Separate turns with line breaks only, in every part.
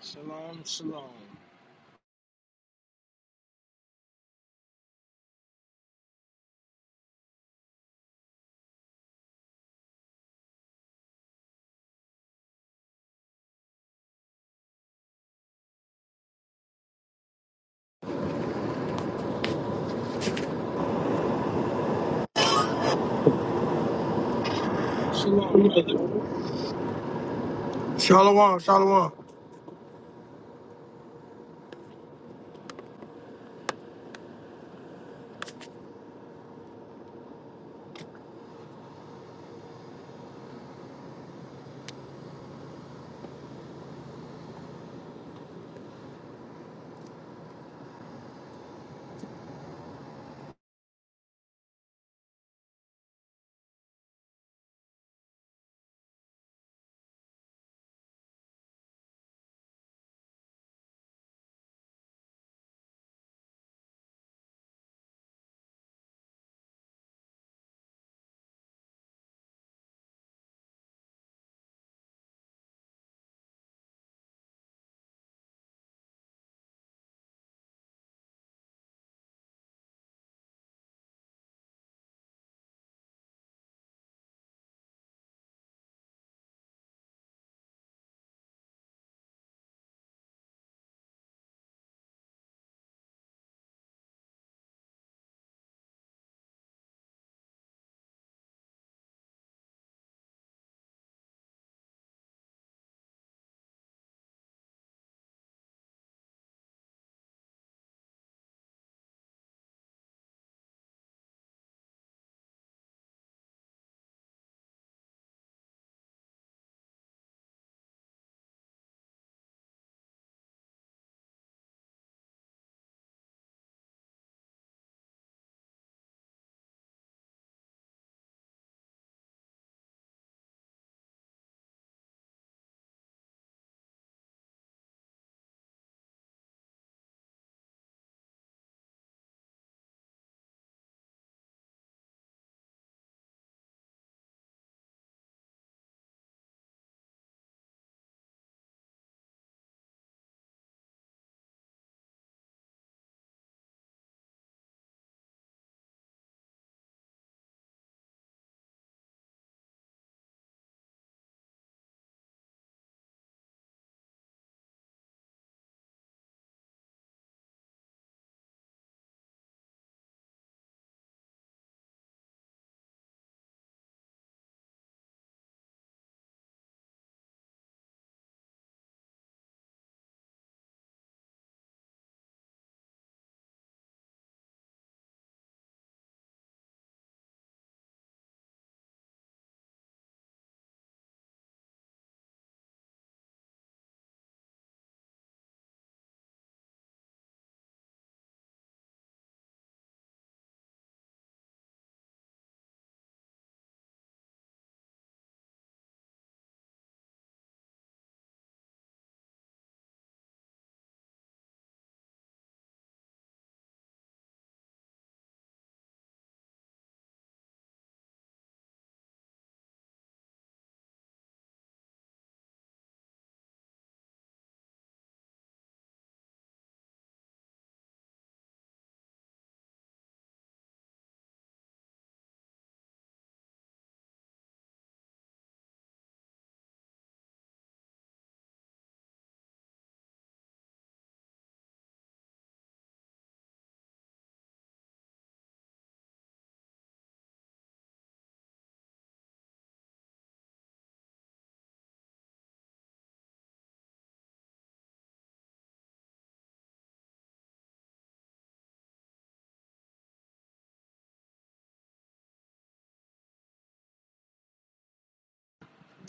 Shalom, shalom. Shalom, brother.
Shalom, shalom.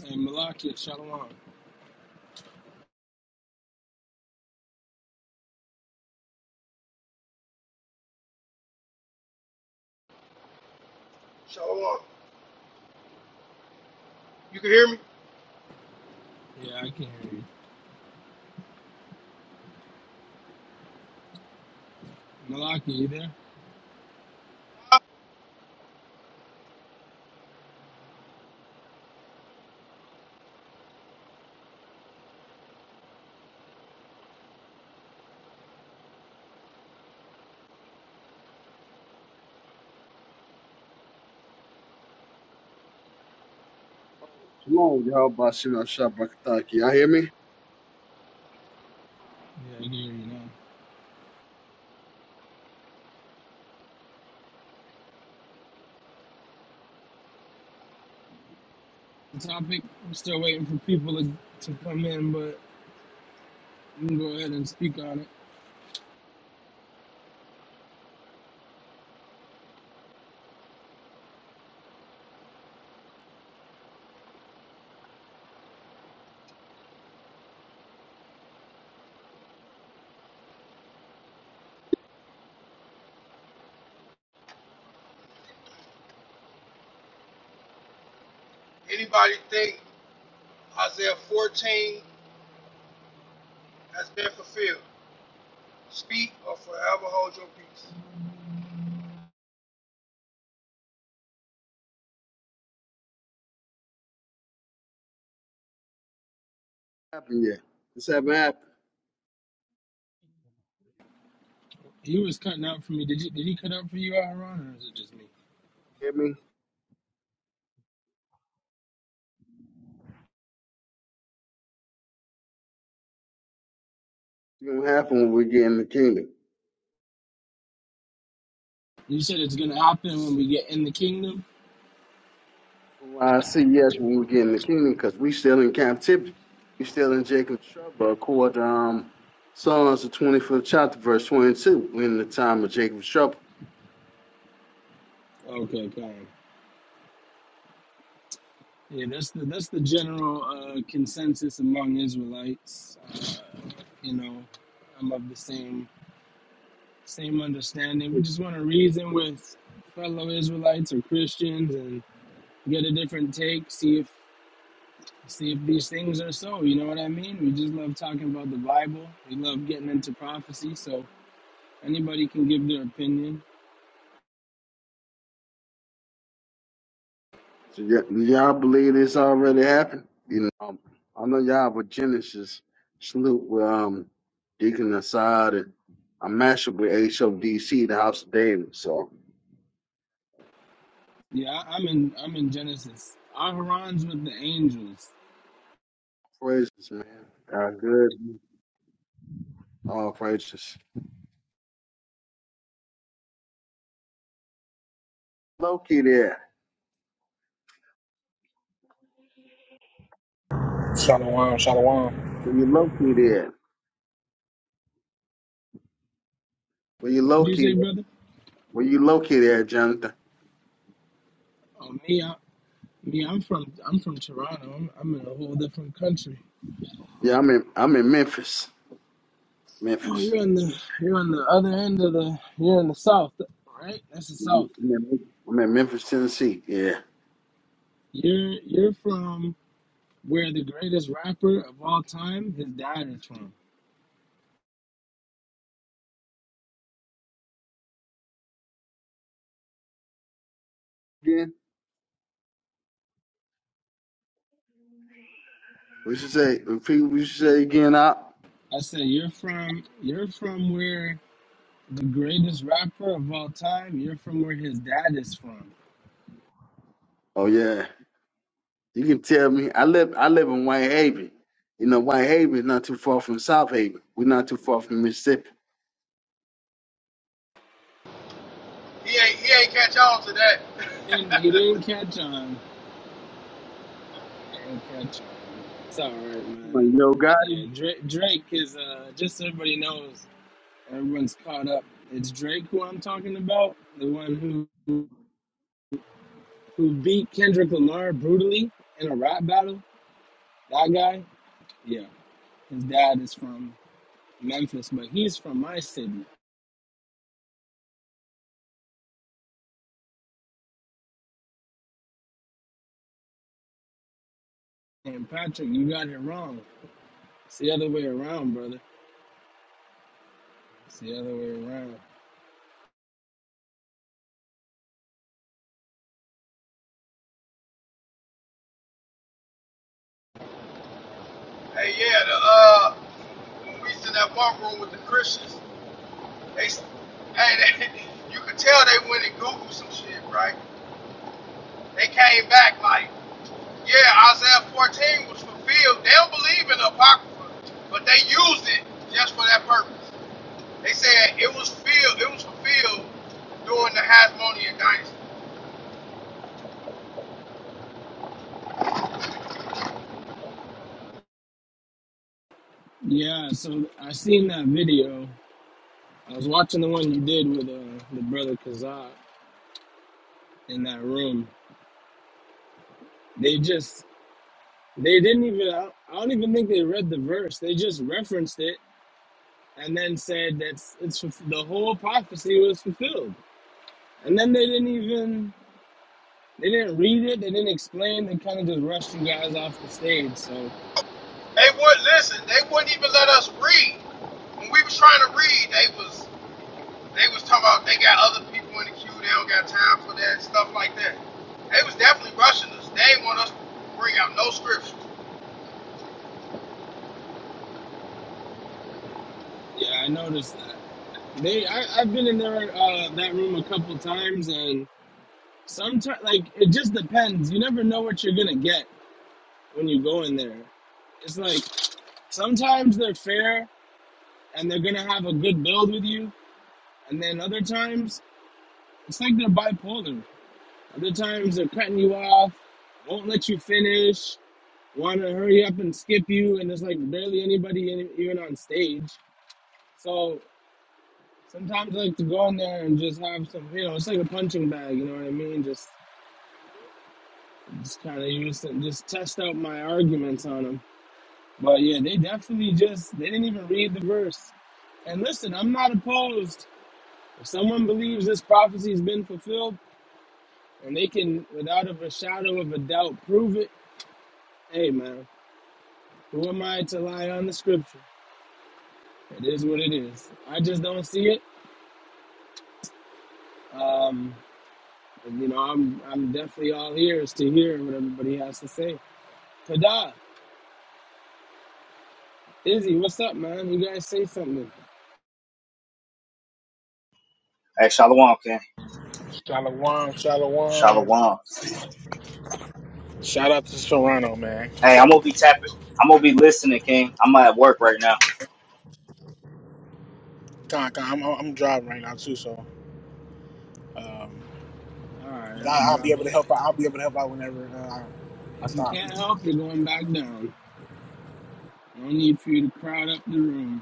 Hey, Malachi, shalom.
Shalom. You can hear me?
Yeah, I can hear you. Malachi, you there?
Oh, Shalom, y'all. Bashina Shabbataki. Y'all hear me?
Yeah, I can hear you now. The topic, I'm still waiting for people to, to come in, but you can go ahead and speak on it.
Isaiah 14 has been fulfilled. Speak or forever hold your peace.
Happen yet? This haven't happened.
He was cutting out for me. Did you? Did he cut out for you, Aaron, or is it just me?
Hear me? It's gonna happen when we get in the kingdom.
You said it's gonna happen when we get in the kingdom.
Well, I see yes when we get in the kingdom because we still in captivity. We still in Jacob's trouble according to um, Psalms the 25th chapter, verse 22. we in the time of Jacob's trouble.
Okay, fine. Yeah, that's the that's the general uh, consensus among Israelites. Uh, you know, I'm of the same same understanding. We just want to reason with fellow Israelites or Christians and get a different take, see if see if these things are so. You know what I mean? We just love talking about the Bible. We love getting into prophecy, so anybody can give their opinion.
So y- y'all believe this already happened? You know, um, I know y'all with Genesis salute with um, Deacon Assad and I'm mashed up with HODC, the House of David. So
Yeah, I- I'm in I'm in Genesis. Aharon's with the angels.
praises, man. God good. All praises. Located there.
Shalom, shalom,
Where you located there, Where you
What'd you say,
located?
brother?
Where you located there, Jonathan?
Oh me, I, me, I'm from I'm from Toronto. I'm, I'm in a whole different country.
Yeah, I'm in. I'm in Memphis.
Oh,
Memphis.
you're in the you're on the other end of the you're in the south, right? That's the south.
I'm in, I'm in Memphis, Tennessee. Yeah.
You're you're from where the greatest rapper of all time, his dad is from.
Again. What you say? Repeat what you say again. Up.
I said you're from you're from where the greatest rapper of all time, you're from where his dad is from.
Oh yeah. You can tell me. I live. I live in White Haven. You know, White Haven is not too far from South Haven. We're not too far from Mississippi.
He ain't he ain't catch on to that.
And he didn't catch on. He didn't catch on. man. It's all right, man.
Yo, God.
Yeah, Drake, Drake is uh just so everybody knows, everyone's caught up. It's Drake who I'm talking about, the one who who beat Kendrick Lamar brutally in a rap battle. That guy. Yeah. His dad is from Memphis, but he's from my city. And Patrick, you got it wrong. It's the other way around, brother. It's the other way around.
Hey yeah, the uh when we was in that walk room with the Christians, they s- hey they, you could tell they went and Googled some shit, right? They came back like, yeah, Isaiah 14 was fulfilled. They don't believe in the Apocrypha, but they used it just for that purpose. They said it was filled, it was fulfilled during the Hasmonean dynasty.
Yeah, so I seen that video. I was watching the one you did with uh, the brother Kazak in that room. They just, they didn't even, I don't even think they read the verse. They just referenced it and then said that it's, it's the whole prophecy was fulfilled. And then they didn't even They didn't read it. They didn't explain. They kind of just rushed you guys off the stage. So
They would listen. They wouldn't even let us read. When we was trying to read, they was they was talking about they got other people in the queue. They don't got time for that stuff like that. They was definitely rushing us. They ain't want us to bring out no scriptures.
yeah, I noticed that. They, I, I've been in there uh, that room a couple times, and sometimes like it just depends. You never know what you're gonna get when you go in there. It's like sometimes they're fair and they're gonna have a good build with you, and then other times it's like they're bipolar. Other times they're cutting you off, won't let you finish, want to hurry up and skip you, and there's like barely anybody in, even on stage. So sometimes I like to go in there and just have some, you know, it's like a punching bag, you know what I mean? Just, just kind of use it, just test out my arguments on them. But yeah, they definitely just, they didn't even read the verse. And listen, I'm not opposed. If someone believes this prophecy has been fulfilled and they can, without a shadow of a doubt, prove it, hey man, who am I to lie on the scripture? It is what it is. I just don't see it. Um, you know, I'm I'm definitely all ears to hear what everybody has to say. Kada, Izzy, what's up, man? You guys say something.
Hey, Shalom, King.
shalom, shalom.
Shalom.
Shout out to Serrano, man.
Hey, I'm gonna be tapping. I'm gonna be listening, King. I'm at work right now.
Con, con, I'm, I'm driving right now too, so um,
All right,
but
I'll
I, I'll be
drop
able to help out. I'll
you.
be able to help out whenever uh, I, I
If you
stop.
can't help, you're going back down. No need for you to crowd up the room.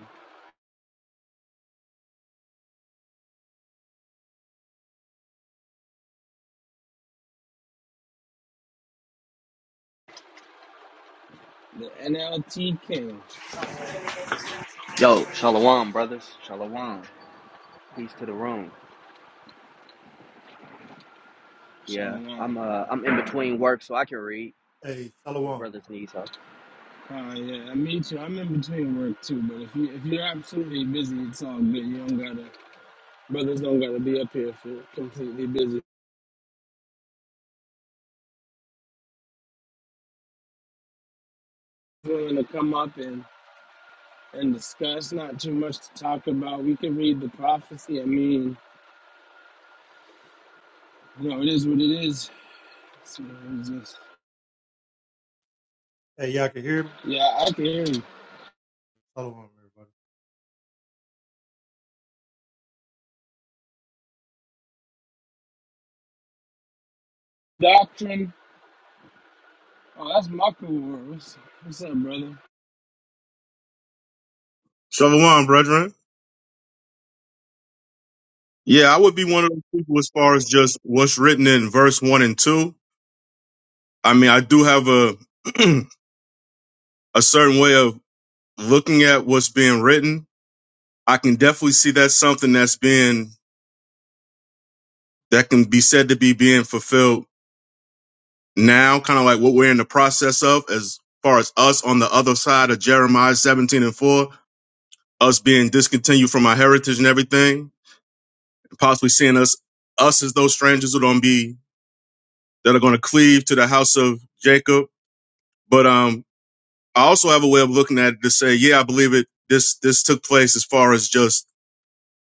The NLT King,
Yo, shalom, brothers. Shalom. Peace to the room. Yeah,
Shalom. man.
I'm uh I'm in between work, so I can read
Hey,
if
Shalom.
brothers need help.
Uh, yeah, I meet you. I'm in between work too, but if you if you're absolutely busy, it's all good. You don't gotta brothers don't gotta be up here if you're completely busy. If you're willing to come up and and discuss. Not too much to talk about. We can read the prophecy. I mean, you know, it is what it is. So it's just,
Hey, y'all can hear me?
yeah, I can hear you.
Shalom, everybody.
Doctrine. Oh, that's my cool word. What's, what's up, brother?
Shalom, brethren. Yeah, I would be one of those people as far as just what's written in verse one and two. I mean, I do have a a certain way of looking at what's being written. I can definitely see that's something that's being that can be said to be being fulfilled now, kind of like what we're in the process of as far as us on the other side of Jeremiah 17 and 4, us being discontinued from our heritage and everything, possibly seeing us us as those strangers who don't be that are going to cleave to the house of Jacob But um, I also have a way of looking at it to say, yeah, I believe it. This this took place as far as just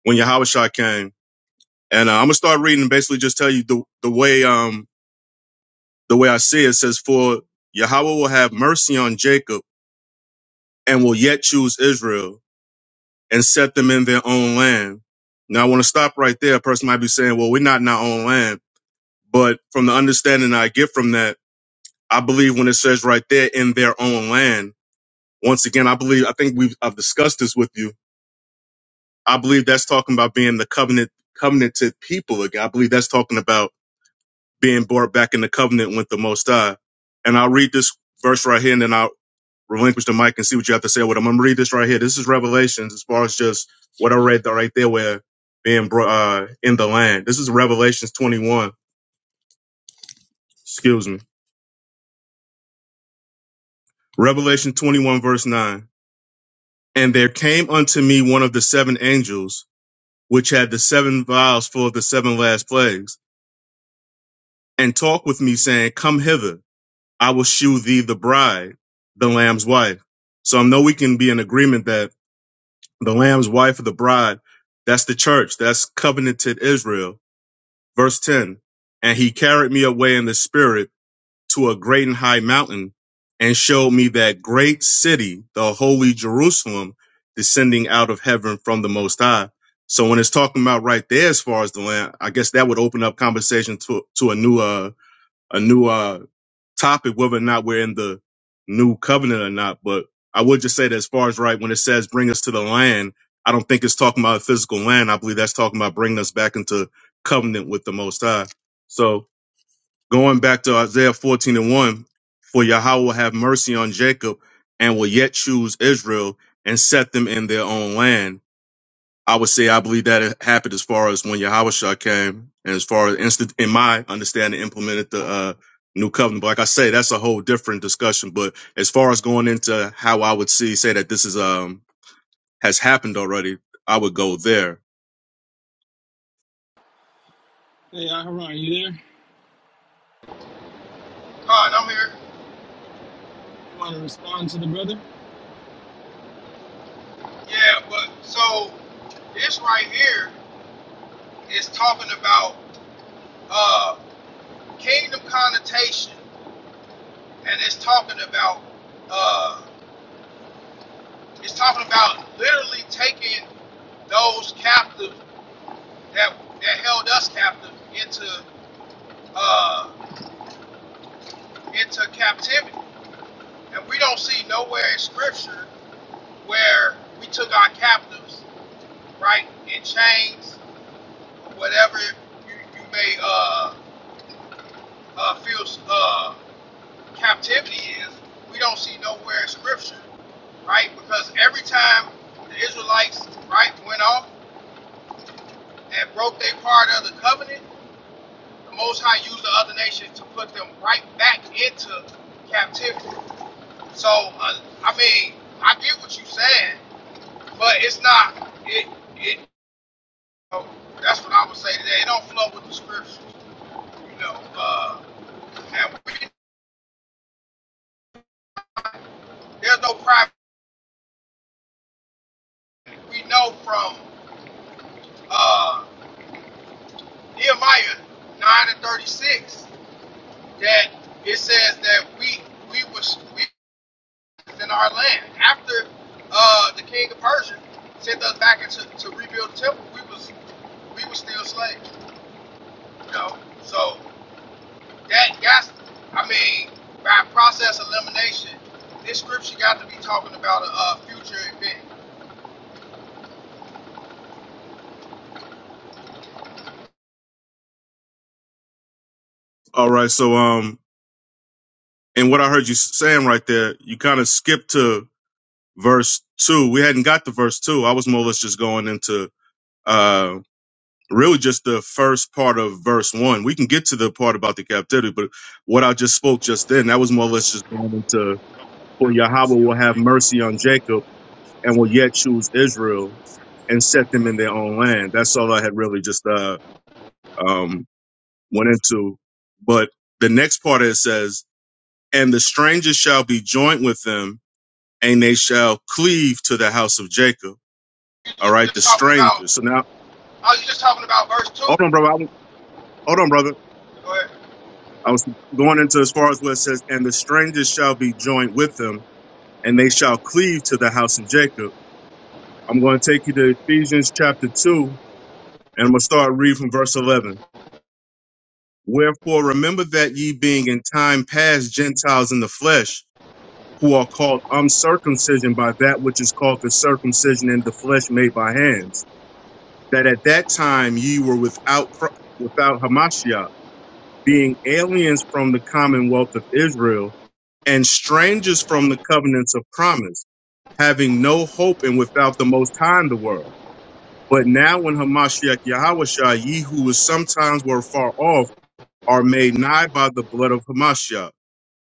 when Yahushua came, and uh, I'm gonna start reading and basically just tell you the the way um the way I see it, It says, for Yahweh will have mercy on Jacob and will yet choose Israel and set them in their own land. Now I want to stop right there. A person might be saying, well, we're not in our own land, but from the understanding I get from that, I believe when it says right there in their own land. Once again, I believe I think we've I've discussed this with you I believe that's talking about being the covenant covenanted people again. I believe that's talking about being brought back in the covenant with the Most High. And I'll read this verse right here, and then I'll relinquish the mic and see what you have to say with them. I'm gonna read this right here. This is Revelations, as far as just what I read there, right there, where being brought uh, in the land. This is Revelations 21. Excuse me. Revelation 21, verse 9. And there came unto me one of the seven angels, which had the seven vials full of the seven last plagues, and talked with me, saying, Come hither. I will shew thee the bride, the lamb's wife. So I know we can be in agreement that the lamb's wife of the bride, that's the church, that's covenanted Israel. Verse 10, and he carried me away in the spirit to a great and high mountain and showed me that great city, the holy Jerusalem, descending out of heaven from the most high. So when it's talking about right there, as far as the land, I guess that would open up conversation to, to a new, uh, a new, uh, topic, whether or not we're in the new covenant or not. But I would just say that as far as right, when it says bring us to the land, I don't think it's talking about a physical land. I believe that's talking about bringing us back into covenant with the Most High. So going back to Isaiah 14 and 1, for Yahweh will have mercy on Jacob and will yet choose Israel and set them in their own land. I would say I believe that it happened as far as when Yahushua came, and as far as instant in my understanding implemented the uh, new covenant. But like I say, that's a whole different discussion. But as far as going into how I would see say that this is um has happened already, I would go there.
Hey, Aharon, you there?
Con, I'm here.
You want to respond to the brother?
Yeah, but so this right here is talking about uh, kingdom connotation, and it's talking about uh, it's talking about literally taking those captive that that held us captive into uh, into captivity. And we don't see nowhere in Scripture where we took our captives, right, in chains, or whatever you, you may uh, uh, feel uh, captivity is. We don't see nowhere in Scripture, right? Because every time the Israelites, right, went off and broke their part of the covenant, the Most High used the other nations to put them right back into captivity. So, uh, I mean, I get what you're saying, But it's not. It, it. You know, that's what I would say today. It don't flow with the scriptures. You know, uh, and we, there's no private. We know from uh, Nehemiah nine and thirty six that it says that we we was we was in our land after uh, the king of Persia sent us back into to rebuild the temple. We was we was still slaves. You know, so. That got, I mean, by process elimination, this scripture got to be talking about a, uh future event.
All right. So um, and what I heard you saying right there, you kind of skipped to verse two. We hadn't got to verse two. I was more or less just going into um. really just the first part of verse one. We can get to the part about the captivity, but what I just spoke just then, that was more or less just going into for Yahweh will have mercy on Jacob and will yet choose Israel and set them in their own land. That's all I had really just uh um went into. But the next part it says, And the stranger shall be joint with them, and they shall cleave to the house of Jacob.
You
All
just,
right,
just
the
talking about,
stranger. So now
oh, you just talking about verse two.
hold on, brother. I- Hold on, brother.
Go ahead.
I was going into as far as what it says, and the strangers shall be joined with them, and they shall cleave to the house of Jacob. I'm going to take you to Ephesians chapter 2, and I'm going to start reading from verse 11. Wherefore, remember that ye being in time past Gentiles in the flesh, who are called uncircumcision by that which is called the circumcision in the flesh made by hands, that at that time ye were without, without Hamashiach being aliens from the commonwealth of Israel and strangers from the covenants of promise, having no hope and without the Most High in the world. But now, when Hamashiach Yahawashah, ye who was sometimes were far off, are made nigh by the blood of Hamashiach.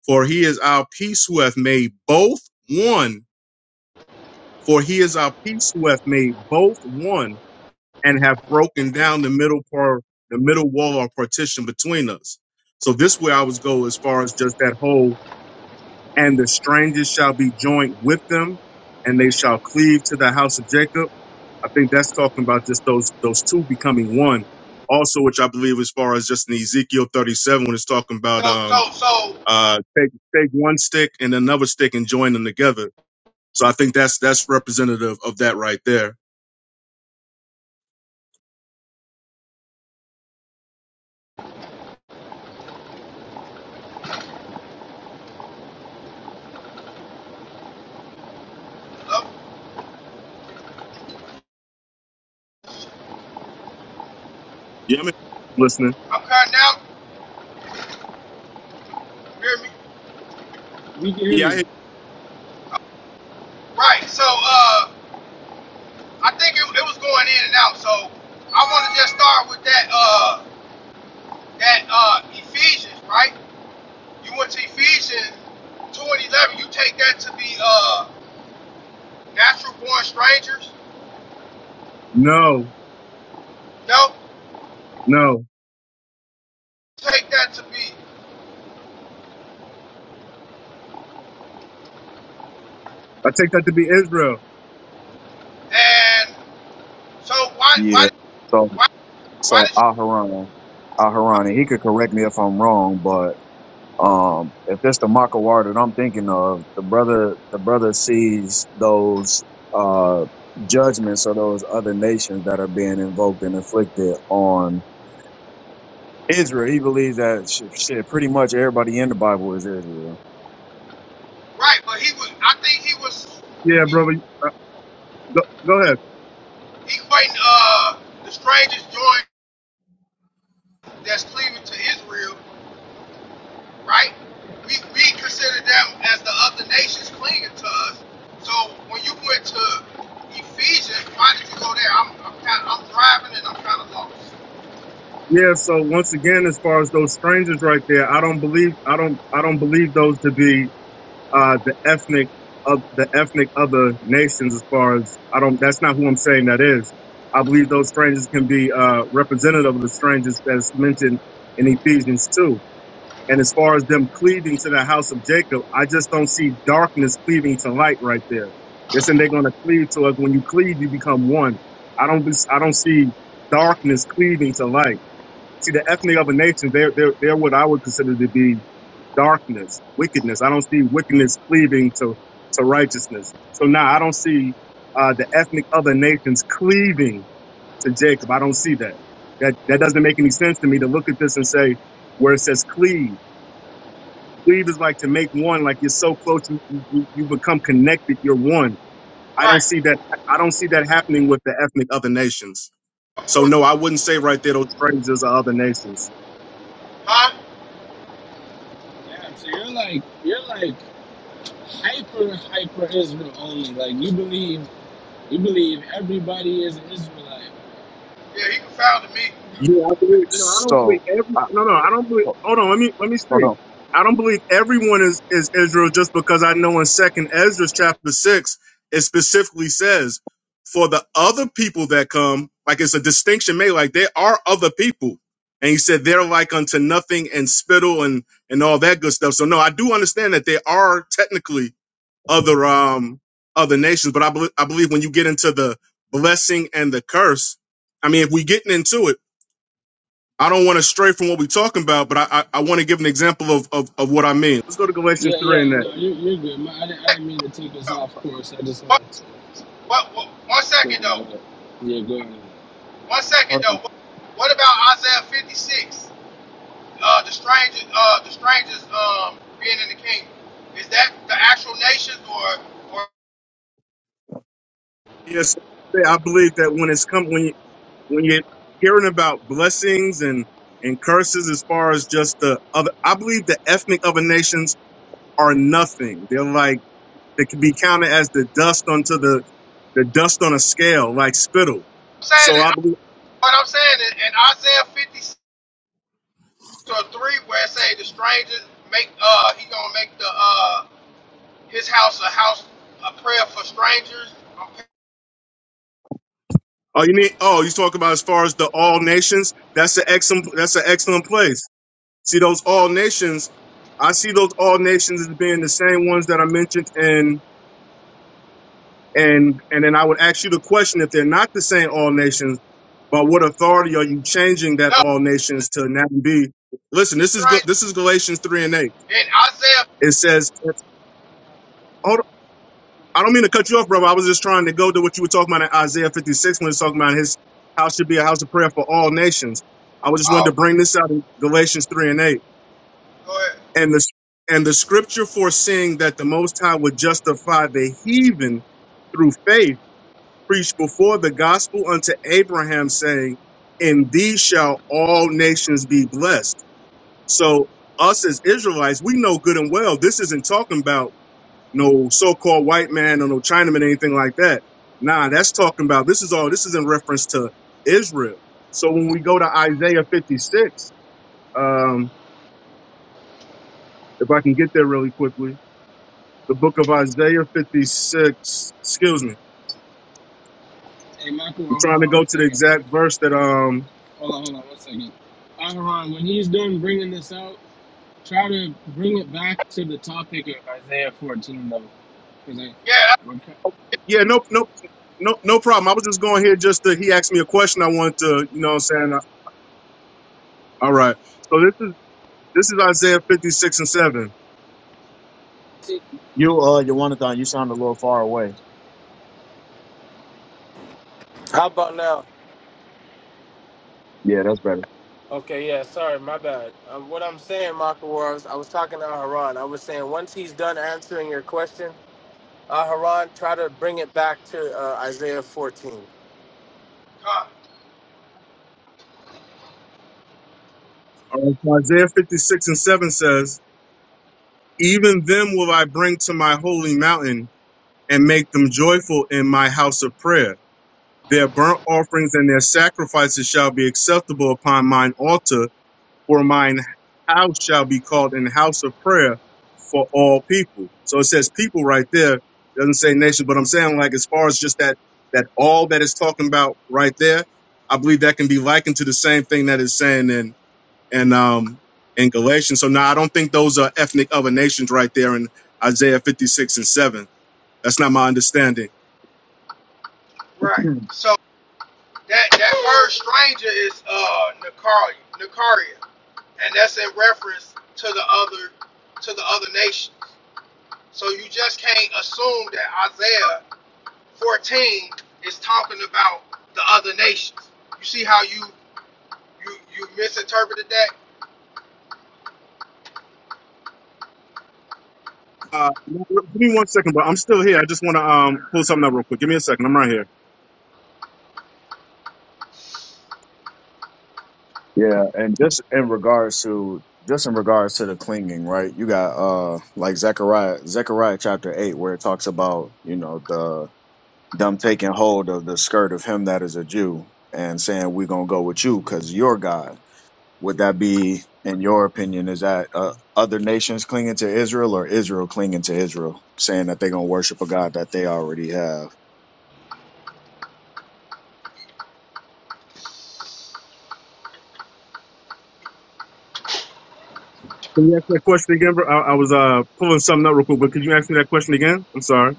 For he is our peace who hath made both one. For he is our peace who hath made both one and have broken down the middle part, the middle wall or partition between us. So this way I was go as far as just that whole, and the strangers shall be joined with them, and they shall cleave to the house of Jacob. I think that's talking about just those those two becoming one. Also, which I believe as far as just in Ezekiel 37, when it's talking
So,
about um
so, so,
uh take take one stick and another stick and join them together. So I think that's that's representative of that right there.
uh,
Yeah, I'm listening.
I'm cutting out. Hear me?
We can hear
Yeah, I hear-
you.
Right. So, uh, I think it, it was going in and out. So, I want to just start with that, uh, that uh, Ephesians, right? You went to Ephesians two and eleven. You take that to be uh, natural born strangers.
no,
No,
no.
take that to be.
I take that to be Israel.
And so why why
Yeah. So
why why
so
did you
Aharon, Aharon, and he could correct me if I'm wrong, but um, if that's the Makawar that I'm thinking of, the brother the brother sees those uh judgments or those other nations that are being invoked and inflicted on Israel. He believes that shit, shit pretty much everybody in the Bible is Israel.
right? But he was I think he was
Yeah,
he,
brother. Go, go ahead.
he equating uh the strangest joint that's cleaving to Israel, right? We we consider them as the other nations clinging to us. So when you went to Ephesians, why did you go there? I'm I'm kind of, I'm driving and I'm kind of lost.
Yeah. So once again, as far as those strangers right there, I don't believe, I don't, I don't believe those to be uh, the ethnic of the ethnic other nations. As far as I don't, that's not who I'm saying that is. I believe those strangers can be uh, representative of the strangers that's mentioned in Ephesians two. And as far as them cleaving to the house of Jacob, I just don't see darkness cleaving to light right there. They're saying they're going to cleave to us. When you cleave, you become one. I don't, be, I don't see darkness cleaving to light. See, the ethnic of a nation, they're, they're, they're what I would consider to be darkness, wickedness. I don't see wickedness cleaving to, to righteousness. So now I don't see uh, the ethnic other nations cleaving to Jacob. I don't see that. That, that doesn't make any sense to me to look at this and say, where it says cleave. Cleave is like to make one, like you're so close, you, you you become connected. You're one. I don't
Right.
see that. I don't see that happening with the ethnic other nations.
Of
So
course,
no, I wouldn't say right there those phrases are other nations.
huh?
Damn. So you're like you're like hyper hyper Israel only. Like you believe you believe everybody is an Israelite.
Yeah, he confounded me.
Yeah, I believe. No, I don't believe
So
every.
I,
No, no, I don't believe.
ho-
Hold on, let me let me
hold
see.
on,
I don't believe everyone is is Israel just because I know in Second Ezra chapter six it specifically says for the other people that come, like it's a distinction made, like there are other people, and he said they're like unto nothing and spittle and and all that good stuff. So no, I do understand that there are technically other um other nations, but I believe I believe when you get into the blessing and the curse, I mean, if we getting into it. I don't want to stray from what we're talking about, but I, I, I want to give an example of, of, of what I mean. Let's go to Galatians
Yeah,
three and
yeah.
that.
No, you're you're good. My, I didn't I didn't mean to take us
No.
off course. I just
What,
wanted to.
what, what, one
Clear
second though.
that up. Yeah, go ahead.
One
hold
second
on.
though. What, what about Isaiah 56? Uh, the strangers, uh, the strangers um, being in the kingdom, is that the actual nations or, or
Yes, I believe that when it's come when you when you're hearing about blessings and and curses, as far as just the other, I believe the ethnic other nations are nothing. They're like they can be counted as the dust onto the the dust on a scale, like spittle.
I'm saying
So I
that,
believe.
what I'm saying is in Isaiah 56 or 3 where it say the strangers make, uh, he gonna make the, uh, his house a house, a prayer for strangers. Okay.
Oh, you need. Oh, you talk about as far as the all nations. That's an excellent. That's an excellent place See those all nations. I see those all nations as being the same ones that I mentioned, and and and then I would ask you the question: if they're not the same all nations, by what authority are you changing that
No,
all nations to now be? Listen, this is good.
strangers.
This is Galatians three and eight.
In Isaiah,
It says, hold on, I don't mean to cut you off, brother. I was just trying to go to what you were talking about in Isaiah fifty six when it's talking about his house should be a house of prayer for all nations. I was just wanted to
oh,
bring this out in Galatians three and eight
go ahead.
And the and the scripture foreseeing that the Most High would justify the heathen through faith, preached before the gospel unto Abraham, saying, "In thee shall all nations be blessed." So us as Israelites, we know good and well this isn't talking about no so-called white man or no Chinaman, anything like that. Nah, that's talking about this is all. This is in reference to Israel. So when we go to Isaiah 56, um, if I can get there really quickly the book of Isaiah 56. Excuse me.
Hey, Michael,
I'm
well, hold
trying
on
to
one
go to the
second.
exact verse that um
Hold on, hold on one second. Aaron, when he's done bringing this out, try to bring it back to the topic of Isaiah 14, though. Because I,
Yeah,
I would ca-
yeah, no no no no problem. I was just going here just to he asked me a question I wanted to, you know what I'm saying? I- All right. So this is this is Isaiah 56 and 7.
see.
You uh, Jonathan, you sound a little far away.
How about now?
Yeah, that's better.
Okay, yeah, sorry, my bad. Uh, what I'm saying, Michael, was I was talking to Aharon. I was saying once he's done answering your question, Aharon, try to bring it back to uh, Isaiah 14.
that's God.
All right, so Isaiah 56 and 7 says, "Even them will I bring to my holy mountain and make them joyful in my house of prayer. Their burnt offerings and their sacrifices shall be acceptable upon mine altar." for mine house shall be called an house of prayer for all people. So it says people right there. Doesn't say nation, but I'm saying like as far as just that that all that it's talking about right there, I believe that can be likened to the same thing that it's saying in and um in Galatians. So now I don't think those are ethnic other nations right there in Isaiah 56 and 7. That's not my understanding.
Right. So that, that word stranger is, uh, Nicaria, Nicaria. and that's in reference to the other to the other nations. So you just can't assume that Isaiah 14 is talking about the other nations. You see how you you you misinterpreted that,
Uh, give me one second, but I'm still here. I just want to um pull something up real quick. Give me a second. I'm right here.
Yeah, and just in regards to just in regards to the clinging, right? You got uh like Zechariah Zechariah chapter eight where it talks about, you know, the them taking hold of the skirt of him that is a Jew and saying we're gonna go with you because you're God. Would that be, in your opinion, is that uh, other nations clinging to Israel or Israel clinging to Israel, saying that they're gonna worship a God that they already have?
Can you ask me that question again, bro? I, I was uh pulling something up real quick, but could you ask me that question again? I'm sorry.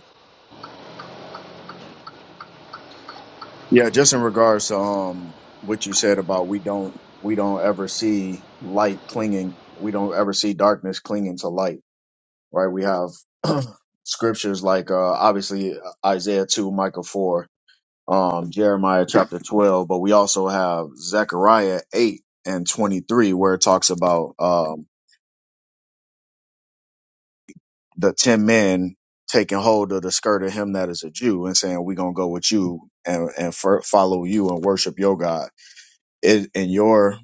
Yeah, just in regards to um what you said about we don't we don't ever see light clinging, we don't ever see darkness clinging to light, right? We have scriptures like uh obviously uh, Isaiah 2, Micah 4, um Jeremiah chapter 12, but we also have Zechariah 8 and 23 where it talks about um the 10 men taking hold of the skirt of him that is a Jew and saying we're going to go with you and and fir- follow you and worship your God it, in your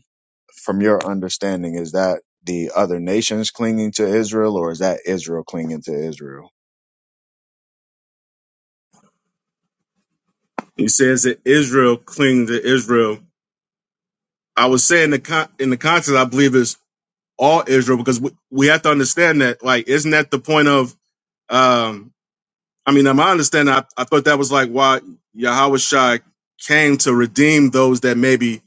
from your understanding, is that the other nations clinging to Israel, or is that Israel clinging to Israel?
He says that Israel cling to Israel. I was saying the con- in the context, I believe is all Israel because we, we have to understand that. Like, isn't that the point of? um I mean, in my understanding, I, I thought that was like why Yahweh Shai came to redeem those that maybe.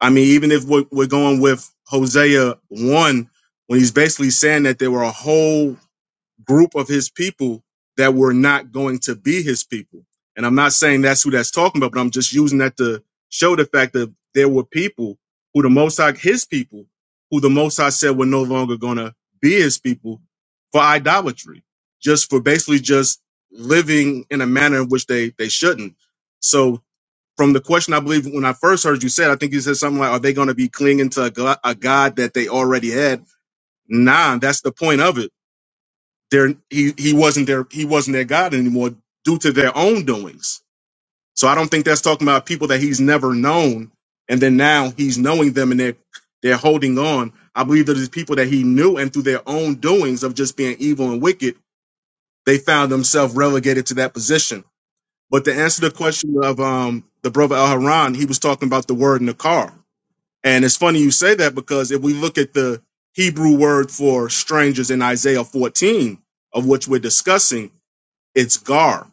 I mean, even if we're, we're going with Hosea one, when he's basically saying that there were a whole group of his people that were not going to be his people. And I'm not saying that's who that's talking about, but I'm just using that to show the fact that there were people who the Most High, his people, who the Most High said were no longer going to be his people for idolatry, just for basically just living in a manner in which they they shouldn't. So from the question, I believe when I first heard you said, I think you said something like, "Are they going to be clinging to a god, a god that they already had?" Nah, that's the point of it there, he he wasn't their he wasn't their God anymore due to their own doings. So I don't think that's talking about people that he's never known, and then now he's knowing them and they're they're holding on. I believe that it's people that he knew and through their own doings of just being evil and wicked, they found themselves relegated to that position. But to answer the question of um the brother Al Haran, he was talking about the word Nakar. And it's funny you say that because if we look at the Hebrew word for strangers in Isaiah 14, of which we're discussing, it's Gar.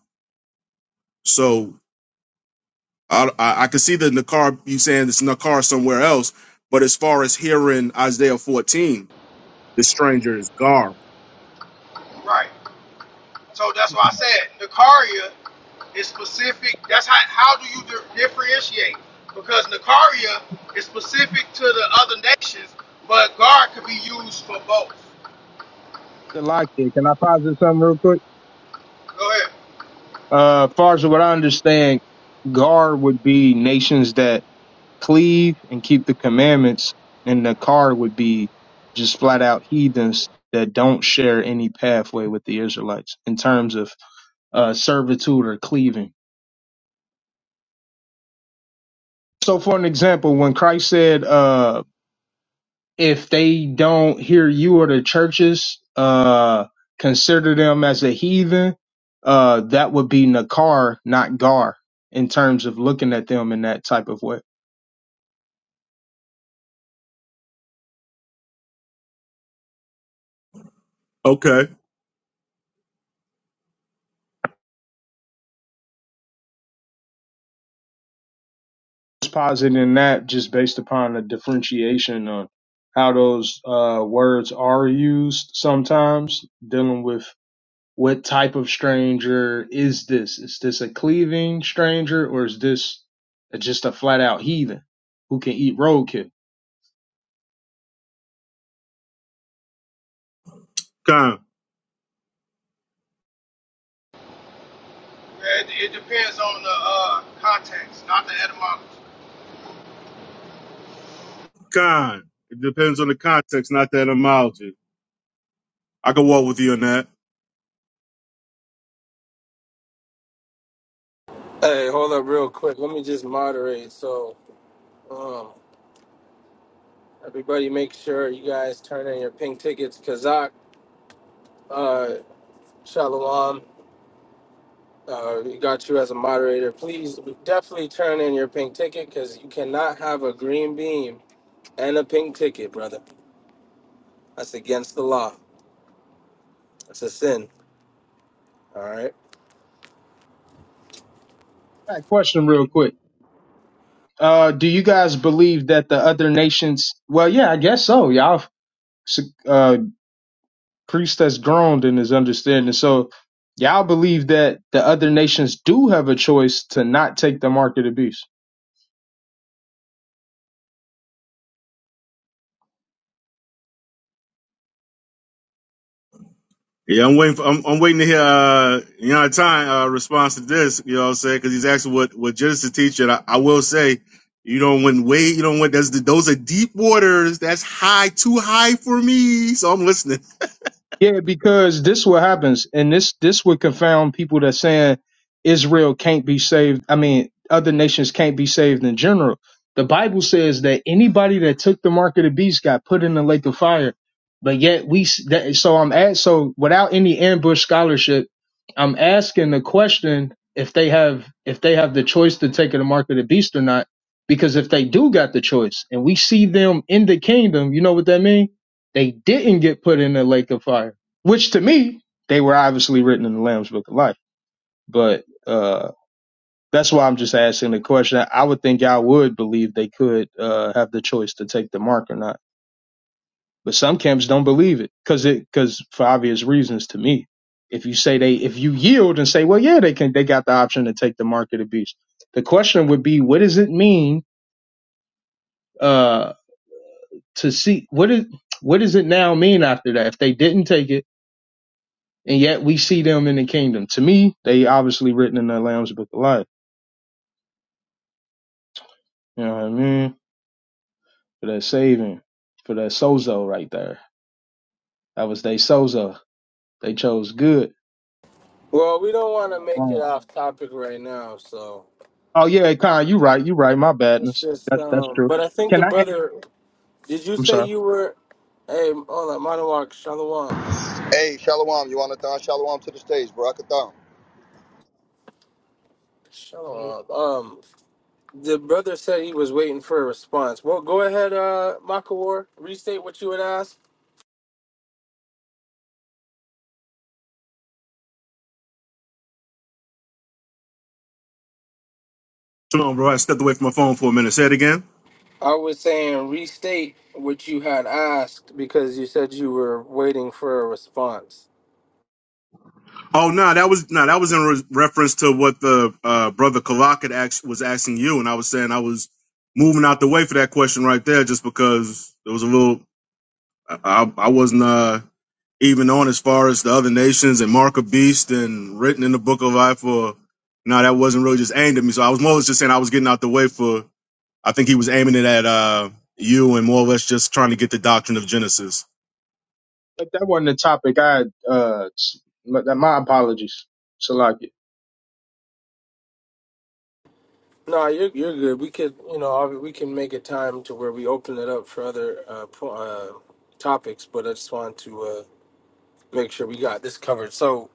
So I, I, I can see the Nakar, you saying it's Nakar somewhere else, but as far as here in Isaiah 14, the stranger is Gar.
right? So that's why I said Nicaria is specific. That's how how do you di- differentiate? Because Nicaria is specific to the other nations, but God could be used for both.
the lock there. Can I posit something real quick?
Go ahead.
Uh, far as what I understand, Gar would be nations that cleave and keep the commandments, and the car would be just flat out heathens that don't share any pathway with the Israelites in terms of uh, servitude or cleaving. So, for an example, when Christ said, uh, if they don't hear you or the churches uh consider them as a heathen uh that would be nakar not gar in terms of looking at them in that type of way
Okay.
just positing that just based upon the differentiation on how those uh words are used sometimes dealing with what type of stranger is this is this a cleaving stranger or is this just a flat out heathen who can eat roadkill
Con.
It, it depends on the uh, context, not the etymology.
Con. It depends on the context, not the etymology. I can walk with you on that.
Hey, hold up real quick. Let me just moderate. So, um. Everybody, make sure you guys turn in your pink tickets. Kazak, uh, Shalom, uh, we got you as a moderator. Please definitely turn in your pink ticket because you cannot have a green beam and a pink ticket, brother. That's against the law. That's a sin. All right.
All right, question real quick. Uh, do you guys believe that the other nations? Well, yeah, I guess so. Y'all, uh, priest that's groaned in his understanding. So, y'all believe that the other nations do have a choice to not take the mark of the beast.
Yeah, I'm waiting for, I'm, I'm waiting to hear, uh, you know, time, uh, response to this, you know what I'm saying? Cause he's asking what, what Genesis teach. And I, I will say, you don't win way, you don't win. That's the, those are deep waters. That's high, too high for me. So I'm listening.
Yeah, because this what happens, and this this would confound people that saying Israel can't be saved. I mean, other nations can't be saved in general. The Bible says that anybody that took the mark of the beast got put in the lake of fire. But yet we s- that, so I'm at so without any ambush scholarship, I'm asking the question if they have if they have the choice to take the mark of the beast or not. Because if they do got the choice, and we see them in the kingdom, you know what that means? They didn't get put in the lake of fire, which to me, they were obviously written in the Lamb's Book of Life. But uh, that's why I'm just asking the question. I would think y'all would believe they could uh, have the choice to take the mark or not. But some camps don't believe it because it because for obvious reasons to me. If you say they if you yield and say, well, yeah, they can they got the option to take the mark of the beast. The question would be, what does it mean uh, to see what is what does it now mean after that? If they didn't take it and yet we see them in the kingdom. To me, they obviously written in the Lamb's Book of Life. You know what I mean? For that saving, for that sozo right there. That was they sozo. They chose good,
Well, we don't want to
not
make it
wrong.
off topic right now, so
Oh yeah, Con, you right. You right. My
let's
badness.
just.
That's that's
Um,
true.
but I think
Can
the
I?
brother. Did you
I'm
say
sorry.
you were? Hey, hold on, Manawak, Shalom,
Hey, Shalom, you want to thon Shalom to the stage, Barakathon.
Shalom.
Shalom. Um, The brother said he was waiting for a response. Well, go ahead, uh, Makawar. Restate what you had asked.
Hold on, bro. I stepped away from my phone for a minute. Say it again.
I was saying restate what you had asked because you said you were waiting for a response.
Oh no, that was no, that was in re- reference to what the uh, brother Kalak had asked, was asking you, and I was saying I was moving out the way for that question right there, just because it was a little. I, I I wasn't uh, even on as far as the other nations and Mark of Beast and written in the Book of Life. Or no, that wasn't really just aimed at me. So I was more or less just saying I was getting out the way for. I think he was aiming it at uh, you and more or less just trying to get the doctrine of Genesis.
If that wasn't the topic, I had, uh, s- my my apologies. Salakia.
No, you're you're good. We could, you know, ob- we can make a time to where we open it up for other uh, po- uh, topics. But I just wanted to uh, make sure we got this covered. So,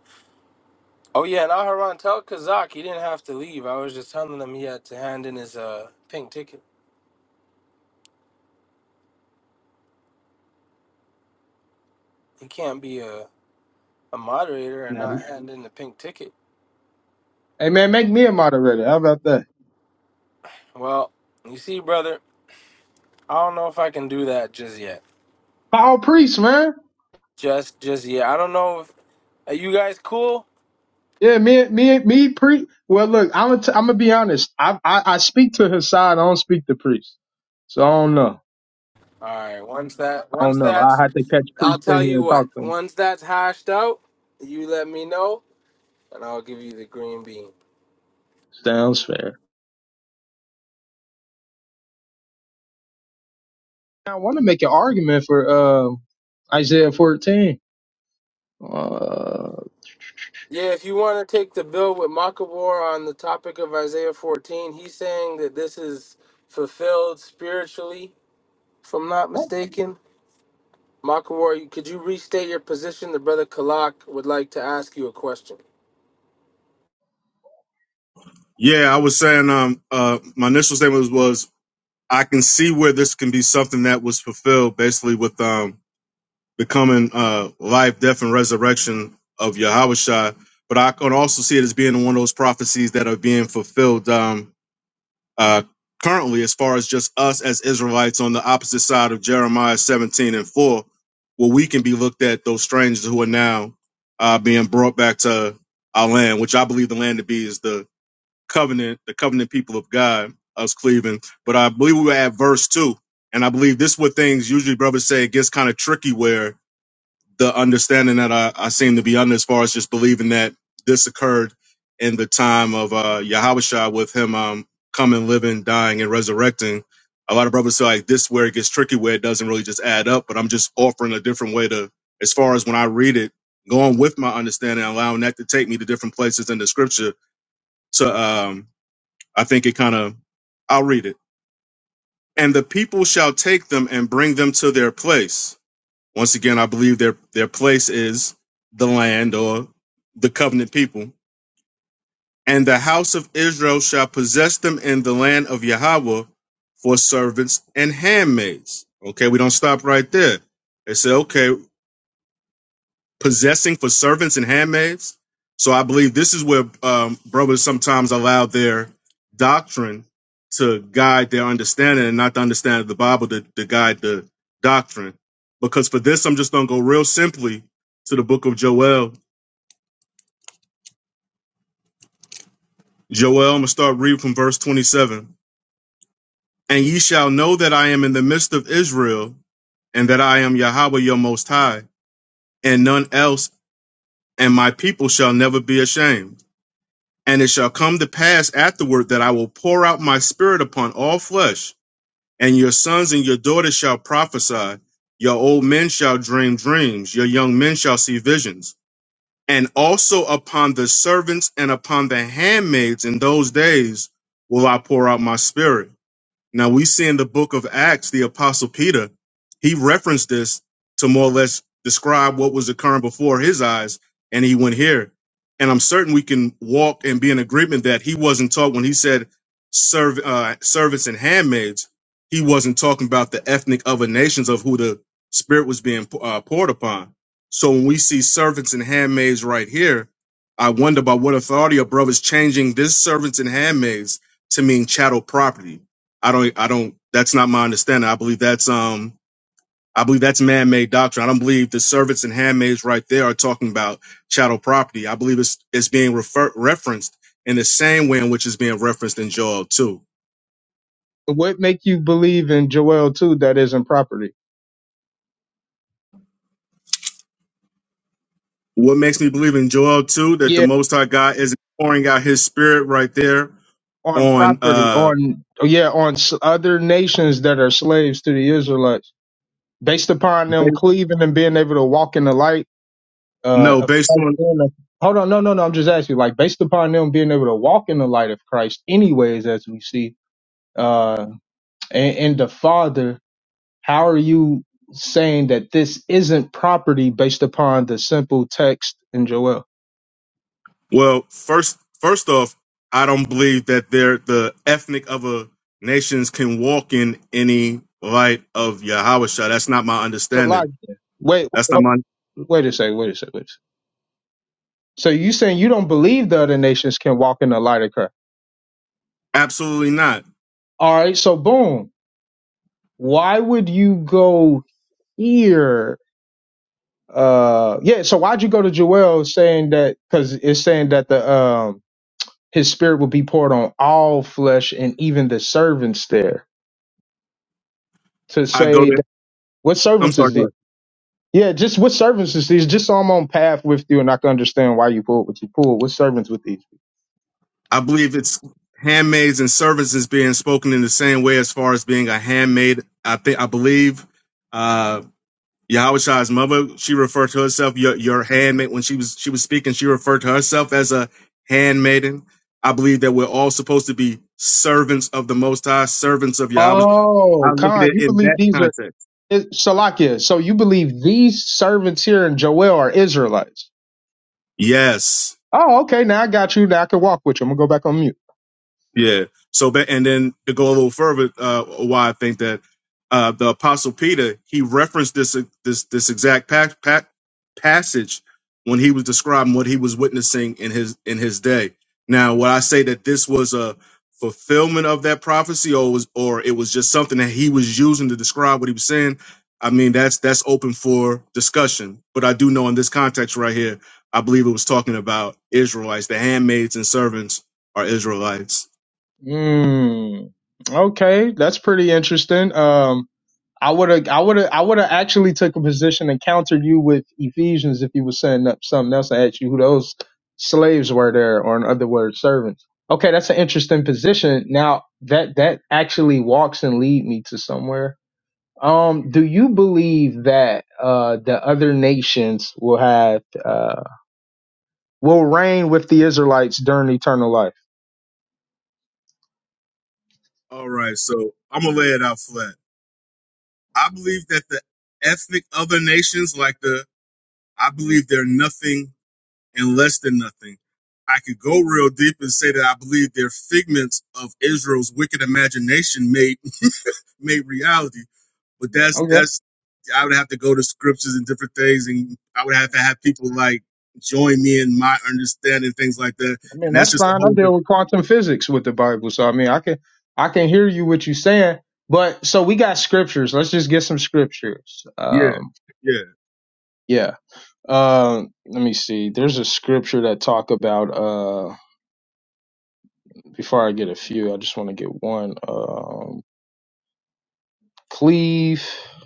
oh yeah, and Aharon, tell Kazak he didn't have to leave. I was just telling him he had to hand in his uh, pink ticket. He can't be a a moderator and not
Hey
hand in the pink ticket.
man, make me a moderator. How about that?
Well, you see, brother, I don't know if I can do that just yet.
Paul Priest, man.
Just, just yet. I don't know if are you guys cool.
Yeah, me, me, me, pre. Well, look, I'm gonna, t- I'm gonna be honest. I, I, I speak to his side. I don't speak to priest. So I don't know.
All right. Once that,
I don't
once
know. I
that's,
had to catch
I'll
priest in
tell
here
you
and talk
what.
to him.
Once that's hashed out, you let me know, and I'll give you the green bean.
Sounds fair. I want to make an argument for uh, Isaiah 14. Uh,
Yeah, if you want to take the bill with Makabor on the topic of Isaiah 14, he's saying that this is fulfilled spiritually, if I'm not mistaken. Makawari, could you restate your position? The brother Kalak would like to ask you a question.
Yeah, I was saying um uh my initial statement was, was I can see where this can be something that was fulfilled basically with um becoming uh life, death, and resurrection of Yahushua. But I can also see it as being one of those prophecies that are being fulfilled um uh currently as far as just us as Israelites on the opposite side of Jeremiah 17 and 4, where we can be looked at those strangers who are now uh being brought back to our land, which I believe the land to be is the covenant, the covenant people of God, us Cleveland. But I believe we were at verse two. And I believe this is what things usually brothers say it gets kind of tricky where the understanding that I, I seem to be under as far as just believing that this occurred in the time of uh Yahweh with him um coming, living, dying, and resurrecting. A lot of brothers say like this is where it gets tricky where it doesn't really just add up, but I'm just offering a different way to as far as when I read it, going with my understanding, allowing that to take me to different places in the scripture to um I think it kind of, I'll read it. And the people shall take them and bring them to their place. Once again, I believe their, their place is the land or the covenant people. And the house of Israel shall possess them in the land of Yahweh for servants and handmaids. Okay, we don't stop right there. They say, okay, possessing for servants and handmaids. So I believe this is where um, brothers sometimes allow their doctrine to guide their understanding and not the understanding of the Bible to, to guide the doctrine. Because for this, I'm just going to go real simply to the book of Joel. Joel, I'm going to start reading from verse 27. And ye shall know that I am in the midst of Israel and that I am Yahweh your most high and none else. And my people shall never be ashamed. And it shall come to pass afterward that I will pour out my spirit upon all flesh, and your sons and your daughters shall prophesy, your old men shall dream dreams, your young men shall see visions. And also upon the servants and upon the handmaids in those days will I pour out my spirit now we see in the book of Acts, the apostle Peter, he referenced this to more or less describe what was occurring before his eyes, and he went here. And I'm certain we can walk and be in agreement that he wasn't taught when he said serv- uh, servants and handmaids. He wasn't talking about the ethnic other nations of who the spirit was being uh, poured upon. So when we see servants and handmaids right here, I wonder by what authority a brother's changing this servants and handmaids to mean chattel property I don't, I don't, that's not my understanding. I believe that's, um, I believe that's man-made doctrine. I don't believe the servants and handmaids right there are talking about chattel property. I believe it's, it's being refer- referenced in the same way in which it's being referenced in Joel 2.
what make you believe in Joel 2 that isn't property?
What makes me believe in Joel 2 that the
Yeah,
Most High God is pouring out his spirit right there
on
on,
property,
uh,
on yeah, on s- other nations that are slaves to the Israelites, based upon them cleaving and being able to walk in the light uh,
no,
of
based
Christ
on
being a, hold on, no, no, no. I'm just asking, like, based upon them being able to walk in the light of Christ, anyways, as we see, uh, and, and the Father, how are you saying that this isn't property based upon the simple text in Joel?
Well, first first off, I don't believe that they're the ethnic of a nations can walk in any light of Yahawashah. That's not my
It's a lot.
understanding.
Wait,
That's not
wait
my
a second, wait a second, wait a second. So you saying you don't believe the other nations can walk in the light of Christ?
absolutely not.
All right, so boom. Why would you go here uh yeah so why'd you go to joel saying that because it's saying that the um his spirit will be poured on all flesh and even the servants there to
I go
say
to
that, what
I'm
servants
sorry,
is
go
these?
ahead.
yeah just what servants is these just so i'm on path with you and i can understand why you pulled what you pulled what servants with these
I believe it's handmaids and servants is being spoken in the same way as far as being a handmaid. I think I believe uh, Yahweh's mother, she referred to herself your your handmaid when she was she was speaking. She referred to herself as a handmaiden. I believe that we're all supposed to be servants of the Most High, servants of Yahweh. I
oh
look at
khan
it
you
in
believe
that
these are
context.
it, salakia so you believe these servants here in joel are israelites
Yes.
oh okay now i got you now i can walk with you i'm gonna go back on mute
Yeah. So, but- and then to go a little further, uh, why I think that uh, the Apostle Peter he referenced this this this exact pa- pa- passage when he was describing what he was witnessing in his in his day. Now, would I say that this was a fulfillment of that prophecy, or was or it was just something that he was using to describe what he was saying? I mean, that's that's open for discussion. But I do know in this context right here, I believe it was talking about Israelites, the handmaids and servants are Israelites.
Mm, okay, that's pretty interesting. Um, I would have, I would have, I would have actually took a position and countered you with Ephesians if you were setting up something else. I asked you who those slaves were there, or in other words, servants. Okay, that's an interesting position. Now that that actually walks and lead me to somewhere. Um, do you believe that uh, the other nations will have uh, will reign with the Israelites during eternal life?
All right, so I'm gonna lay it out flat. I believe that the ethnic other nations, like the, I believe they're nothing and less than nothing. I could go real deep and say that I believe they're figments of Israel's wicked imagination made made reality. But that's that's I would have to go to scriptures and different things, and I would have to have people like join me in my understanding things like that.
I mean,
And that's
that's
just a
fine. I
whole
deal
different
with quantum physics with the Bible, so I mean, I can I can hear you what you're saying. But so we got scriptures. Let's just get some scriptures.
yeah
Um,
yeah.
yeah. Um, let me see. There's a scripture that talk about. Uh, before I get a few, I just want to get one. Um, cleave.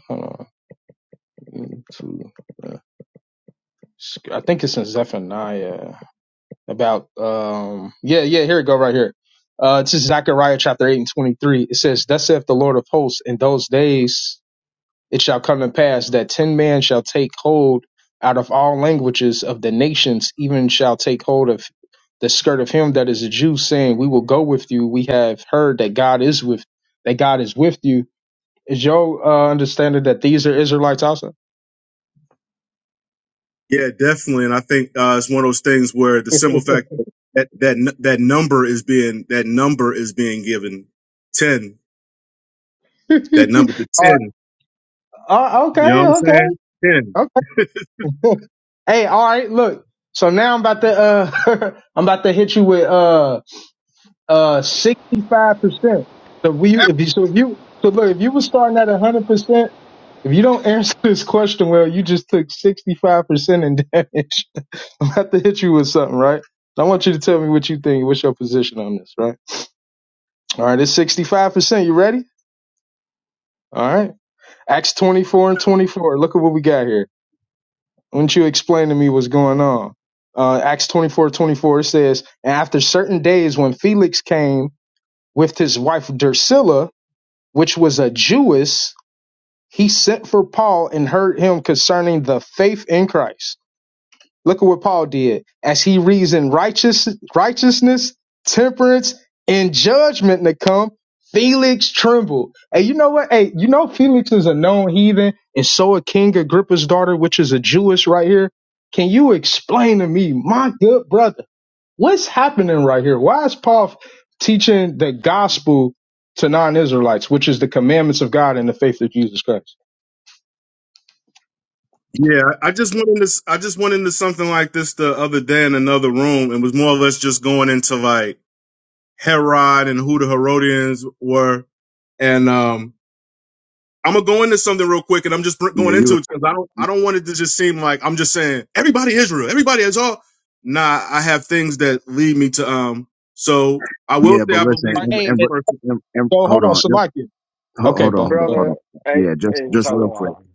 Hold on. I think it's in Zephaniah. about um yeah yeah here we go right here uh this is zechariah chapter 8 and 23 it says thus saith the lord of hosts in those days it shall come to pass that ten men shall take hold out of all languages of the nations even shall take hold of the skirt of him that is a jew saying we will go with you we have heard that god is with that god is with you is your uh, understanding that these are israelites also
Yeah, definitely. And I think uh, it's one of those things where the simple fact that that n- that number is being that number is being given ten. That number to
All
ten.
right. uh,
You know
okay
what I'm saying? Ten.
okay Hey, all right, look. So now I'm about to uh I'm about to hit you with uh uh sixty five percent. So we you if you so if you so look if you were starting at hundred percent, if you don't answer this question well, you just took sixty five percent in damage. I'm about to hit you with something, right? I want you to tell me what you think. What's your position on this, right? All right, it's sixty five percent. You ready? All right. Acts twenty four and twenty four. Look at what we got here. Wouldn't you explain to me what's going on? Uh, Acts twenty four twenty four says, And after certain days, when Felix came with his wife Drusilla, which was a Jewess, he sent for Paul and heard him concerning the faith in Christ. Look at what Paul did. As he reasoned righteous, righteousness, temperance, and judgment to come, Felix trembled. Hey, you know what? Hey, you know Felix is a known heathen, and so a King Agrippa's daughter, which is a Jewess right here. Can you explain to me, my good brother, what's happening right here? Why is Paul teaching the gospel to non-Israelites, which is the commandments of God and the faith of Jesus Christ?
Yeah, I I just went into s- I just went into something like this the other day in another room, and was more or less just going into like Herod and who the Herodians were, and um I'm gonna go into something real quick, and I'm just br-
Yeah,
going
you.
into it because I don't I don't want it to just seem like I'm just saying everybody Israel, everybody is all. Nah, I have things that lead me to um. So I will
Yeah,
say
but
I
listen,
All
believe
right,
and,
that this
and,
hey,
person.
and, and-
so hold
hold
on,
on, and-
Salakia.
ho-
Okay,
hold on,
but,
hold on,
but
hold on.
brother. Hey,
Yeah, just
hey,
just real quick,
Shalom.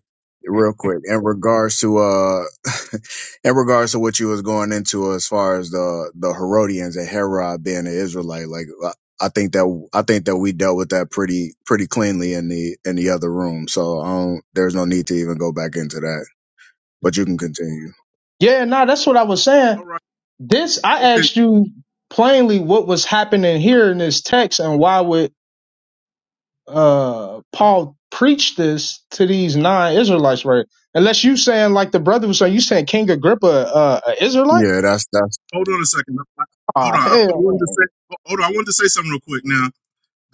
real quick. In regards to uh, in regards to what you was going into as far as the the Herodians and Herod being an Israelite, like I I think that I think that we dealt with that pretty pretty cleanly in the in the other room. So I don't, there's no need to even go back into that. But you can continue.
yeah, nah, that's what I was saying.
All right,
This I
okay.
asked you plainly what was happening here in this text and why would uh Paul preach this to these nine Israelites right? Unless you saying like the brother was saying, you saying King Agrippa uh a Israelite?
Yeah, that's that's
Hold on a second. I- I- Hold
Ah
on. I, I
hell
wanted to
no.
say. ho- Hold on. I wanted to say something real quick. Now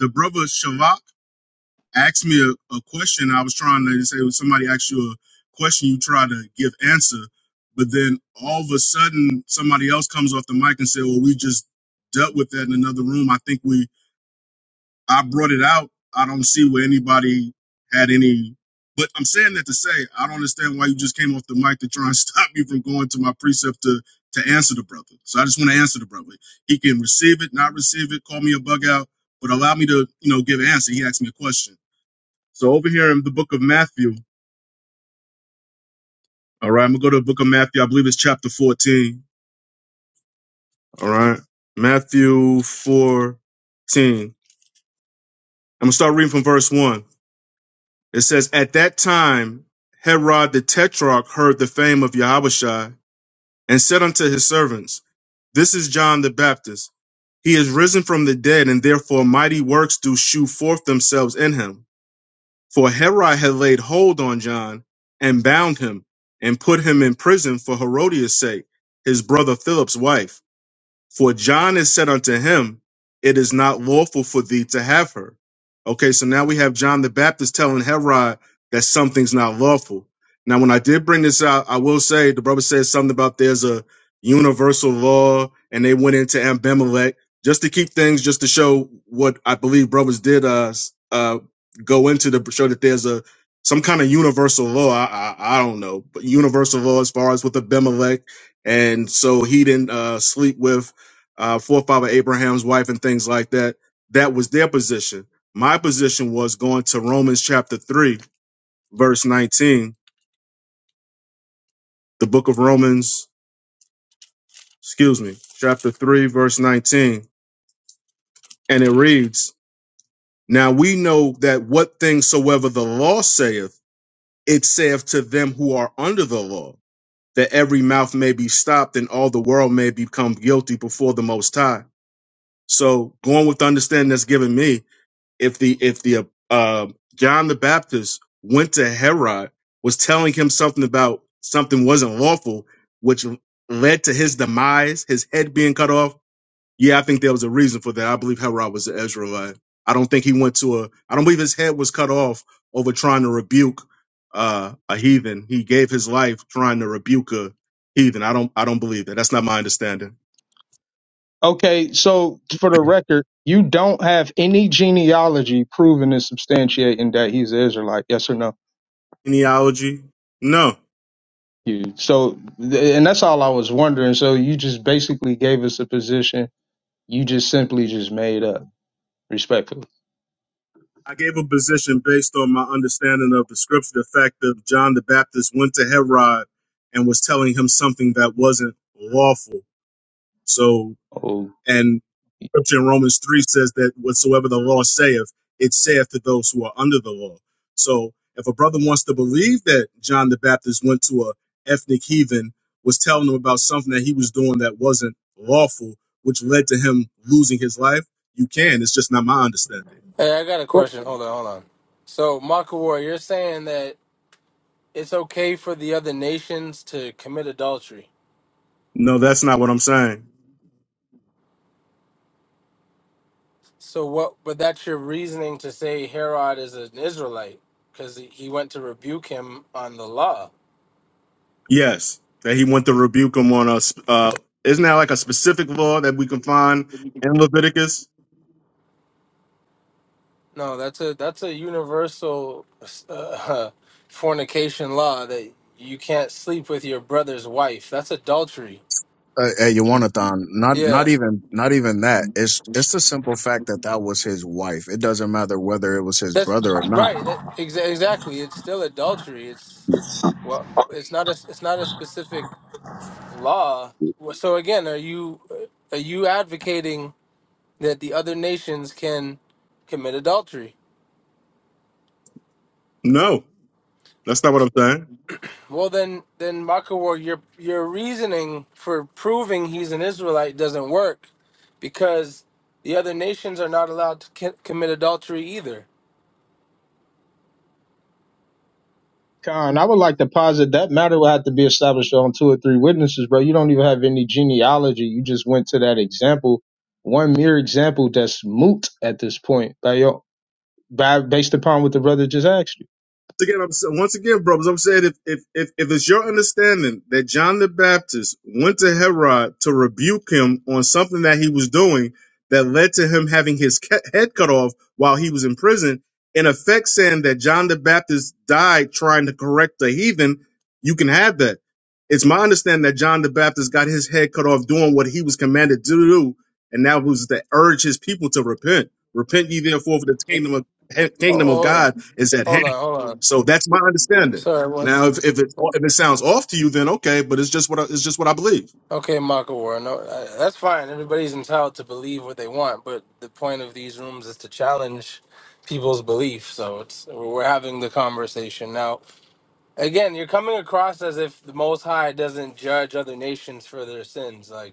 the brother Shavak. asked me a, a question. I was trying to say when somebody asks you a question, you try to give answer, but then all of a sudden somebody else comes off the mic and say, "Well, we just dealt with that in another room." I think we I brought it out. I don't see where anybody had any. But I'm saying that to say I don't understand why you just came off the mic to try and stop me from going to my precept to to answer the brother. So I just want to answer the brother. He can receive it, not receive it, call me a bug out, but allow me to you know give an answer. He asked me a question. So over here in the book of Matthew, all right, I'm gonna go to the book of Matthew. I believe it's chapter 14. All right, Matthew 14. I'm gonna start reading from verse one. It says, "At that time, Herod the Tetrarch heard the fame of Yahushua and said unto his servants, This is John the Baptist. He is risen from the dead, and therefore mighty works do shew forth themselves in him." For Herod had laid hold on John and bound him and put him in prison for Herodias' sake, his brother Philip's wife. For John is said unto him, It is not lawful for thee to have her. Okay, so now we have John the Baptist telling Herod that something's not lawful. Now, when I did bring this out, I will say the brother said something about there's a universal law and they went into Abimelech just to keep things, just to show what I believe brothers did uh, uh, go into to show that there's a some kind of universal law. I, I, I don't know, but universal law as far as with Abimelech. And so he didn't uh, sleep with uh, forefather Abraham's wife and things like that. That was their position. My position was going to Romans chapter 3, verse 19, the book of Romans, excuse me, chapter 3, verse 19. And it reads, Now we know that what things soever the law saith, it saith to them who are under the law, that every mouth may be stopped and all the world may become guilty before the Most High. So going with the understanding that's given me, if the if the uh, John the Baptist went to Herod was telling him something about something wasn't lawful, which led to his demise, his head being cut off. Yeah, I think there was a reason for that. I believe Herod was an Israelite. I don't think he went to a. I don't believe his head was cut off over trying to rebuke uh, a heathen. He gave his life trying to rebuke a heathen. I don't. I don't believe that. That's not my understanding.
Okay, so for the record, you don't have any genealogy proving and substantiating that he's an Israelite, yes or no?
Genealogy? No.
You so th- and that's all I was wondering. So you just basically gave us a position you just simply just made up, respectfully.
I gave a position based on my understanding of the scripture, the fact that John the Baptist went to Herod and was telling him something that wasn't lawful. So,
Oh,
and scripture in Romans 3 says that whatsoever the law saith, it saith to those who are under the law. So, if a brother wants to believe that John the Baptist went to a ethnic heathen, was telling him about something that he was doing that wasn't lawful, which led to him losing his life, you can. It's just not my understanding.
Hey, I got a
Bro,
question. Hold on, hold on. So, Makawar, you're saying that it's okay for the other nations to commit adultery.
No, that's not what I'm saying.
So what? But that's your reasoning to say Herod is an Israelite because he went to rebuke him on the law.
Yes, that he went to rebuke him on us. Uh, isn't that like a specific law that we can find in Leviticus?
No, that's a that's a universal uh, fornication law that you can't sleep with your brother's wife. That's adultery.
uh, at Yawanathon. Not
Yeah.
not even not even that. It's it's the simple fact that that was his wife. It doesn't matter whether it was his
That's
brother or not.
right. That, exa- exactly. It's still adultery. It's well, it's not a it's not a specific law. Well, So again, are you are you advocating that the other nations can commit adultery?
No, that's not what I'm saying.
Well, then then Makawar, your your reasoning for proving he's an Israelite doesn't work because the other nations are not allowed to c- commit adultery either.
Con, I would like to posit that matter would have to be established on two or three witnesses, bro. You don't even have any genealogy. You just went to that example, one mere example that's moot at this point, by your, by, based upon what the brother just asked you.
again, I'm, sa- once again, brothers, I'm saying if, if if if it's your understanding that John the Baptist went to Herod to rebuke him on something that he was doing that led to him having his ca- head cut off while he was in prison, in effect saying that John the Baptist died trying to correct the heathen, you can have that. It's my understanding that John the Baptist got his head cut off doing what he was commanded to do, and that was to urge his people to repent. Repent ye therefore, for the
it,
kingdom of
Oh,
kingdom of
hold,
God is at hand.
hold on, hold on.
So that's my understanding.
Sorry, what?
Now, if if it if it sounds off to you, then okay, but it's just what I, it's just what I believe.
Okay, Maka War. No, uh, that's fine. Everybody's entitled to believe what they want, but the point of these rooms is to challenge people's belief. So it's we're having the conversation now. Again, you're coming across as if the Most High doesn't judge other nations for their sins. Like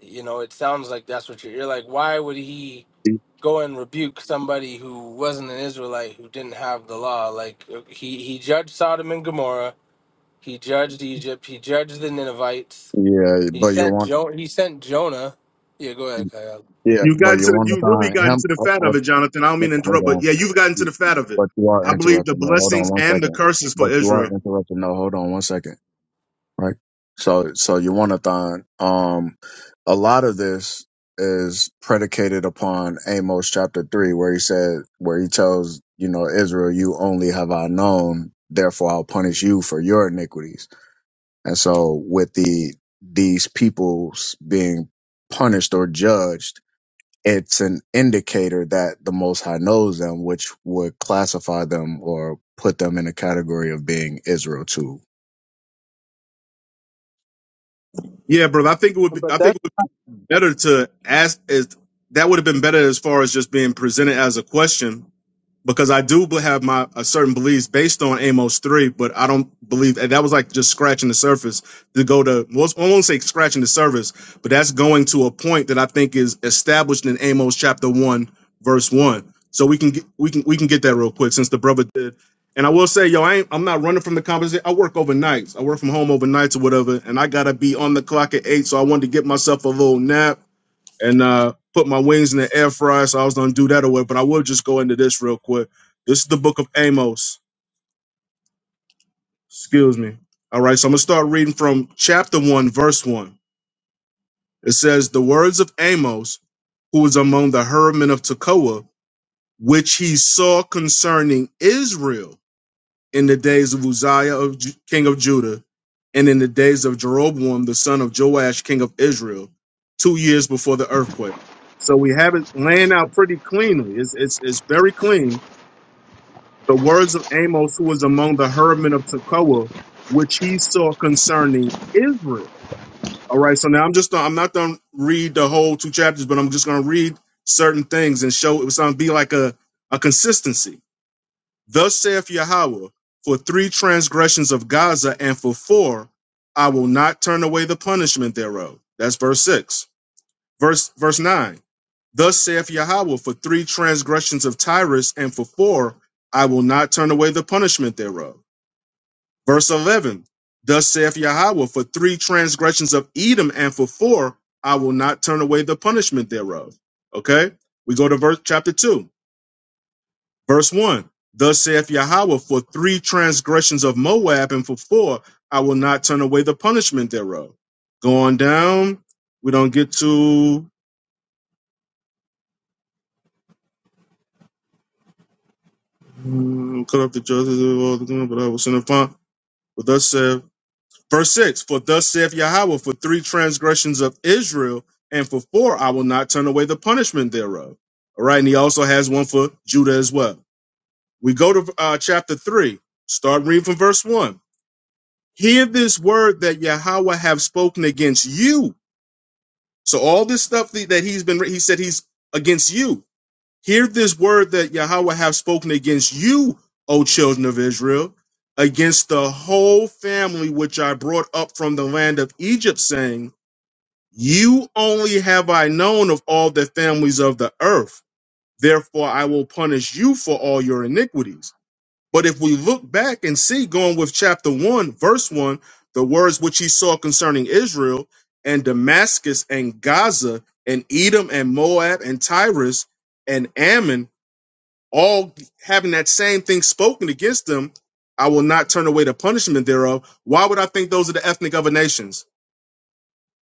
you know, it sounds like that's what you're. You're like, why would he go and rebuke somebody who wasn't an Israelite who didn't have the law? Like he he judged Sodom and Gomorrah. He judged Egypt. He judged the Ninevites
Yeah,
he
but you
sent
want
Jo. He sent Jonah. Yeah, go ahead, Kyle.
yeah,
You
but
got into the, you
Yawanathon
really got
him.
into the
Hold,
fat of
hold
it, Jonathan. I don't mean to interrupt, but
hold
yeah, you've gotten to
on,
the fat of it.
but you are
I believe the
interrupting. No, hold on
blessings
one
and the
second.
curses
But
for
you are
Israel.
interrupting. No, hold on one second. right? So, so your one-a-thon. Um, a lot of this is predicated upon Amos chapter three, where he said, where he tells you know Israel, you only have I known, therefore I'll punish you for your iniquities. And so, with the these peoples being punished or judged, it's an indicator that the Most High knows them, which would classify them or put them in a category of being Israel too.
Yeah, brother. I think it would be
But
I think
that's
it would be better to ask is that would have been better as far as just being presented as a question because I do be- have my a certain beliefs based on Amos three, but I don't believe and that was like just scratching the surface to go to. Well, I won't say scratching the surface, but that's going to a point that I think is established in Amos chapter one, verse one. So we can get, we can we can get that real quick since the brother did. And I will say, yo, I ain't, I'm not running from the conversation. I work overnights. I work from home overnights or whatever, and I gotta be on the clock at eight. So I wanted to get myself a little nap and uh, put my wings in the air fryer. So I was gonna do that away, but I will just go into this real quick. This is the book of Amos. Excuse me. All right, so I'm gonna start reading from chapter one, verse one. It says, "The words of Amos, who was among the herdmen of Tekoa, which he saw concerning Israel." in the days of Uzziah, of Ju- king of Judah, and in the days of Jeroboam, the son of Joash, king of Israel, two years before the earthquake. So we have it laying out pretty cleanly. It's, it's, it's very clean. The words of Amos, who was among the herdmen of Tekoa, which he saw concerning Israel. All right. So now I'm just, I'm not going to read the whole two chapters, but I'm just going to read certain things and show it's going to be like a, a consistency. Thus saith Yahweh, for three transgressions of Gaza and for four, I will not turn away the punishment thereof. That's verse six. Verse verse nine. Thus saith Yahweh, for three transgressions of Tyrus and for four, I will not turn away the punishment thereof. Verse eleven. Thus saith Yahweh, for three transgressions of Edom and for four, I will not turn away the punishment thereof. Okay, we go to verse chapter two. Verse 1 Thus saith Yahweh, for three transgressions of Moab, and for four, I will not turn away the punishment thereof. Going down, we don't get to mm, cut up the justice of all the good, but I will send upon. But thus saith, verse 6 For thus saith Yahweh, for three transgressions of Israel, and for four, I will not turn away the punishment thereof. All right, and he also has one for Judah as well. We go to uh, chapter 3, start reading from verse 1. hear this word that Yahweh have spoken against you. So all this stuff that that he's been, he said he's against you. Hear this word that Yahweh have spoken against you, O children of Israel, against the whole family which I brought up from the land of Egypt, saying, You only have I known of all the families of the earth. Therefore I will punish you for all your iniquities. But if we look back and see, going with chapter 1, verse 1, the words which he saw concerning Israel and Damascus and Gaza and Edom and Moab and Tyrus and Ammon, all having that same thing spoken against them, I will not turn away the punishment thereof. Why would I think those are the ethnic other nations?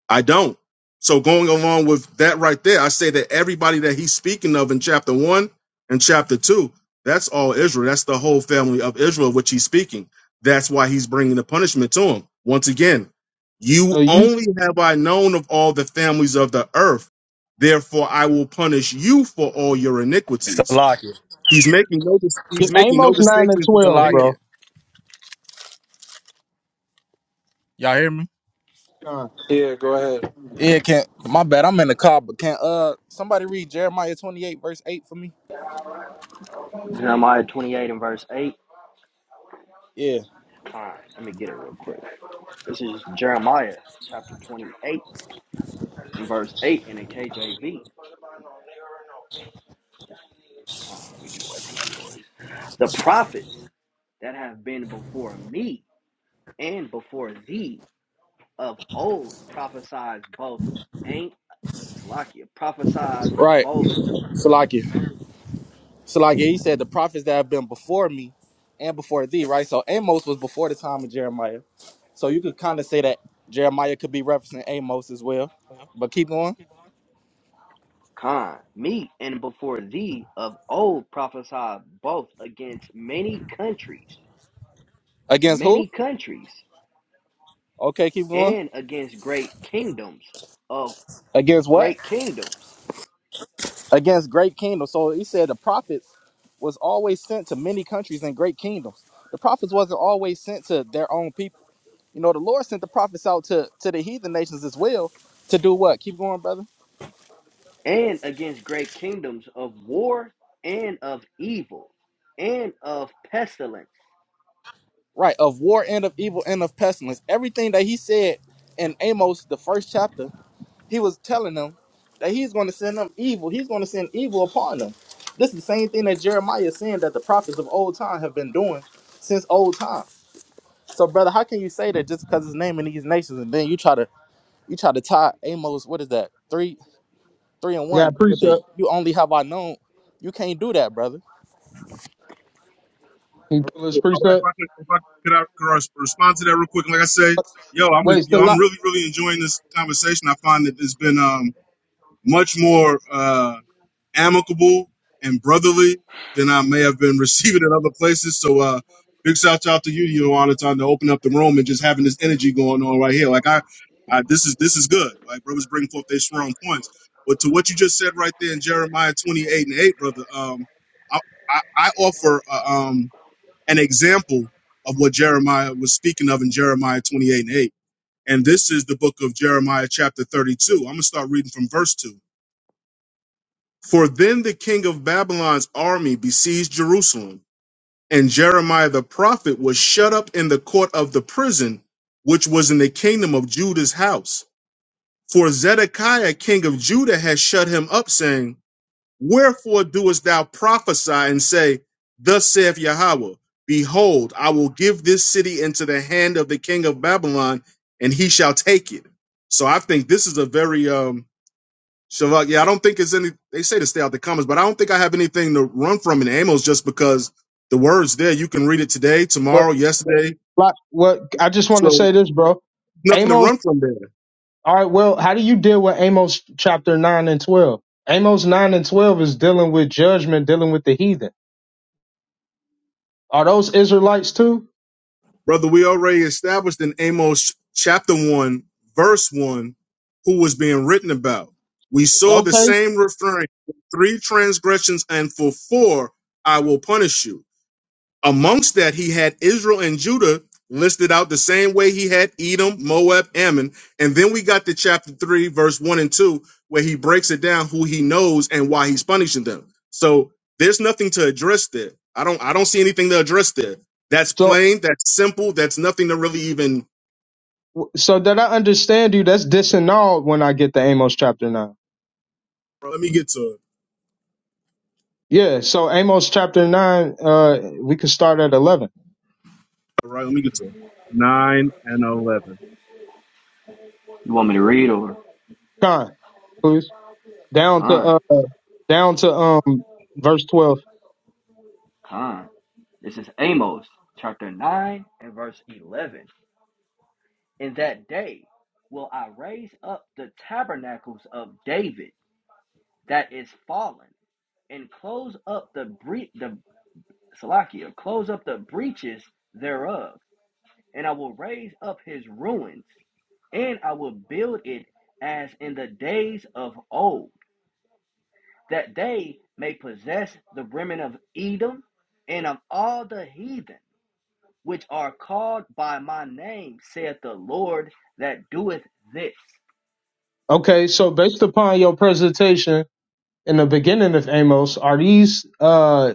I don't. So going along with that right there, I say that everybody that he's speaking of in chapter one and chapter two, that's all Israel. That's the whole family of Israel, which he's speaking. That's why he's bringing the punishment to him. Once again,
so
you
you,
only have I known of all the families of the earth. Therefore, I will punish you for all your iniquities.
Salakia.
He's making no dis-
you
he's making no
Amos nine and
distinctions between
twelve,
any.
Salakia.
bro.
Y'all hear me?
Con,
Yeah, go ahead.
Yeah, can't my bad. I'm in the car, but can't uh somebody read Jeremiah 28, verse 8 for me?
Jeremiah 28 and verse 8.
Yeah.
Fine, let me get it real quick. This is Jeremiah chapter 28 and verse 8 in the KJV. Fine, let me get away from that noise. The prophets that have been before me and before thee of old prophesied both ain't Salakia prophesied
Right.
both. mhm,
Salakia. Salakia, he said the prophets that have been before me and before thee, right? So Amos was before the time of Jeremiah. So you could kind of say that Jeremiah could be referencing Amos as well. But keep going.
Con, me and before thee of old prophesied both against many countries,
Against who?
many countries,
Okay, keep going.
and against great kingdoms of
Against what?
great kingdoms,
against great kingdoms. So he said the prophets was always sent to many countries and great kingdoms. The prophets wasn't always sent to their own people. You know, the Lord sent the prophets out to, to the heathen nations as well to do what? Keep going, brother.
and against great kingdoms of war and of evil and of pestilence.
Right, of war and of evil and of pestilence. Everything that he said in Amos, the first chapter, he was telling them that he's going to send them evil. He's going to send evil upon them. This is the same thing that Jeremiah is saying that the prophets of old time have been doing since old time. So, brother, how can you say that just because it's naming these nations, and then you try to you try to tie Amos? What is that? Three, three and
we got a
one with the
precept.
you only have I known. You can't do that, brother.
Can you pull this
All right, if
precept?
I could, if I could, I could res- respond to that real quick. Like I say, yo, I'm
Wait,
yo,
still
I'm
lot.
really really enjoying this conversation. I find that it's been um much more uh amicable and brotherly than I may have been receiving in other places. So uh, big shout out to you, you on the time to open up the room and just having this energy going on right here. Like I, I this is this is good. Like brothers bring forth their strong points. But to what you just said right there in Jeremiah 28 and 8, brother, um, I, I, I offer uh, um an example of what Jeremiah was speaking of in Jeremiah 28 and 8. And this is the book of Jeremiah, chapter 32. I'm going to start reading from verse 2. For then the king of Babylon's army besieged Jerusalem, and Jeremiah the prophet was shut up in the court of the prison, which was in the kingdom of Judah's house. For Zedekiah, king of Judah, had shut him up, saying, Wherefore doest thou prophesy and say, Thus saith Yahweh, Behold, I will give this city into the hand of the king of Babylon, and he shall take it. So I think this is a very um Shavak. Yeah, I don't think it's any. They say to stay out the comments, but I don't think I have anything to run from in Amos just because the words there. You can read it today, tomorrow, yesterday.
Like, what I just want to
So
say this, bro.
nothing to
Amos.
run from there.
All right. Well, how do you deal with Amos chapter nine and twelve? Amos nine and twelve is dealing with judgment, dealing with the heathen. Are those Israelites too?
Brother, we already established in Amos chapter 1, verse 1, who was being written about. We saw the
Okay.
same refrain: three transgressions and for four I will punish you. Amongst that, he had Israel and Judah listed out the same way he had Edom, Moab, Ammon. And then we got to chapter 3, verse 1 and 2, where he breaks it down who he knows and why he's punishing them. So there's nothing to address there. I don't I don't see anything to address there. That's
So,
plain, that's simple, that's nothing to really even
so that I understand you, that's disannulled when I get to Amos chapter nine.
let me get to it.
Yeah. So Amos chapter nine. Uh, we could start at eleven.
All right, let me get to it. Nine and eleven.
You want me to read over?
Con, please. Down to
Con,
uh, down to um, verse twelve.
con. This is Amos chapter 9 and verse 11. In that day will I raise up the tabernacles of David that is fallen, and close up the bre- the Salakia, close up the breaches thereof, and I will raise up his ruins, and I will build it as in the days of old, that they may possess the remnant of Edom and of all the heathen which are called by my name, saith the Lord that doeth this.
Okay. So based upon your presentation in the beginning of Amos, are these uh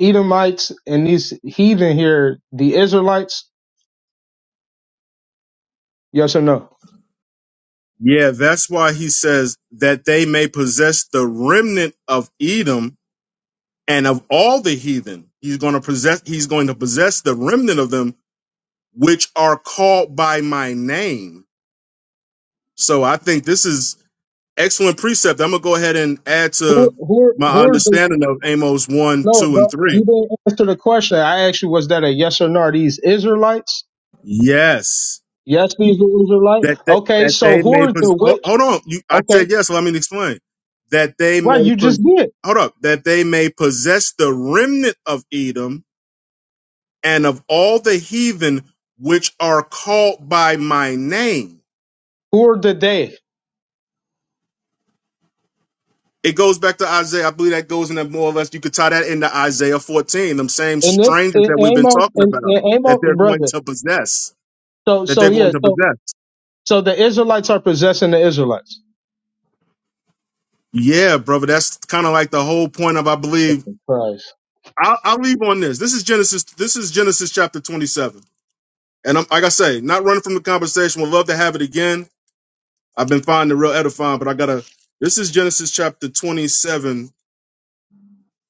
Edomites and these heathen here the Israelites? Yes or no?
Yeah, that's why he says that they may possess the remnant of Edom and of all the heathen he's going to possess he's going to possess the remnant of them which are called by my name so i think this is excellent precept i'm going to go ahead and add to
Who who
my
who are the
understanding of amos 1
no,
2 and
but
3
you didn't answer the question. I asked you, was that a yes or no? Are these Israelites?
yes
Yes, these are Israelites.
that they,
Okay,
that
so
they
who
may
are
pos-
the
ho-
which?
hold on you, i
Okay,
said yes so let me explain that they
right,
may
you just
pos-
did.
hold up that they may possess the remnant of edom and of all the heathen which are called by my name.
Who are the they?
It goes back to Isaiah. I believe that goes in that more or less. You could tie that into Isaiah 14, them same
And this,
strangers that
and
we've been
Amos
talking
and,
about
and
that
Amos,
they're going
brother.
to possess,
So,
that
so
they're going
yeah,
to
so
possess.
so the Israelites are possessing the Israelites.
Yeah, brother. That's kind of like the whole point of, I believe.
Christ,
I'll, I'll leave on this. This is Genesis. This is Genesis chapter 27. And I'm, like I say, not running from the conversation. Would love to have it again. I've been finding it real edifying, but I gotta. This is Genesis chapter 27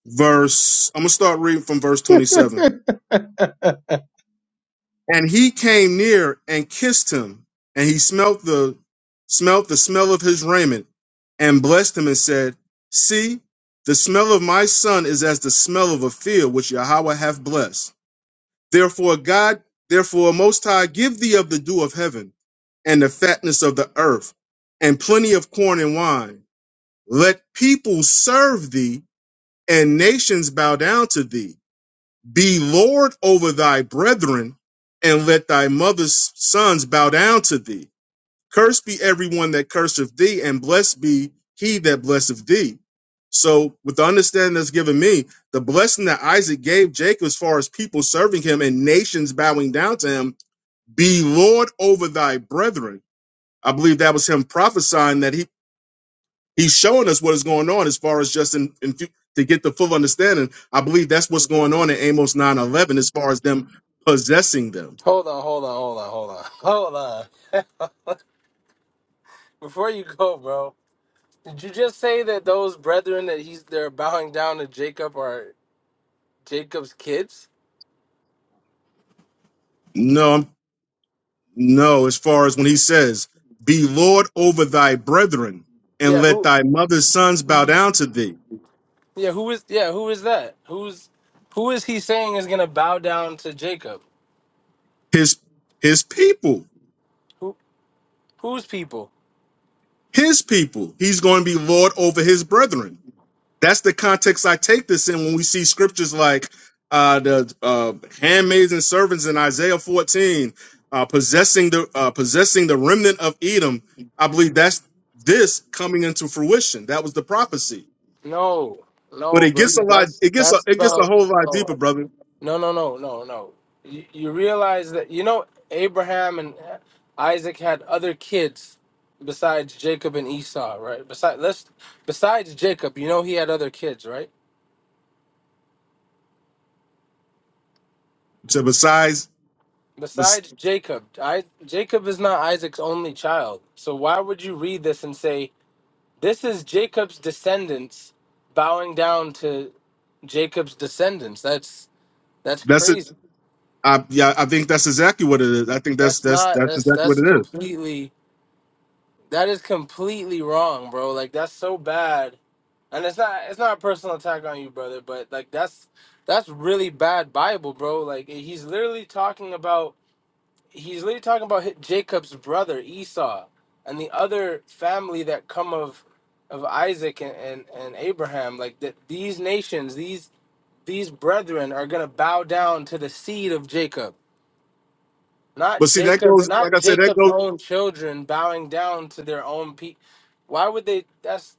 verse i'm gonna start reading from verse 27
that's
and he came near and kissed him and he smelt the smelt the smell of his raiment and blessed him and said see the smell of my son is as the smell of a field which yahweh hath blessed therefore god therefore most high give thee of the dew of heaven and the fatness of the earth and plenty of corn and wine let people serve thee and nations bow down to thee Be Lord over thy brethren, and let thy mother's sons bow down to thee. Cursed be everyone that curseth thee, and blessed be he that blesseth thee. So, with the understanding that's given me, the blessing that Isaac gave Jacob as far as people serving him and nations bowing down to him, be Lord over thy brethren. I believe that was him prophesying that he. He's showing us what is going on as far as just in, in fu- to get the full understanding. I believe that's what's going on in Amos 9:11 as far as them possessing them.
Hold on, hold on, hold on, hold on, hold on. Before you go, bro, did you just say that those brethren that he's they're bowing down to Jacob are Jacob's kids?
No, I'm- no, as far as when he says, "Be Lord over thy brethren, and
Yeah,
let
who?
thy mother's sons bow down to thee."
Yeah, who is? Yeah, who is that? Who's? Who is he saying is gonna bow down to Jacob?
His his people,
Who? Whose people?
his people. He's going to be Lord over his brethren. that's the context I take this in when we see scriptures like uh, the uh, handmaids and servants in Isaiah 14 uh, possessing the uh, possessing the remnant of Edom. I believe that's this coming into fruition. That was the prophecy,
No,
but
no,
it
bro.
gets a lot. It gets a, it gets a whole lot deeper, brother.
No, no, no, no, no. You, you realize that you know Abraham and Isaac had other kids besides Jacob and Esau, right? Besides, let's besides Jacob, you know he had other kids, right?
So besides, bes-
Besides Jacob, I, Jacob is not Isaac's only child. So why would you read this and say this is Jacob's descendants bowing down to Jacob's descendants? That's that's
that's it.
crazy.
I, yeah, I think that's exactly what it is. I think that's
That's
that's
not
that's
that's
exactly what
that's
it is.
completely That is completely wrong, bro. Like that's so bad. And it's not it's not a personal attack on you, brother, but like that's that's really bad Bible, bro. Like he's literally talking about he's literally talking about hi- Jacob's brother Esau and the other family that come of of Isaac and and, and Abraham. Like that these nations, these these brethren are going to bow down to the seed of Jacob not
But see, that
Jacob,
goes
not
like I said. That
Jacob's
goes.
own children bowing down to their own people. Why would they? That's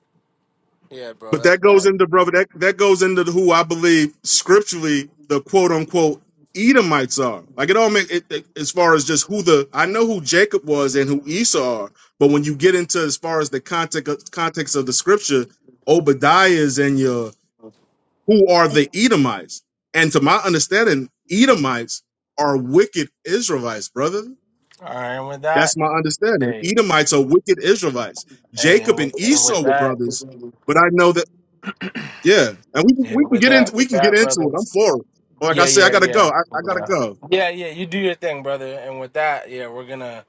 yeah, bro.
But
That's
that goes
bad.
into brother that that goes into who I believe scripturally the quote unquote Edomites are. Like it all make it, it- as far as just who the I know who Jacob was and who Esau are, but when you get into as far as the context of, context of the scripture, Obadiah's and your who are the Edomites? And to my understanding, Edomites are wicked Israelites, brother.
All right, and with that,
That's my understanding.
hey,
Edomites are wicked Israelites.
hey,
Jacob
and with,
and
and with
Esau were
that,
brothers, but I know that. Yeah, and we
yeah,
we can
with
get into
that,
we
with
can get
that,
into
brother.
it. I'm for it. Like I
Yeah,
said, I
yeah,
gotta
yeah,
go. I, I gotta go.
yeah, yeah. You do your thing, brother. And with that, yeah, we're gonna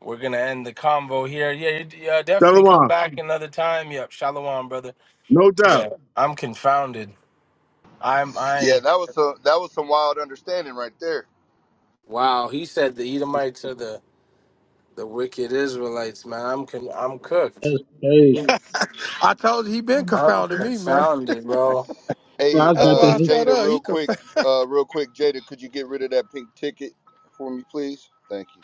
we're gonna end the convo here. Yeah, you, yeah, definitely come
Shalom,
back another time. Yep, shalom, brother.
no doubt.
Yeah, I'm confounded. I'm
Yeah,
I.
that was some that was some wild understanding right there.
Wow, he said the Edomites are the the wicked Israelites, man. I'm con- I'm cooked.
crazy.
I told you he been
I'm
confounding me, man.
confounded, bro.
Yeah,
Hey,
I was
That's
about to
uh,
why I
hit.
showed
Jada,
up.
real
He
quick,
confounded.
uh, real quick, Jada, could you get rid of that pink ticket for me, please? Thank you.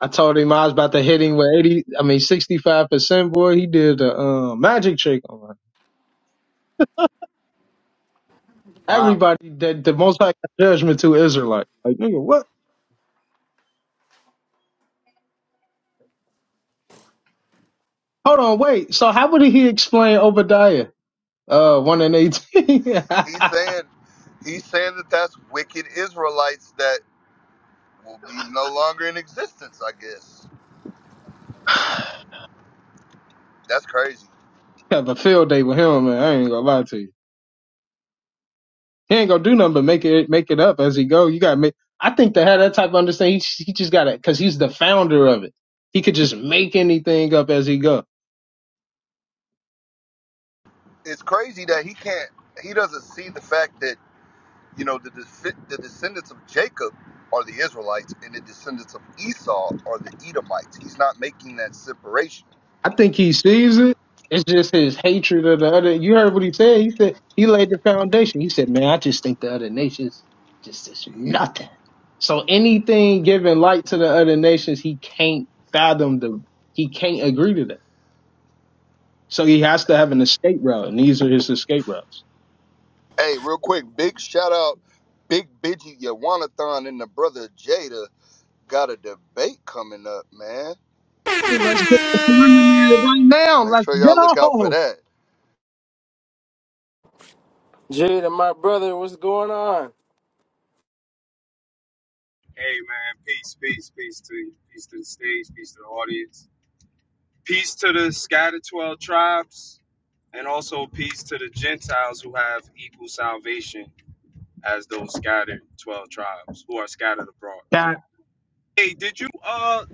I told him I was about to hit him with eighty. I mean, sixty-five percent. Boy, he did a uh, magic trick on me.
Wow.
Everybody that the Most High got judgment to Israelite. Like nigga, what? Hold on, wait. So how would he explain Obadiah? Uh, one and eighteen.
He's saying he's saying that that's wicked Israelites that will be no longer in existence. I guess that's crazy.
Have a field day with him, man. I ain't gonna lie to you. He ain't gonna do nothing but make it make it up as he go. You gotta make. I think to have that type of understanding, he, he just gotta because he's the founder of it. He could just make anything up as he go.
It's crazy that he can't. He doesn't see the fact that You know, the, the descendants of Jacob are the Israelites, and the descendants of Esau are the Edomites. He's not making that separation.
I think he sees it. It's just his hatred of the other. You heard what he said. He said he laid the foundation. He said, "Man, I just think the other nations just is nothing." So anything giving light to the other nations, he can't fathom the. He can't agree to that. So he has to have an escape route, and these are his escape routes.
Hey, real quick, big shout out, Big Biggie Yawanathan and the brother Jada got a debate coming up, man.
Well, Let's get the preliminary right now.
Make
Let's
sure y'all look out for
go.
that.
Jada, my brother, what's going on?
Hey man, peace, peace, peace to you. Peace to the stage, peace to the audience. Peace to the scattered 12 tribes, and also peace to the Gentiles who have equal salvation as those scattered 12 tribes who are scattered abroad.
God,
Hey, did you, uh,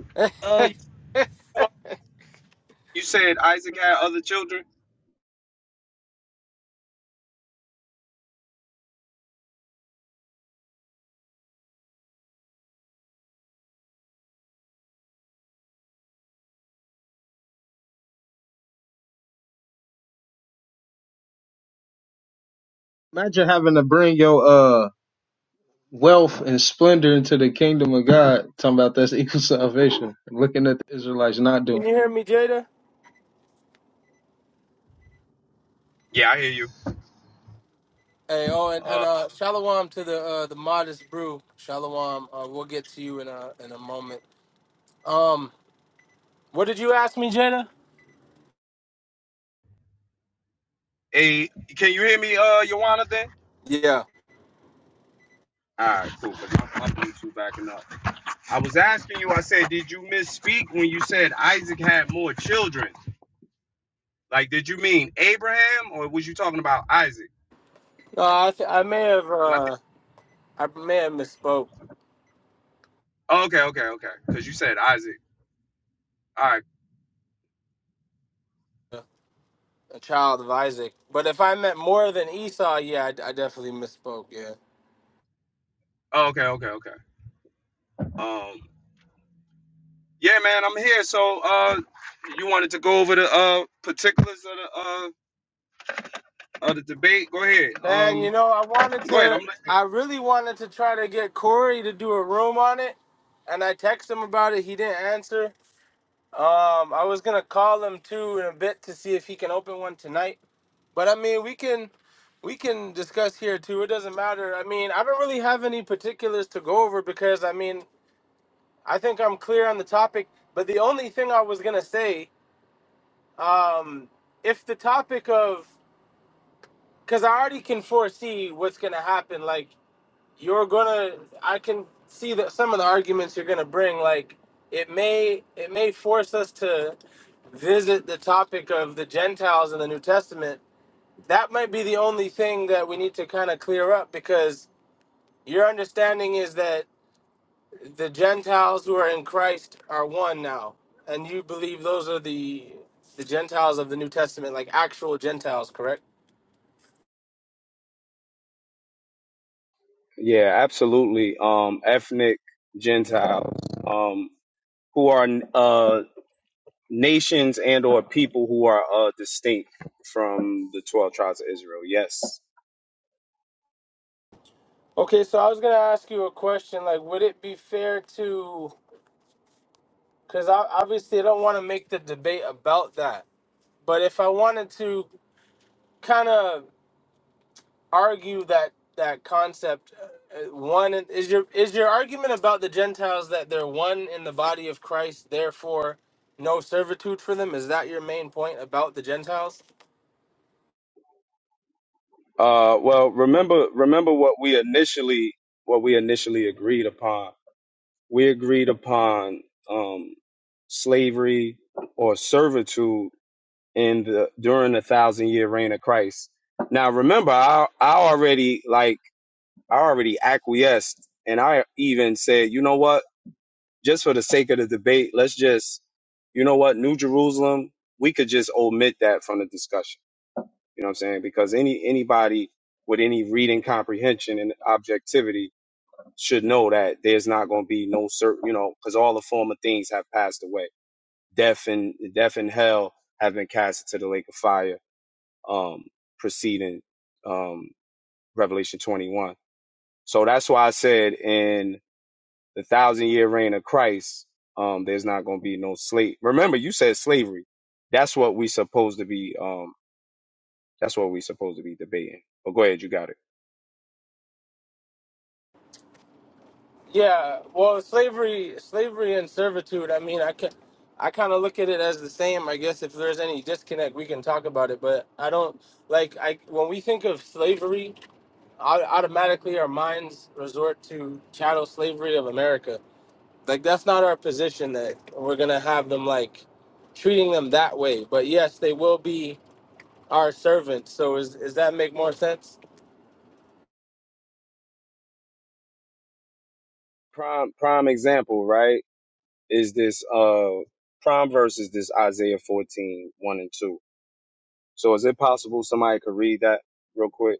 uh, you, uh, you said Isaac had other children?
imagine having to bring your uh wealth and splendor into the kingdom of God. Talking about that's equal salvation. Looking at the Israelites not doing.
Can you hear me, Jada?
Yeah, I hear you.
Hey, oh, and, and
Uh,
uh, shalom to the uh, the modest brew. Shalom. Uh, we'll get to you in a in a moment. Um, what did you ask me, Jada?
hey, can you hear me, uh, Joanna then?
Yeah.
All right, cool, because my, my Bluetooth backing up. I was asking you, I said, did you misspeak when you said Isaac had more children? Like, did you mean Abraham or was you talking about Isaac?
No, I th- I may have
Because I think.
uh I may have misspoke.
Oh, Okay, okay, okay. Because you said Isaac. All right.
A child of Isaac, but if I meant more than Esau, yeah, I, I definitely misspoke. Yeah.
Oh, okay, okay, okay. Um. Yeah, man, I'm here. So, uh, you wanted to go over the uh particulars of the uh of the debate? Go ahead.
Man,
Um.
you know, I wanted
Go ahead. I'm
to,
listening.
I really wanted to try to get Corey to do a room on it, and I texted him about it. He didn't answer. Um, I was gonna call him too in a bit to see if he can open one tonight. But I mean, we can, we can discuss here too. It doesn't matter. I mean, I don't really have any particulars to go over because I mean, I think I'm clear on the topic. But the only thing I was gonna say, um, if the topic of, because I already can foresee what's gonna happen, like. you're gonna i can see that some of the arguments you're gonna bring like it may it may force us to visit the topic of the gentiles in the new testament that might be the only thing that we need to kind of clear up because your understanding is that the gentiles who are in christ are one now and you believe those are the the gentiles of the new testament like actual gentiles correct
Yeah, absolutely. Um, ethnic Gentiles, um, who are uh, nations and or people who are uh, distinct from the twelve tribes of Israel. Yes.
okay so i was gonna ask you a question like would it be fair to because I obviously I don't want to make the debate about that. But if I wanted to kind of argue that that concept, uh, uh, one is your is your argument about the Gentiles that they're one in the body of Christ, therefore no servitude for them. Is that your main point about the Gentiles?
Uh, well, remember, remember what we initially, what we initially agreed upon. We agreed upon um, slavery or servitude in the during the thousand year reign of Christ. Now, remember, I I already like I already acquiesced, and I even said, you know what? Just for the sake of the debate, let's just, you know what? New Jerusalem, we could just omit that from the discussion you know what I'm saying? Because any anybody with any reading comprehension and objectivity should know that there's not going to be no certain, you know, because all the former things have passed away. Death and death and hell have been cast into the lake of fire. Um, preceding um Revelation 21. So that's why I said in the thousand year reign of Christ, um, there's not going to be no slave. Remember, you said slavery. That's what we supposed to be. Um, that's what we supposed to be debating. But go ahead, you got it.
Yeah. Well, slavery, slavery and servitude. I mean, I can. I kind of look at it as the same. I guess if there's any disconnect, we can talk about it. But I don't like I when we think of slavery. au- automatically our minds resort to chattel slavery of America. Like that's not our position that we're gonna have them like treating them that way. But yes, they will be our servants. So is is that make more sense?
prime prime example, right? Is this uh prime verse is this Isaiah fourteen one and 2. So is it possible somebody could read that real quick?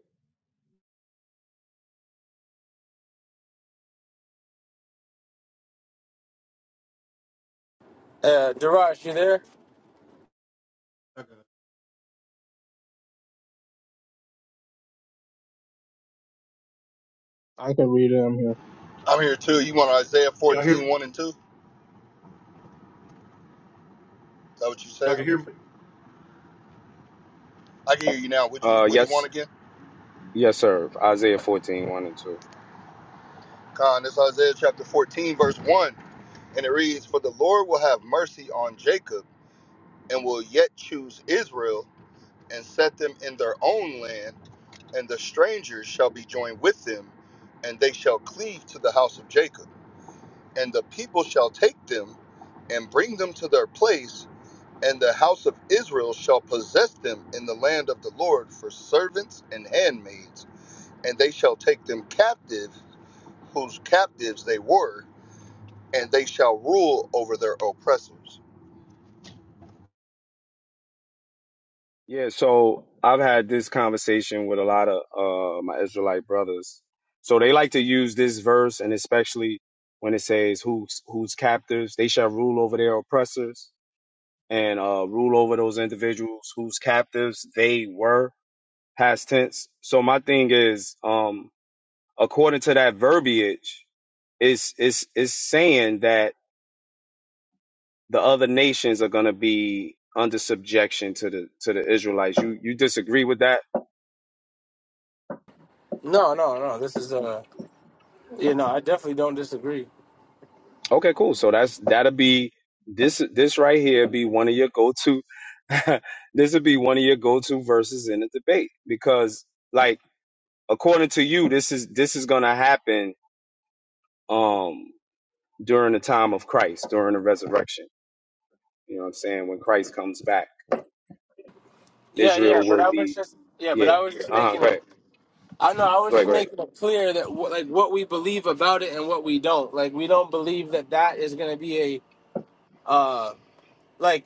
Uh Daraj, you there?
I got
I can read it. I'm
it.
here.
I'm here too. You want Isaiah
Y'all hear
14,
me?
one and 2? Is that what you
Y'all
said?
can hear me?
I can hear you now. Would you
Uh
would you want
yes,
again?
yes, sir. Isaiah fourteen one and 2.
Con, it's Isaiah chapter 14, verse 1. And it reads, For the Lord will have mercy on Jacob and will yet choose Israel and set them in their own land, and the strangers shall be joined with them, and they shall cleave to the house of Jacob. And the people shall take them and bring them to their place, and the house of Israel shall possess them in the land of the Lord for servants and handmaids, and they shall take them captive, whose captives they were, and they shall rule over their oppressors.
Yeah, so I've had this conversation with a lot of uh my Israelite brothers. So they like to use this verse and especially when it says who's who's captives, they shall rule over their oppressors and uh rule over those individuals whose captives they were past tense. So my thing is, um, according to that verbiage, it's it's it's saying that the other nations are gonna be under subjection to the to the Israelites. You you disagree with that?
No, no, no. This is uh you know, I definitely don't disagree.
Okay, cool. So that's that'll be this this right here be one of your go to this would be one of your go to verses in the debate because like according to you this is this is gonna happen um during the time of Christ during the resurrection You know what I'm saying? When Christ comes back,
Yeah, yeah,
Israel
but
will
I was
be,
just yeah, but
yeah.
I was just
Uh huh.
making
Go
it
ahead.
I know I was
Go ahead.
just
Go ahead.
making it clear that wh- like what we believe about it and what we don't. Like we don't believe that that is going to be a uh like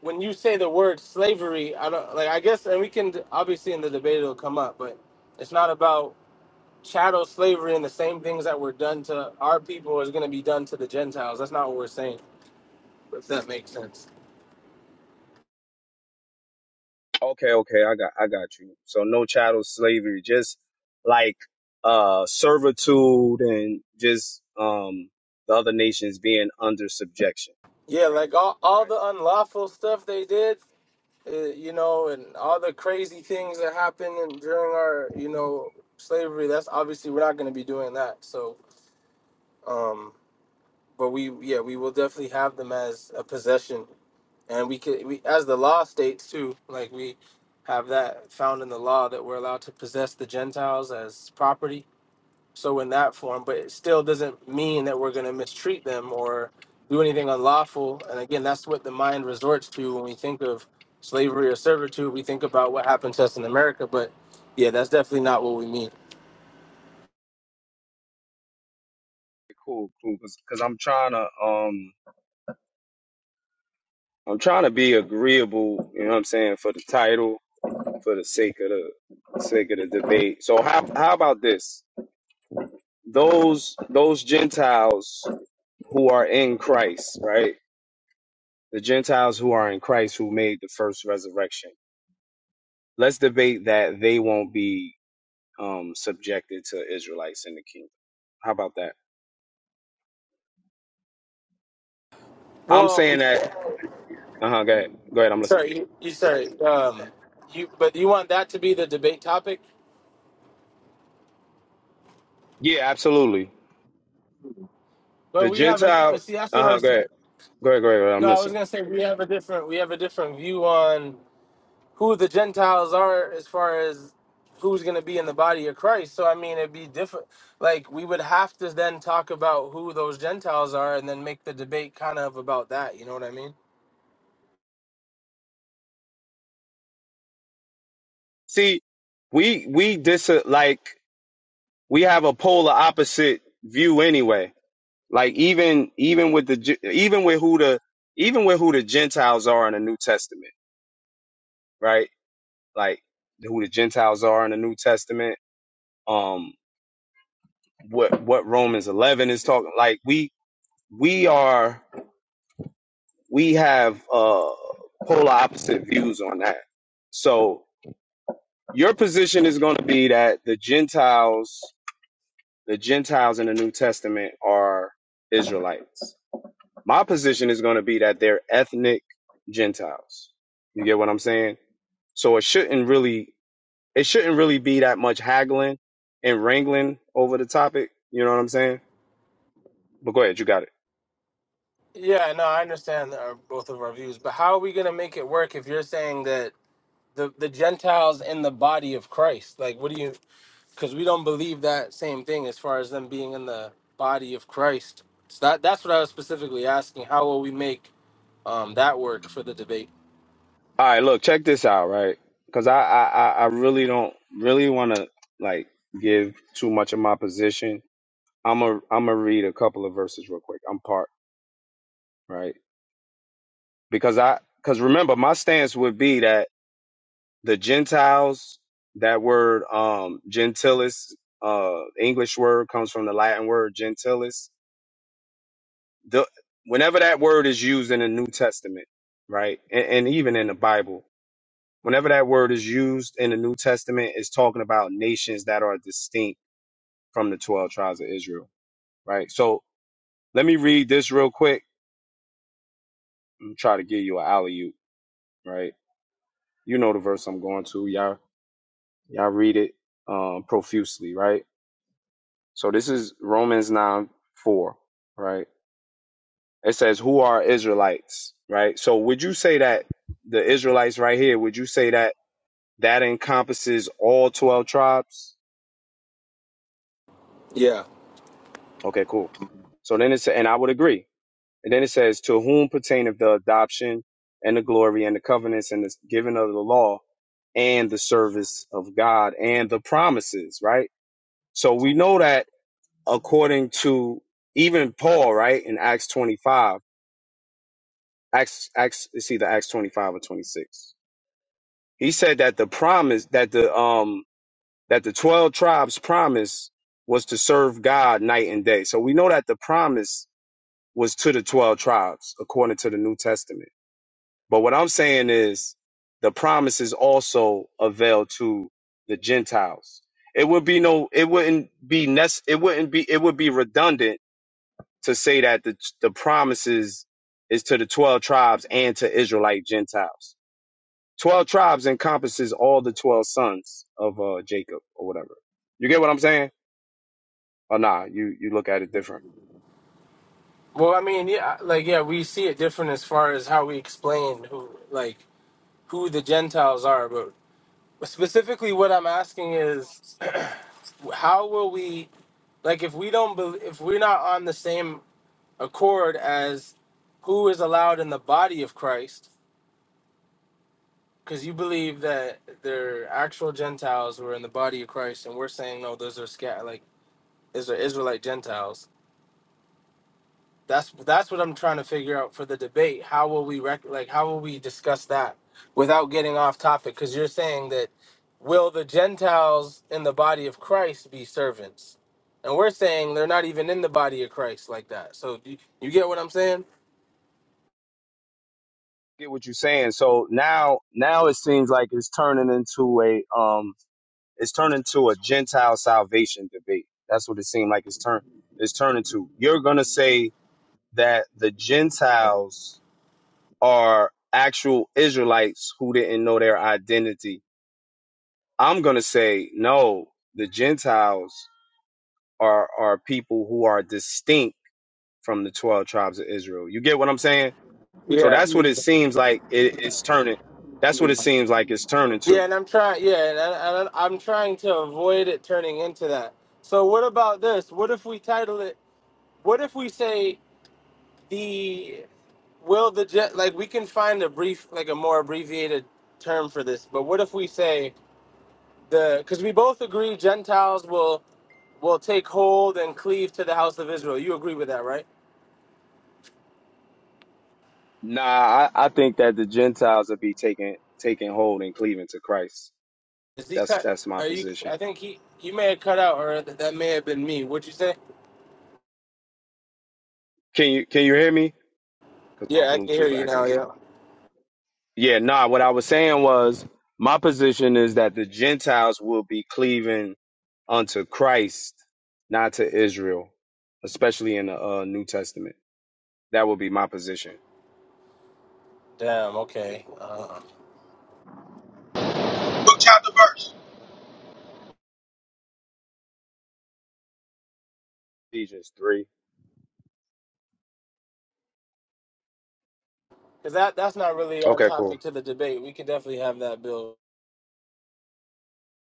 when you say the word slavery, I don't like. I guess, and we can obviously in the debate it'll come up, but it's not about chattel slavery and the same things that were done to our people is going to be done to the Gentiles. That's not what we're saying. If that makes sense.
Okay. Okay. I got. I got you. So no chattel slavery, just like uh servitude and just um the other nations being under subjection.
Yeah, like all all
Right.
the unlawful stuff they did, uh, you know, and all the crazy things that happened in- during our, you know, slavery. That's obviously we're not going to be doing that. So, um, but we, yeah, we will definitely have them as a possession and we could we as the law states too like we have that found in the law that we're allowed to possess the gentiles as property so in that form but it still doesn't mean that we're going to mistreat them or do anything unlawful and again that's what the mind resorts to when we think of slavery or servitude we think about what happened to us in america but yeah that's definitely not what we mean
Cool. Cool. Because, because 'cause I'm trying to um I'm trying to be agreeable. You know what I'm saying for the title, for the sake of the sake of the debate. So how how about this? Those those Gentiles who are in Christ, right? The Gentiles who are in Christ who made the first resurrection. Let's debate that they won't be um, subjected to Israelites in the kingdom. How about that? I'm
well
saying that. Uh huh. Go ahead. Go ahead. I'm listening.
sorry you, you sorry um you but you want that to be the debate topic
Yeah, absolutely.
but
The
we have a
Gentile.
but see that's what
Uh
I
huh. Go
was
ahead. Go ahead. Go ahead. Go ahead. I'm
No, I was
listening.
gonna say we have a different we have a different view on who the Gentiles are as far as who's gonna be in the body of Christ. So I mean, it'd be different. Like we would have to then talk about who those Gentiles are, and then make the debate kind of about that. You know what I mean?
See, we we dis like we have a polar opposite view anyway. Like even even with the Gen- even with who the even with who the Gentiles are in the New Testament, right? like who the Gentiles are in the New Testament, um, what what Romans eleven is talking. Like we we are we have uh polar opposite views on that. So your position is going to be that the Gentiles, the Gentiles in the New Testament are Israelites. My position is going to be that they're ethnic Gentiles. You get what I'm saying? So it shouldn't really. it shouldn't really be that much haggling and wrangling over the topic. You know what I'm saying? But go ahead, you got it.
Yeah, no, I understand our, both of our views, but how are we gonna make it work if you're saying that the the Gentiles in the body of Christ? Like, what do you? because we don't believe that same thing as far as them being in the body of Christ. So that that's what I was specifically asking. How will we make um, that work for the debate?
All right, look, check this out, right? Because I, I I I really don't really want to like give too much of my position. I'm a I'm gonna read a couple of verses real quick. I'm part right because I because remember my stance would be that the Gentiles that word um gentilis uh English word comes from the Latin word gentilis the whenever that word is used in the New Testament, right, and, and even in the Bible, whenever that word is used in the New Testament, it's talking about nations that are distinct from the twelve tribes of Israel, right? So let me read this real quick and try to give you an alley oop, right? You know the verse I'm going to, y'all. Y'all read it um, profusely, right? So this is Romans nine four, right? It says, "Who are Israelites?" Right. So would you say that the Israelites right here? Would you say that? That encompasses all 12 tribes.
Yeah.
Okay, cool. So then it's, and I would agree. And then it says, to whom pertaineth the adoption and the glory and the covenants and the giving of the law and the service of God and the promises, right? So we know that according to even Paul, right, in Acts 25, Acts, Acts, it's either Acts 25 or 26. He said that the promise that the, um, that the 12 tribes promise was to serve God night and day. So we know that the promise was to the 12 tribes according to the New Testament. But what I'm saying is the promises also avail to the Gentiles. It would be no it wouldn't be nece- it wouldn't be it would be redundant to say that the the promises is to the 12 tribes and to Israelite Gentiles. 12 tribes encompasses all the 12 sons of uh, Jacob or whatever. You get what I'm saying? Oh nah, you you look at it different.
Well, I mean, yeah, like yeah, we see it different as far as how we explain who like who the Gentiles are, but specifically what I'm asking is how will we like if we don't bel if we're not on the same accord as who is allowed in the body of Christ Because you believe that they're actual Gentiles who are in the body of Christ, and we're saying no, those are scat like is are Israelite Gentiles. That's that's what I'm trying to figure out for the debate. How will we rec- like how will we discuss that without getting off topic? Because you're saying that will the Gentiles in the body of Christ be servants, and we're saying they're not even in the body of Christ like that. So do you, you get what I'm saying?
Get what you're saying. So now now it seems like it's turning into a um it's turning to a Gentile salvation debate. That's what it seemed like it's turn it's turning to. You're gonna say that the Gentiles are actual Israelites who didn't know their identity. I'm gonna say no, the Gentiles are are people who are distinct from the twelve tribes of Israel. You get what I'm saying? So that's what it seems like it, it's turning. That's what it seems like it's turning to.
Yeah, and I'm trying. Yeah, and I, and I- I'm trying to avoid it turning into that. So what about this? What if we title it? What if we say the will the jet? Like we can find a brief, like a more abbreviated term for this. But what if we say the? Because we both agree Gentiles will will take hold and cleave to the house of Israel. You agree with that, right?
Nah, I, I think that the Gentiles will be taking taking hold and cleaving to Christ.
Is he
That's
cut?
that's my
Are you?
position.
I think he he may have cut out, or that, that may have been me. What'd you say?
Can you can you hear me? Because my
Yeah, I can hear
Bluetooth
you now.
acting
Yeah.
fine. Yeah, nah. What I was saying was my position is that the Gentiles will be cleaving unto Christ, not to Israel, especially in the uh, New Testament. That would be my position.
Damn. Okay. Uh,
Book chapter verse.
Ephesians three.
Because that, that's not really on
Okay, cool.
topic to the debate. We could definitely have that bill.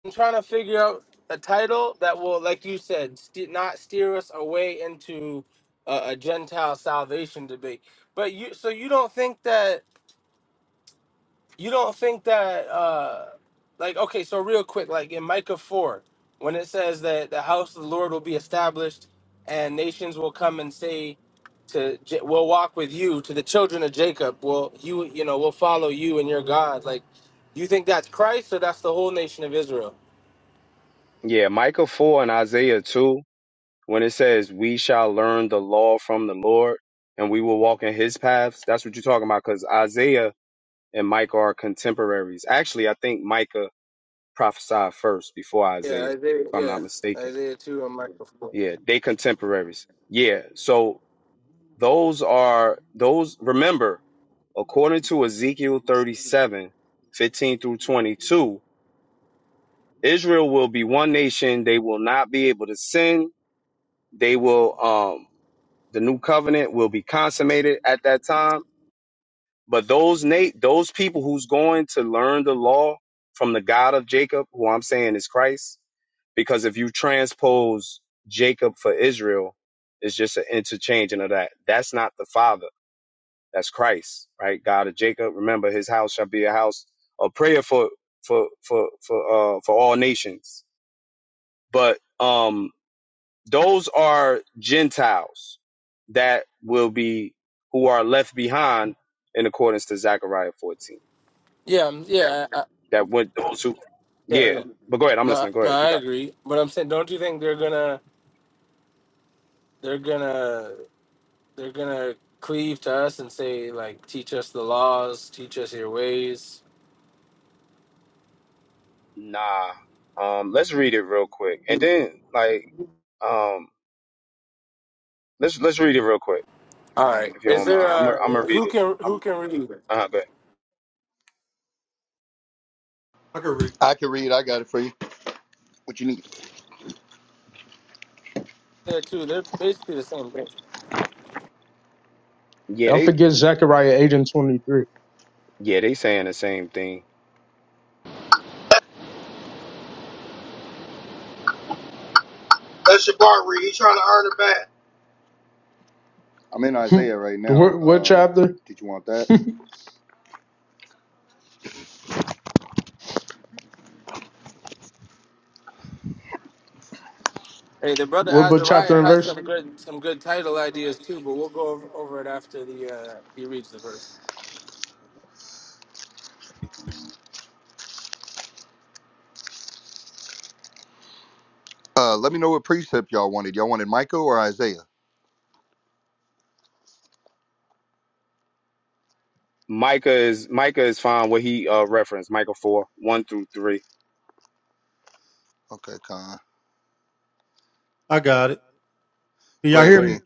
I'm trying to figure out a title that will, like you said, st- not steer us away into a, a Gentile salvation debate. But you, so you don't think that you don't think that uh like okay so real quick like in micah 4 when it says that the house of the lord will be established and nations will come and say to J- will walk with you to the children of jacob will you you know will follow you and your god like you think that's christ or that's the whole nation of israel
Yeah, Micah 4 and Isaiah 2, when it says, We shall learn the law from the Lord and we will walk in his paths. That's what you're talking about because Isaiah and Micah are contemporaries. Actually, I think Micah prophesied first before
yeah
Isaiah,
isaiah
if I'm
yeah
not mistaken.
isaiah 2 and micah 4
Yeah, they contemporaries. Yeah, so those are, those, remember, according to Ezekiel 37, 15 through 22, Israel will be one nation. They will not be able to sin they will um the new covenant will be consummated at that time. But those Nate, those people who's going to learn the law from the God of Jacob, who I'm saying is Christ, because if you transpose Jacob for Israel, it's just an interchanging of that. That's not the Father. That's Christ, right? God of Jacob. Remember, His house shall be a house of prayer for for for for uh, for all nations. But um, those are Gentiles that will be who are left behind in accordance to Zechariah 14.
yeah um, yeah I, I-
That would those who
yeah
Yeah.
yeah.
But go ahead, I'm
no
listening. Go
no
ahead. You
i
got it.
agree but i'm saying don't you think they're gonna they're gonna They're gonna cleave to us and say, like, teach us the laws, teach us your ways.
Nah. Um let's read it real quick. And then like um let's let's read it real quick
All right.
if you
Is
don't
there
mind. I'm gonna I'm gonna
uh
read
who
it.
can who
I'm
can read?
uh go ahead.
I can read.
I can read, I got it for you. What you need?
There too. They're basically the same thing.
Yeah,
Y'all
they
forget Zechariah eight and twenty three.
yeah, they saying the same thing.
That's your bar read. He trying to earn it back.
I'm in Isaiah right now.
what, what
Um,
chapter?
did you want that?
Hey, the brother
What book
Azariah
chapter and
has
verse?
some good some good title ideas too, but we'll go over, over it after the uh he reads the verse.
Uh, let me know what precept y'all wanted. Y'all wanted Michael or Isaiah?
Micah is Micah is fine what he uh referenced, Micah four, one through three.
Okay, Con.
I got it. Can
Go
y'all hear
ahead,
me?
King.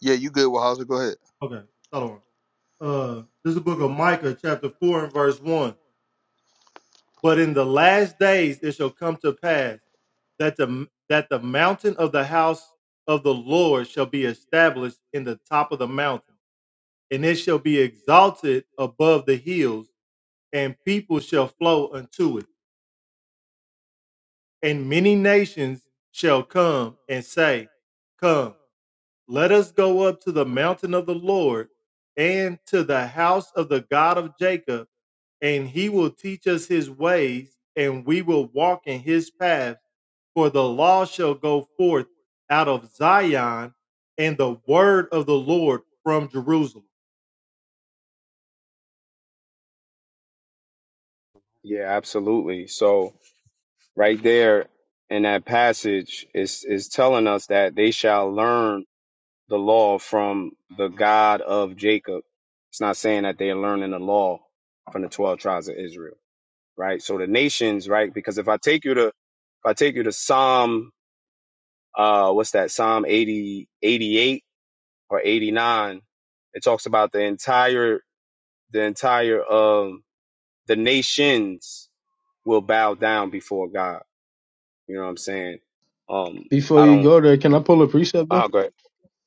Yeah, you good, Wahaza. Go ahead.
Okay, Shalom. Uh, this is the book of Micah, chapter 4 and verse 1. But in the last days it shall come to pass that the that the mountain of the house of the Lord shall be established in the top of the mountain, and it shall be exalted above the hills, and people shall flow unto it. And many nations shall come and say, Come, let us go up to the mountain of the Lord and to the house of the God of Jacob, and he will teach us his ways, and we will walk in his paths. For the law shall go forth out of Zion, and the word of the Lord from Jerusalem.
Yeah, absolutely. So right there in that passage is is telling us that they shall learn the law from the God of Jacob. It's not saying that they're learning the law from the twelve tribes of Israel, right? So the nations, right? Because if I take you to if I take you to Psalm uh what's that, Psalm 80 88 or eighty nine, it talks about the entire the entire um the nations will bow down before God You know what I'm saying? Um,
Before
I
you
don't.
go there, can I pull a precept though?
Oh, go ahead.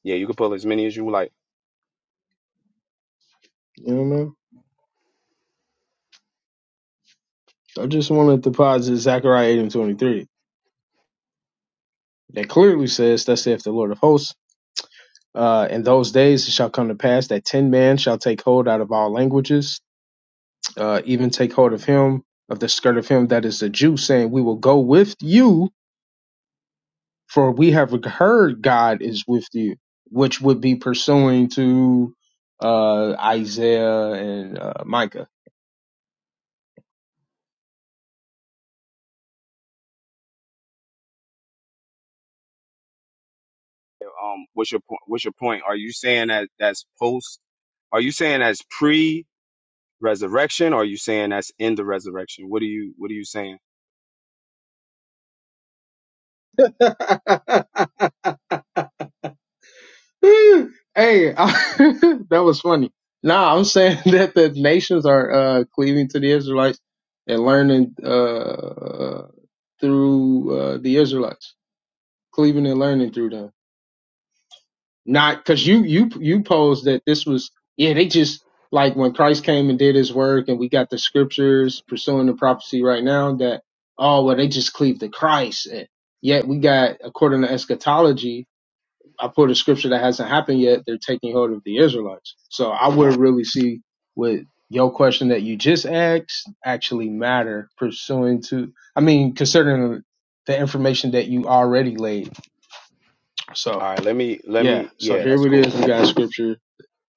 Yeah, you can pull as many as you like.
You know what I mean? I just wanted to posit Zechariah eight and twenty three. That clearly says, "Thus saith the Lord of hosts." Uh, in those days it shall come to pass that ten men shall take hold out of all languages uh, even take hold of him, of the skirt of him that is a Jew, saying, We will go with you, for we have heard God is with you, which would be pursuing to uh, Isaiah and uh, Micah.
Um, what's your point? What's your point? Are you saying that that's post? Are you saying that's pre-resurrection? Or are you saying that's in the resurrection? What are you What are you saying?
hey, I, that was funny. Nah, I'm saying that the nations are uh, cleaving to the Israelites and learning uh, through uh, the Israelites, cleaving and learning through them. Not because you you you posed that this was yeah they just like when Christ came and did His work and we got the scriptures pursuing the prophecy right now that oh well they just cleave to Christ and yet we got according to eschatology I put a scripture that hasn't happened yet, they're taking hold of the Israelites. So I would not really see what your question that you just asked actually matter pursuing to, I mean, considering the information that you already laid. So
All right, let me let
yeah,
me.
so
Yeah, that's
here it
cool.
is. We got scripture,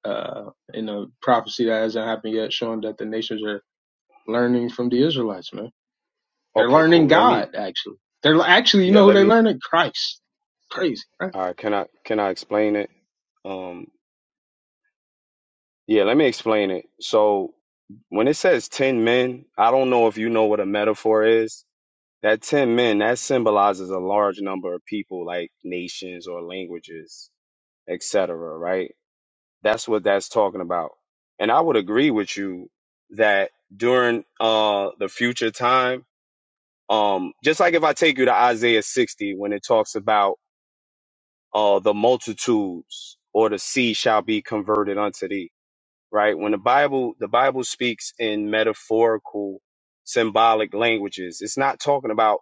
uh, in a prophecy that hasn't happened yet, showing that the nations are learning from the Israelites, man. They're
Okay,
learning
cool. Let me.
God, actually. They're actually, you
Yeah,
know who
let
they
me.
learning? Christ. Crazy, right?
All right, can I can I explain it? Um. Yeah, let me explain it. So when it says 10 men, I don't know if you know what a metaphor is. That 10 men, that symbolizes a large number of people like nations or languages, etc., right? That's what that's talking about. And I would agree with you that during uh the future time, um just like if I take you to Isaiah 60 when it talks about uh the multitudes or the sea shall be converted unto thee right? When the Bible the Bible speaks in metaphorical symbolic languages, it's not talking about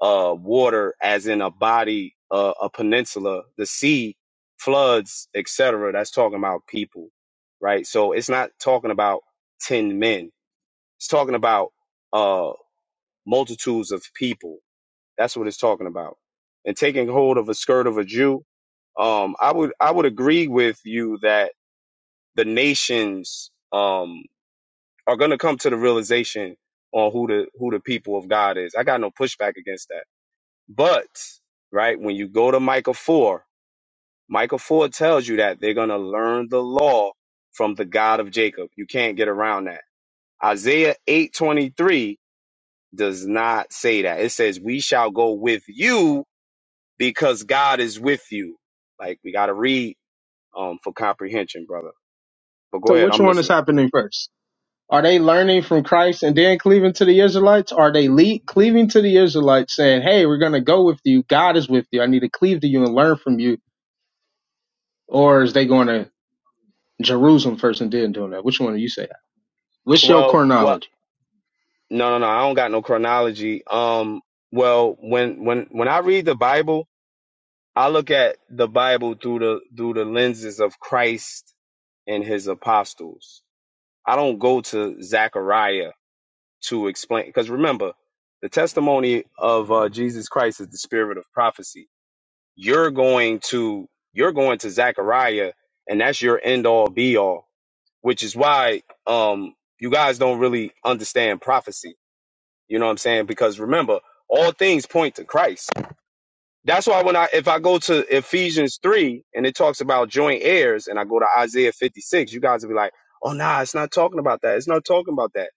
uh water as in a body, uh, a peninsula, the sea, floods, etc. That's talking about people, right? So it's not talking about 10 men. It's talking about uh multitudes of people. That's what it's talking about. And taking hold of a skirt of a Jew, um, I would I would agree with you that the nations um are going to come to the realization on who the who the people of God is. I got no pushback against that. But right when you go to Micah four, Micah four tells you that they're going to learn the law from the God of Jacob. You can't get around that. Isaiah eight twenty three does not say that. It says, "We shall go with you because God is with you." Like we got to read um, for comprehension, brother. But go
So
ahead,
which
I'm
one is
listening.
happening first? Are they learning from Christ and then cleaving to the Israelites? Are they le- cleaving to the Israelites saying, hey, we're going to go with you. God is with you. I need to cleave to you and learn from you. Or is they going to Jerusalem first and then doing that? Which one do you say? What's your
Well, well,
chronology?
No, no, no. I don't got no chronology. Um, well, when when when I read the Bible, I look at the Bible through the through the lenses of Christ and his apostles. I don't go to Zechariah to explain because remember, the testimony of uh, Jesus Christ is the spirit of prophecy. You're going to you're going to Zechariah, and that's your end all be all, which is why um you guys don't really understand prophecy you know what I'm saying? Because remember, all things point to Christ. That's why when I if I go to Ephesians 3 and it talks about joint heirs and I go to Isaiah 56, you guys will be like, "Oh nah, it's not talking about that. It's not talking about that."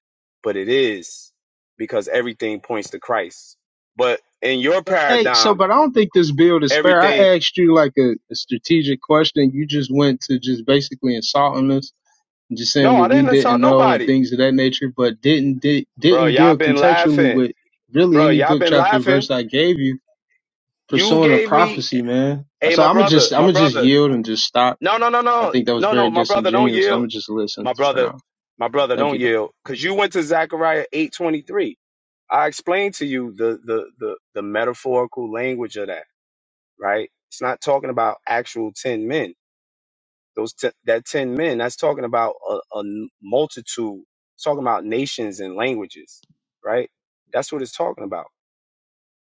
But it is because everything points to Christ. But in your
But hey, so,
paradigm,
but I don't think this build is fair.
everything
I asked you like a, a strategic question. You just went to just basically insulting us and just
No,
saying
I
what we
didn't
didn't
insult
know and
nobody.
things of that nature, but didn't, di-
Bro,
didn't
y'all
deal
been
contextually
laughing.
with really
Bro,
any
y'all
book,
been
chapter,
laughing.
verse I gave you
You
pursuing a
gave me,
prophecy, man.
hey,
So
my
I'm gonna
brother,
just I'm
my
gonna just
brother.
yield and just stop.
No, no, no,
I
no.
think that was
No, no,
very
my brother, don't
disingenuous. I'm
yield
gonna just listen
My
for
brother,
now.
my brother,
Thank
don't
you. Though.
yell, because you went to Zechariah eight twenty three. I explained to you the, the the the metaphorical language of that, right? It's not talking about actual ten men. Those t- that ten men, that's talking about a a multitude. It's talking about nations and languages, right? That's what it's talking about.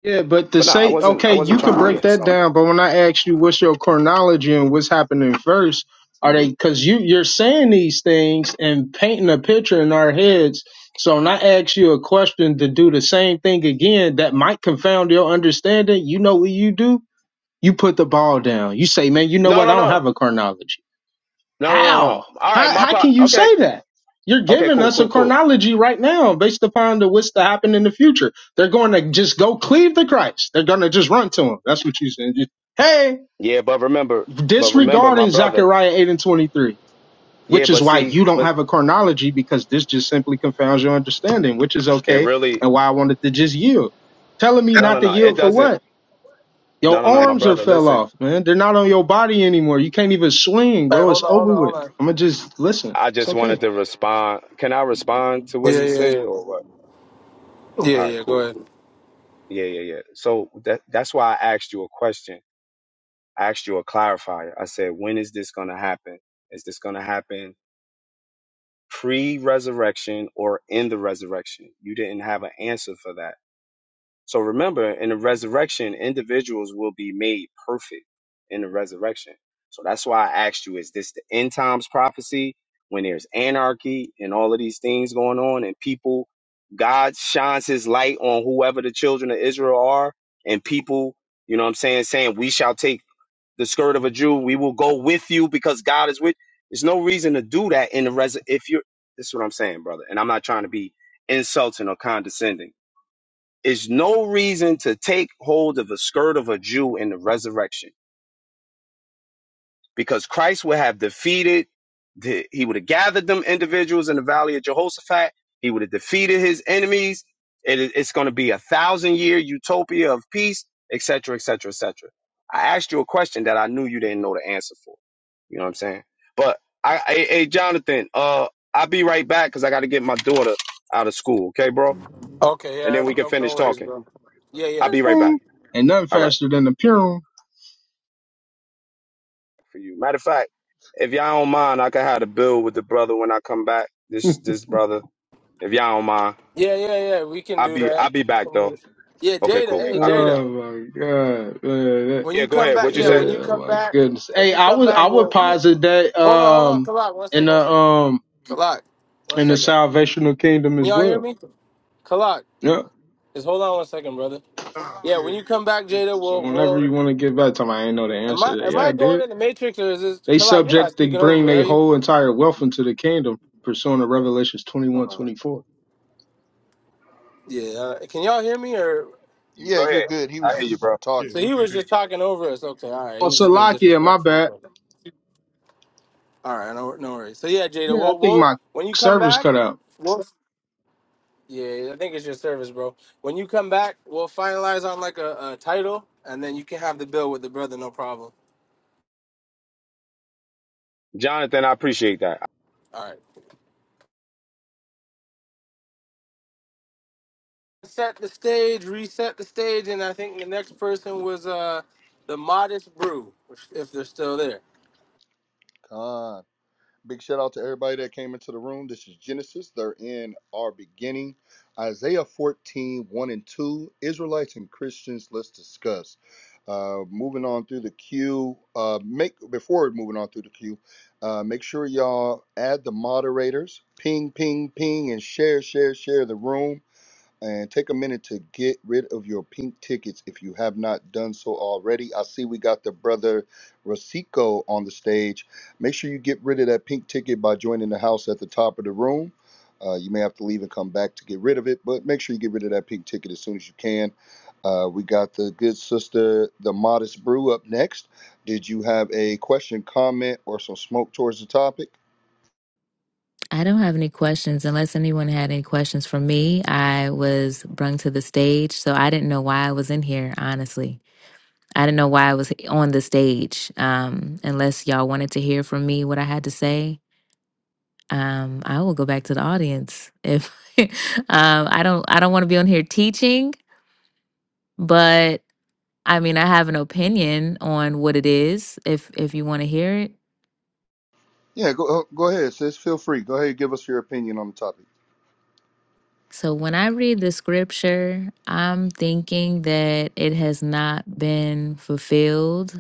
Yeah, but to
But no, I
say
wasn't. I
okay,
wasn't
you can
trying to be
break that
insulting.
down. But when I ask you what's your chronology and what's happening first, are they because you you're saying these things and painting a picture in our heads. So when I ask you a question to do the same thing again, that might confound your understanding. You know what you do? You put the ball down. You say, man, you know
No,
what? I
no,
don't
no,
have a chronology.
no, no, no, no.
How?
All right,
How
my
how
pot.
can you
Okay,
say that? You're
Okay,
giving
cool,
us a
cool, cool.
chronology right now based upon the what's to happen in the future. They're going to just go cleave to Christ. They're going to just run to him. That's what you said. Just, hey,
Yeah, but remember, but remember, my
disregarding
brother.
Zechariah 8 and 23,
Yeah,
which is
but
why
see,
you don't
but
have a chronology because this just simply confounds your understanding, which is
it
okay.
really,
And why I wanted to just yield. Telling me
no, no,
not to
no. It
yield for what?
doesn't. No,
Your
no, no, my
arms are
brother.
fell
Listen,
off, man. They're not on your body anymore. You can't even swing,
Hey,
bro.
hold
It's
on, hold
over
on,
with.
hold on.
I'm gonna just listen.
I
It's
just wanted
okay.
to respond. Can I respond to what
Yeah,
he
yeah,
said
yeah.
or what?
Yeah,
All right,
yeah, go
cool.
ahead.
Yeah, yeah, yeah. So that that's why I asked you a question. I asked you a clarifier. I said, when is this going to happen? Is this going to happen pre-resurrection or in the resurrection? You didn't have an answer for that. So remember, in the resurrection, individuals will be made perfect in the resurrection. So that's why I asked you, is this the end times prophecy when there's anarchy and all of these things going on and people, God shines his light on whoever the children of Israel are and people, you know what I'm saying, saying, we shall take the skirt of a Jew. We will go with you because God is with. There's no reason to do that in the res. If you're, this is what I'm saying, brother. And I'm not trying to be insulting or condescending is no reason to take hold of the skirt of a Jew in the resurrection because Christ would have defeated, the, he would have gathered them individuals in the valley of Jehoshaphat. He would have defeated his enemies. It is it's going to be a thousand year utopia of peace, et et cetera, et cetera, et cetera. I asked you a question that I knew you didn't know the answer for. You know what I'm saying? But I, hey, hey, Jonathan, uh, I'll be right back because I got to get my daughter out of school. Okay, bro?
Okay,
And
yeah,
then we can
no no
finish
worries,
talking.
bro. Yeah,
I'll
yeah,
be
for
right back.
sure.
Ain't nothing
All right.
faster than the Purim.
for you. Matter of fact, if y'all don't mind, I can have a bill with the brother when I come back. This this brother, if y'all don't mind,
Yeah, yeah, yeah. We can
I'll
do
be
that.
I'll be back though.
Yeah,
Okay,
Jada.
cool.
Hey,
I'll be
Jada.
back.
Oh my god, man. That-
When
Yeah,
you
go
come
ahead.
back,
What you
yeah,
say?
when you
Oh
come
my
back,
goodness.
when
Hey,
you
I
come
was
back,
I would
we'll
posit that
hold on, hold on,
um
Kalak, one
in
second, one
the
second.
um
Kalak, one
in the
second.
salvational kingdom
Can
as
y'all hear
well.
me? Kalak,
Yeah.
just hold on one second, brother.
Ah, we
Yeah,
can
when
hear you.
you come back, Jada,
So
we'll
whenever
we'll
you want to get back to them, I ain't know the
am
answer. to
I
that.
am
Yeah, I
I going
did.
in the matrix or is this
They
Kalak, you're not
subject to
speaking over
bring
me, are
their
you?
whole entire wealth into the kingdom, pursuant to Revelations twenty
Hold
one
on.
twenty four.
Yeah, uh, can y'all hear me or
You
Yeah,
go
you're
ahead.
good. He
I
was
hear you,
just
bro.
Yeah,
so
talking.
we
he
can
was
hear you.
just talking over us. Okay, all right.
Oh,
He was just being
Salakia, my
disrespectful.
bad.
Okay. All right, no, no worries. So yeah, Jada,
Yeah, I
we'll,
think
we'll
my
when you come
service
back,
cut out.
Yeah, I think it's your service, bro. When you come back, we'll finalize on like a, a title, and then you can have the bill with the brother, no problem.
Jonathan, I appreciate that.
All right. Set the stage, reset the stage, and I think the next person was uh the modest brew, if if they're still there.
Con. Big shout out to everybody that came into the room. This is Genesis. They're in our beginning. Isaiah fourteen one and 2. Israelites and Christians, let's discuss. Uh, moving on through the queue. Uh, make before moving on through the queue, uh, make sure y'all add the moderators. Ping, ping, ping, and share, share, share the room and take a minute to get rid of your pink tickets if you have not done so already. I see we got the brother Rosico on the stage. Make sure you get rid of that pink ticket by joining the house at the top of the room. Uh, you may have to leave and come back to get rid of it, but make sure you get rid of that pink ticket as soon as you can. Uh, we got the good sister, the modest brew, up next. Did you have a question, comment, or some smoke towards the topic?
I don't have any questions unless anyone had any questions for me. I was brung to the stage, so I didn't know why I was in here, honestly. I didn't know why I was on the stage. Um, unless y'all wanted to hear from me what I had to say, um, I will go back to the audience. If um, I don't, I don't want to be on here teaching, but I mean, I have an opinion on what it is. If if you want to hear it,
Yeah, go go ahead, sis. Feel free. Go ahead, and give us your opinion on the topic.
So when I read the scripture, I'm thinking that it has not been fulfilled.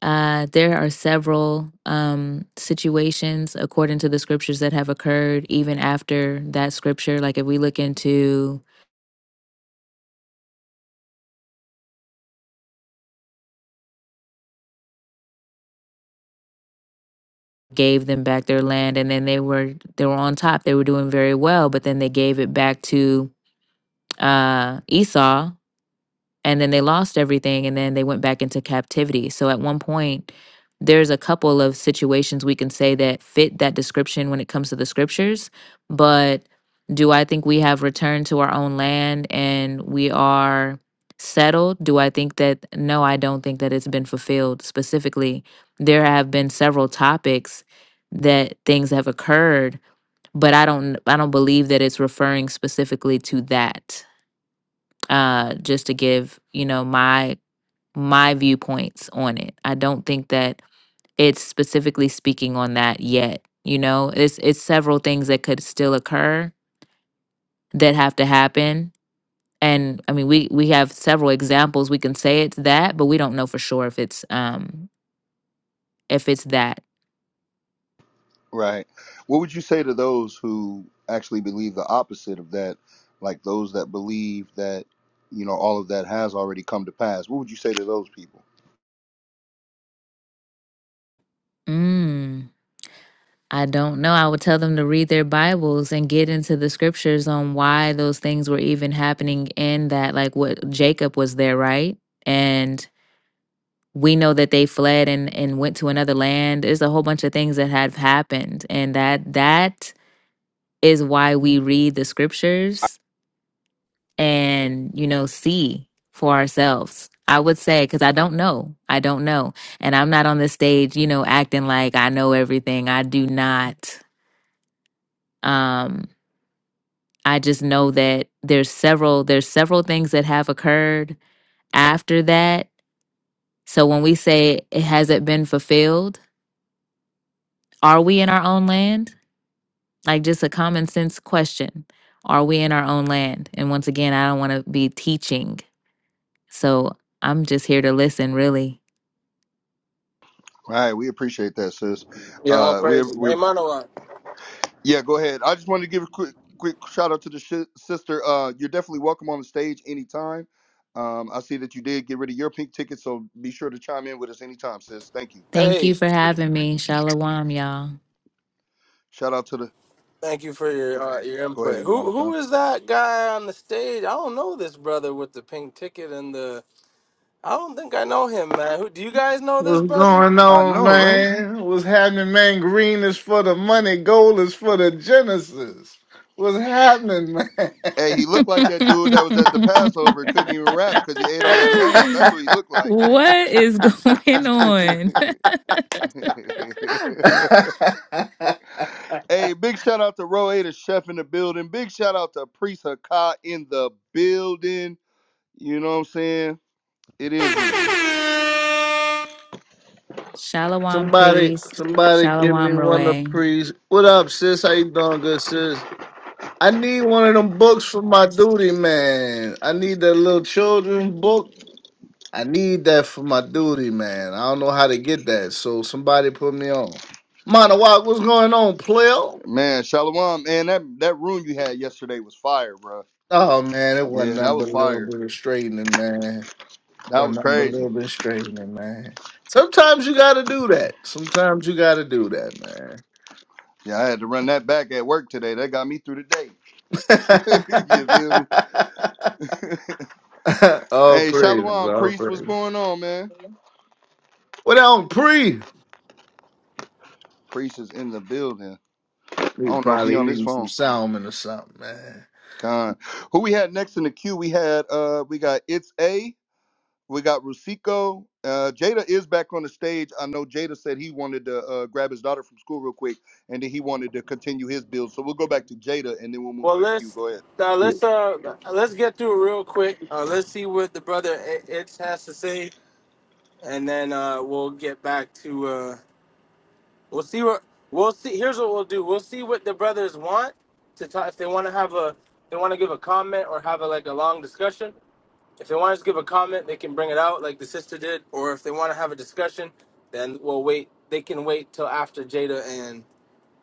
Uh, there are several um, situations, according to the scriptures, that have occurred even after that scripture. Like if we look into gave them back their land, and then they were they were on top, they were doing very well, but then they gave it back to uh, Esau, and then they lost everything and then they went back into captivity so at one point there's a couple of situations we can say that fit that description when it comes to the scriptures but do i think we have returned to our own land and we are settled do i think that no i don't think that it's been fulfilled specifically there have been several topics that things have occurred but i don't i don't believe that it's referring specifically to that uh just to give you know my my viewpoints on it. I don't think that it's specifically speaking on that yet. You know, it's it's several things that could still occur that have to happen. And I mean, we we have several examples. We can say it's that, but we don't know for sure if it's um if it's that.
Right. What would you say to those who actually believe the opposite of that? Like those that believe that, you know, all of that has already come to pass. What would you say to those people?
Mm, I don't know. I would tell them to read their Bibles and get into the scriptures on why those things were even happening in that. Like what Jacob was there, right? And we know that they fled and and went to another land there's a whole bunch of things that have happened and that that is why we read the scriptures and you know see for ourselves i would say because i don't know i don't know and i'm not on this stage you know acting like i know everything i do not um i just know that there's several there's several things that have occurred after that so when we say it hasn't been fulfilled are we in our own land Like just a common sense question. Are we in our own land? And once again, I don't want to be teaching. So I'm just here to listen, really.
All right. We appreciate that, sis.
Yeah, all
Uh, we,
praises.
we,
Hey, Manawa.
yeah, go ahead. I just wanted to give a quick, quick shout out to the shi sister. Uh, you're definitely welcome on the stage anytime. Um, I see that you did get rid of your pink ticket, so be sure to chime in with us anytime, sis. Thank you.
Thank you
Hey,
for having me. Shalom, y'all.
Shout out to the,
thank you for your uh, your
go ahead.
input.
You want
Who
to
who
time?
is that guy on the stage? I don't know this brother with the pink ticket and the. I don't think I know him, man. Who do you guys know this
What's
brother?
going
I
on,
know, right?
man? What's happening, man? Green is for the money, gold is for the Genesis. What's happening, man?
Hey, he looked like that dude that was at the Passover, couldn't even rap because he ate all that lamb. That's what he looked like.
what is going on?
hey, big shout out to Row A, chef in the building. Big shout out to Priest Hakai in the building. You know what I'm saying? It is
Shalom
somebody,
priest.
somebody give me
Shalom
one of the
Roe.
pre's. What up, sis? How you doing, good sis? I need one of them books for my duty, man. I need that little children's book. I need that for my duty, man. I don't know how to get that, so somebody put me on. Monowak, what's going on, player?
Man, Shalom, man, that, that room you had yesterday was fire, bro.
Oh man, it wasn't
Yeah, that
nothing
was
but a little
fire.
bit of straightening, man.
That
Wasn't
was
nothing but a little
crazy.
bit of straightening, man. Sometimes you gotta do that. Sometimes you gotta do that, man.
Yeah, I had to run that back at work today. That got me through the day. you feel me?
all
Hey,
praise,
Shalom,
all
Priest, what's
praise.
going on, man?
What on pre?
Priest is in the building. I
We
don't know if he
probably
on this
eating some
phone.
salmon or something, man.
God. Who we had next in the queue? We had uh we got It's A, we got Rusico. Uh Jada is back on the stage. I know Jada said he wanted to uh grab his daughter from school real quick and then he wanted to continue his build. So we'll go back to Jada and then we'll move
Well,
to the queue.
let's
Go ahead.
uh,
Yeah.
let's uh let's get through it real quick. Uh, let's see what the brother I- Itch has to say, and then uh, we'll get back to uh, we'll see what we'll see. Here's what we'll do: we'll see what the brothers want to talk. If they want to have a, they want to give a comment or have a, like a long discussion. If they want us to give a comment, they can bring it out like the sister did, or if they want to have a discussion, then we'll wait. They can wait till after Jada and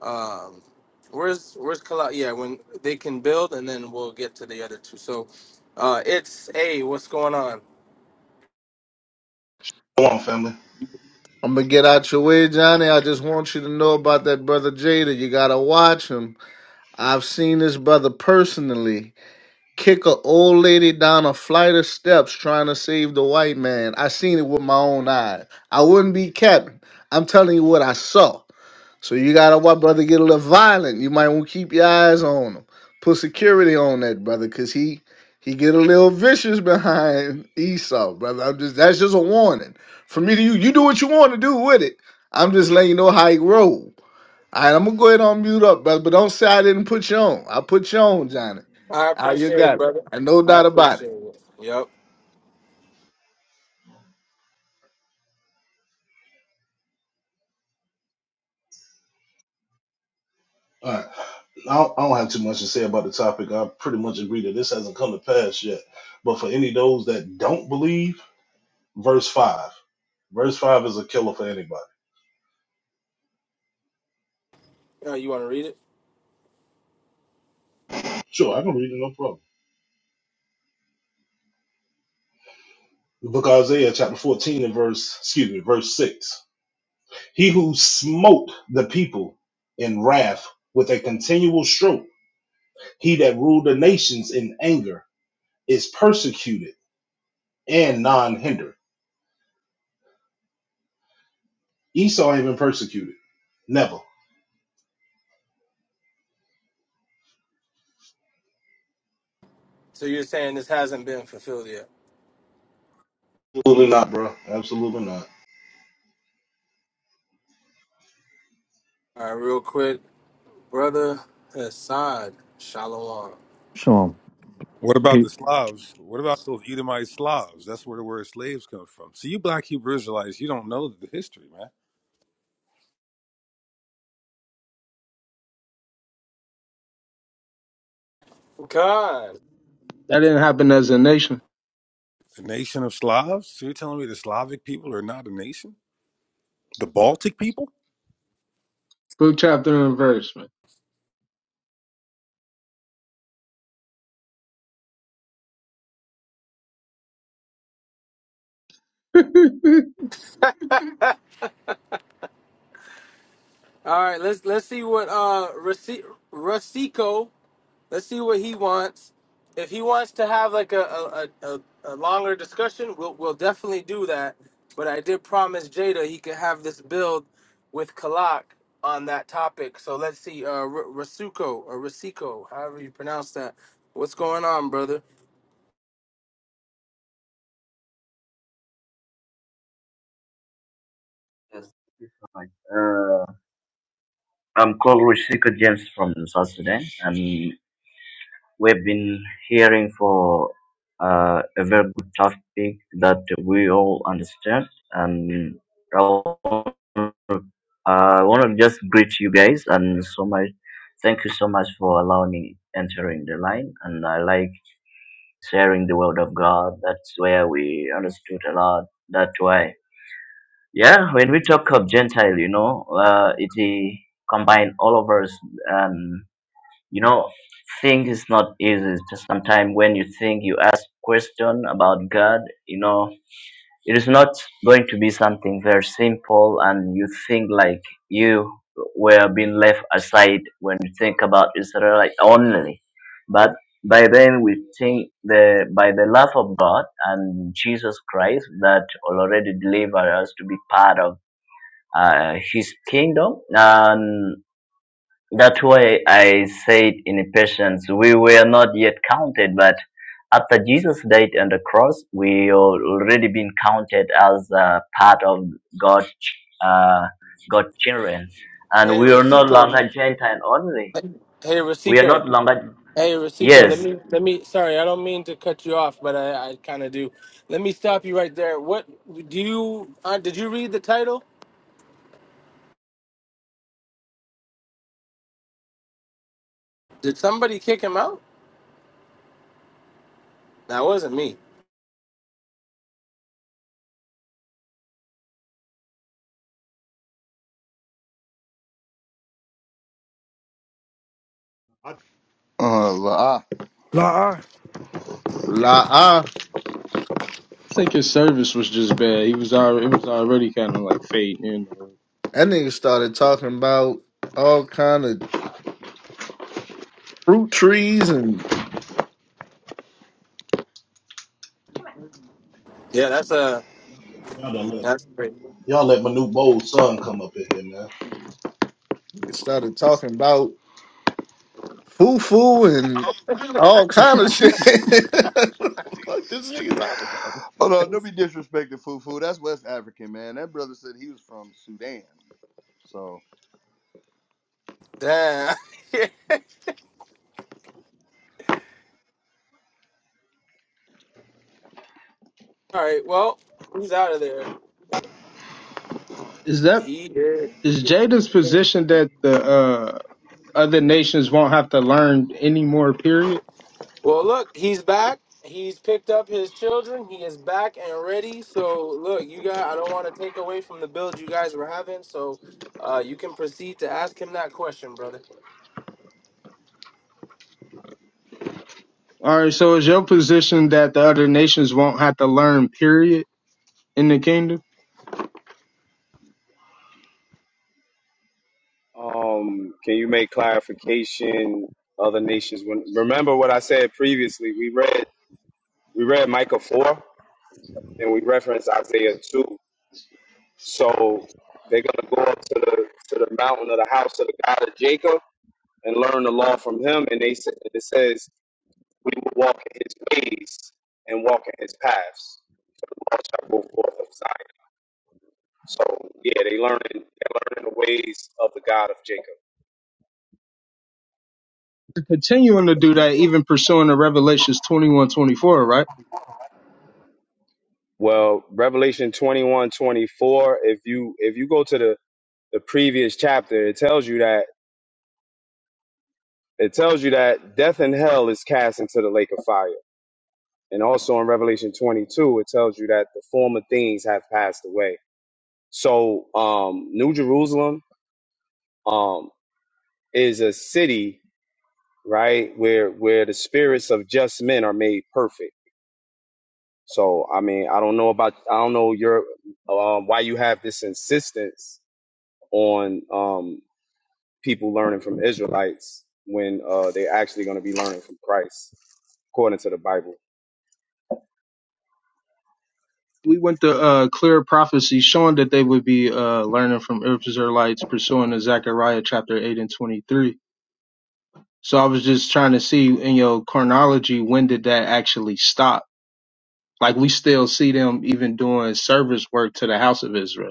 um, where's where's Kala? Yeah, when they can build, and then we'll get to the other two. So, uh, it's hey, what's going on?
Go on, family.
I'm gonna get out your way, Johnny. I just want you to know about that brother Jada. You gotta watch him. I've seen this brother personally. kick a old lady down a flight of steps trying to save the white man. I seen it with my own eyes. I wouldn't be capping. I'm telling you what I saw. So you gotta watch brother get a little violent. You might want to keep your eyes on him. Put security on that brother, cause he he get a little vicious behind Esau, brother. I'm just that's just a warning for me to you. You do what you want to do with it. I'm just letting you know how he roll. All right, I'm gonna go ahead and mute up, brother. But don't say I didn't put you on. I put you on, Johnny.
I
Ah, you
appreciate it,
got it.
brother.
And no
I
doubt about it.
appreciate it. Yep.
All right. I don't, I don't have too much to say about the topic. I pretty much agree that this hasn't come to pass yet. But for any of those that don't believe, verse 5. Verse 5 is a killer for anybody.
Uh, you want to read it?
Sure, I can read it, no problem. The book of Isaiah, chapter 14, and verse, excuse me, verse 6. He who smote the people in wrath with a continual stroke, he that ruled the nations in anger, is persecuted and non hindered. Esau ain't been persecuted. Never.
So you're saying this hasn't been fulfilled yet?
Absolutely not, bro. Absolutely not.
All right, real quick, brother Hassan Shalom.
Shalom.
What about the Slavs? What about those Edomite Slavs? That's where the word slaves come from. So you black Hebrew Israelites, you don't know the history, man.
God.
That didn't happen as a nation.
The nation of Slavs? So you're telling me the Slavic people are not a nation? The Baltic people?
Book chapter and verse, man. I
All right, let's let's see what uh Rasi- Rasico Let's see what he wants. If he wants to have like a a, a, a longer discussion, we'll we'll definitely do that. But I did promise Jada he could have this build with Kalak on that topic. So let's see, uh, R- Rasuko or Rasico, however you pronounce that. What's going on, brother?
Yes, it's fine. Uh, I'm called Rushika James from South Sudan, and we've been hearing for uh, a very good topic that we all understand. And I want I want to just greet you guys and so much. Thank you so much for allowing me entering the line. And I like sharing the word of God. That's where we understood a lot. That's why Yeah, when we talk of Gentile, you know, uh, it eh, combine all of us. Um, you know, thing is not easy. Sometimes when you think you ask question about God, you know, it is not going to be something very simple, and you think like you were being left aside when you think about Israelite only. But by then we think the by the love of God and Jesus Christ that already delivered us to be part of uh, his kingdom. And that's why I said in patience, we were not yet counted, but after Jesus died on the cross, we already been counted as a part of God, uh, God's children. And
Hey,
we are no
Rasico.
longer Gentile only.
Hey,
We are not
Rasico.
longer,
Hey, Rasico. Let
yes,
me let me. Sorry, I don't mean to cut you off, but I I kind of do. Let me stop you right there. What do you uh, did you read the title? Did somebody kick him out? That wasn't me.
I,
Uh, la. ah.
Nah,
La ah,
think his service was just bad. He was already, it was already kind of like fading in.
that nigga started talking about all kind of fruit trees and
Yeah, that's a
Y'all done let
that's great.
y'all let Manute Bowles' son come up in here, man.
started talking about fufu and all kind of shit. what the fuck this nigga talking about?
Hold on, don't be disrespecting Fufu. That's West African, man. That brother said he was from Sudan. So
Damn. All right. Well, he's out of there.
Is that
He did.
is Jada's position that the uh, other nations won't have to learn any more? Period.
Well, look, he's back. He's picked up his children. He is back and ready. So, look, you guys, I don't want to take away from the build you guys were having. So, uh, you can proceed to ask him that question, brother.
All right. So is your position that the other nations won't have to learn? Period. In the kingdom,
Um, can you make clarification? Other nations. When remember what I said previously, we read we read Micah four and we referenced Isaiah two. So they're gonna go up to the to the mountain of the house of the God of Jacob and learn the law from him. And they said, it says, we will walk in his ways and walk in his paths. The law shall go forth of Zion. So yeah, they learning they're learning the ways of the God of Jacob.
continuing to do that, even pursuing the Revelations twenty one twenty four, right?
Well, Revelation 21 24. if you if you go to the, the previous chapter, it tells you that it tells you that death and hell is cast into the lake of fire. And also in Revelation 22, it tells you that the former things have passed away. So um New Jerusalem um, is a city, right, where where the spirits of just men are made perfect. So I mean, I don't know about I don't know your um, why you have this insistence on um, people learning from Israelites when uh, they're actually going to be learning from Christ according to the Bible.
we went to uh, clear prophecy showing that they would be uh, learning from Israelites pursuing the Zechariah chapter 8 and 23. So I was just trying to see in your chronology, when did that actually stop? Like we still see them even doing service work to the house of Israel.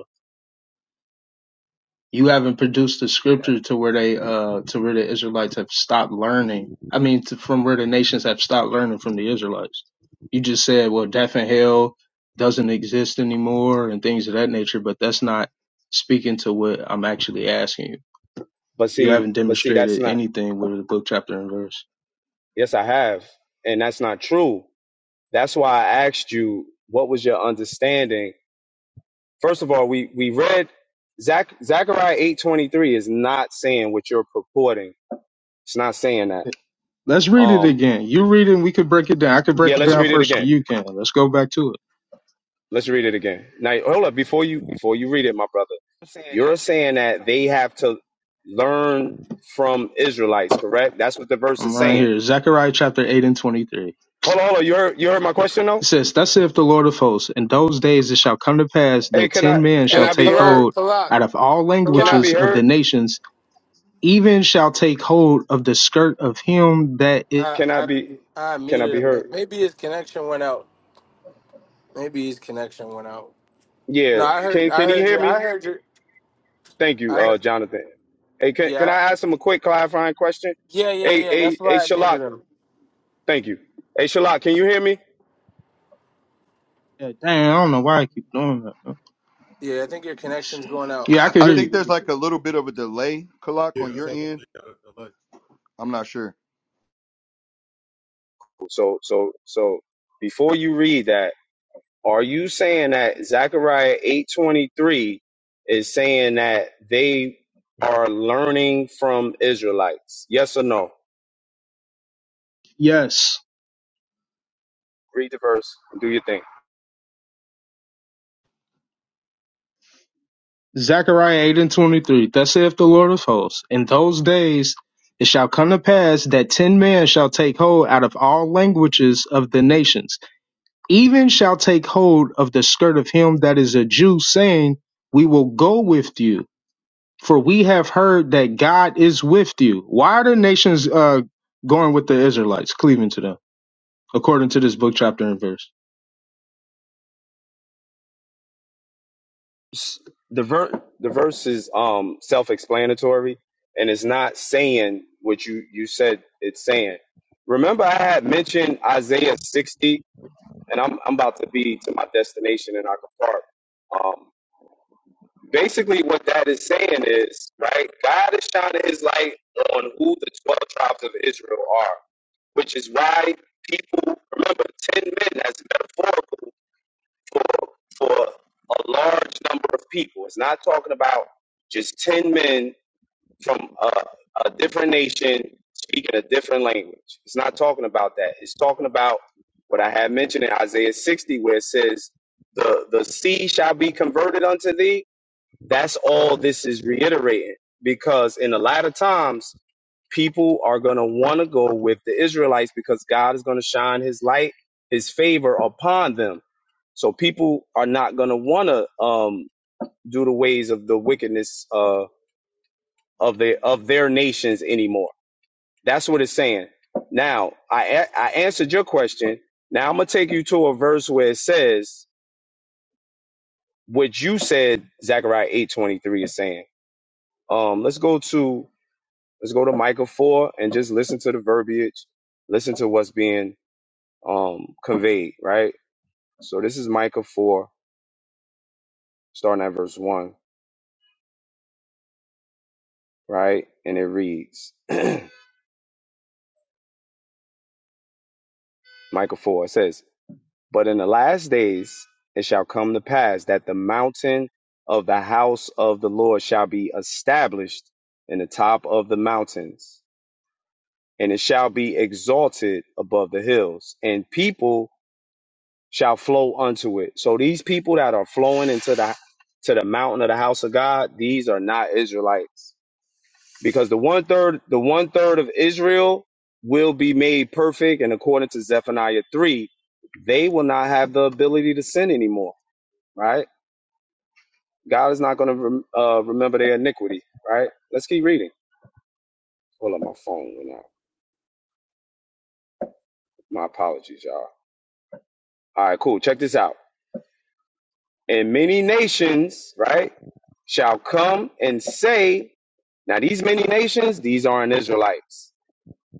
you haven't produced the scripture to where they uh to where the Israelites have stopped learning. I mean, to, from where the nations have stopped learning from the Israelites. You just said, well, death and hell doesn't exist anymore and things of that nature, but that's not speaking to what I'm actually asking you.
But
You haven't
see, but see, that's
demonstrated
not.
anything with the book, chapter, and verse.
Yes, I have, and that's not true. That's why I asked you what was your understanding First of all, we we read Zach Zechariah eight twenty three is not saying what you're purporting. It's not saying that.
Let's read it
Um,
again. You read it, and we could break it down. I could
yeah,
break it
let's
down
read it
first, but
again.
you can. Let's go back to it.
Let's read it again. Now, hold up before you before you read it, my brother. You're saying that they have to learn from Israelites, correct? That's what the verse
I'm
is
right
saying.
here. Zechariah chapter 8 and 23.
Hold on, hold on. You heard you heard my
It
question though.
says, Thus saith the Lord of hosts, in those days it shall come to pass
Hey,
that
can I
ten men
can
shall
I
Hey,
be
take
Kalak,
heard?
hold
Kalak,
out of all
Can I
Kalak.
be
languages of the
heard?
nations, even shall take hold of the skirt of him that is.
I,
Can I
I,
be
I
can I
muted
be
him.
heard?
Maybe his connection went out. Maybe his connection went out.
Yeah.
No, I heard,
Can
I
can you
heard
hear
you.
me?
I heard you.
Thank you,
I
uh, Jonathan. Hey, can, can
yeah
I ask him a quick clarifying question?
yeah yeah
Hey,
yeah.
hey,
That's
hey,
why I
Shalak.
muted him.
Thank you. Hey, Shalak, can you hear me?
Yeah, dang, I don't know why I keep doing that. man.
Yeah, I think your
Let me
connection's
see.
going out.
Yeah, I can
I
hear
Yeah,
think
you.
there's like a little bit of a delay, Kalak,
yeah,
on
that's
your
what I was gonna
end.
say. uh, uh, like,
I'm not sure.
So, so, so, before you read that, are you saying that Zechariah eight twenty three is saying that they are learning from Israelites? Yes or no?
Yes.
Read the verse and do your thing.
Zechariah 8 and 23. Thus saith the Lord of hosts, in those days it shall come to pass that ten men shall take hold out of all languages of the nations even shall take hold of the skirt of him that is a Jew, saying, We will go with you, for we have heard that God is with you. Why are the nations uh, going with the Israelites, cleaving to them, according to this book, chapter, and verse?
s- the ver- the verse is um self-explanatory and it's not saying what you you said it's saying remember i had mentioned isaiah 60 and i'm, I'm about to be to my destination in Ocker park um basically what that is saying is right god is shining his light on who the 12 tribes of israel are which is why people remember 10 men as metaphorical for for a large number of people. It's not talking about just 10 men from a, a different nation speaking a different language. It's not talking about that. It's talking about what I had mentioned in Isaiah 60, where it says, The, the sea shall be converted unto thee. That's all this is reiterating because in the latter times, people are going to want to go with the Israelites because God is going to shine his light, his favor upon them so people are not going to want to um, do the ways of the wickedness uh, of the of their nations anymore. That's what it's saying. Now I I answered your question. Now I'm gonna take you to a verse where it says what you said. Zechariah eight twenty three is saying. Um, let's go to let's go to Micah four and just listen to the verbiage. Listen to what's being um, conveyed. Right. So this is Micah four, starting at verse one. Right, and it reads. Michael 4 it says, But in the last days it shall come to pass that the mountain of the house of the Lord shall be established in the top of the mountains, and it shall be exalted above the hills, and people shall flow unto it. So these people that are flowing into the to the mountain of the house of God, these are not Israelites because the one third the one third of Israel will be made perfect, and according to Zephaniah three, they will not have the ability to sin anymore. Right? God is not going to rem- uh, remember their iniquity. Right? Let's keep reading. Hold up, my phone went out. My apologies, y'all. All right, cool. Check this out. And many nations, right, shall come and say, now these many nations, these aren't Israelites.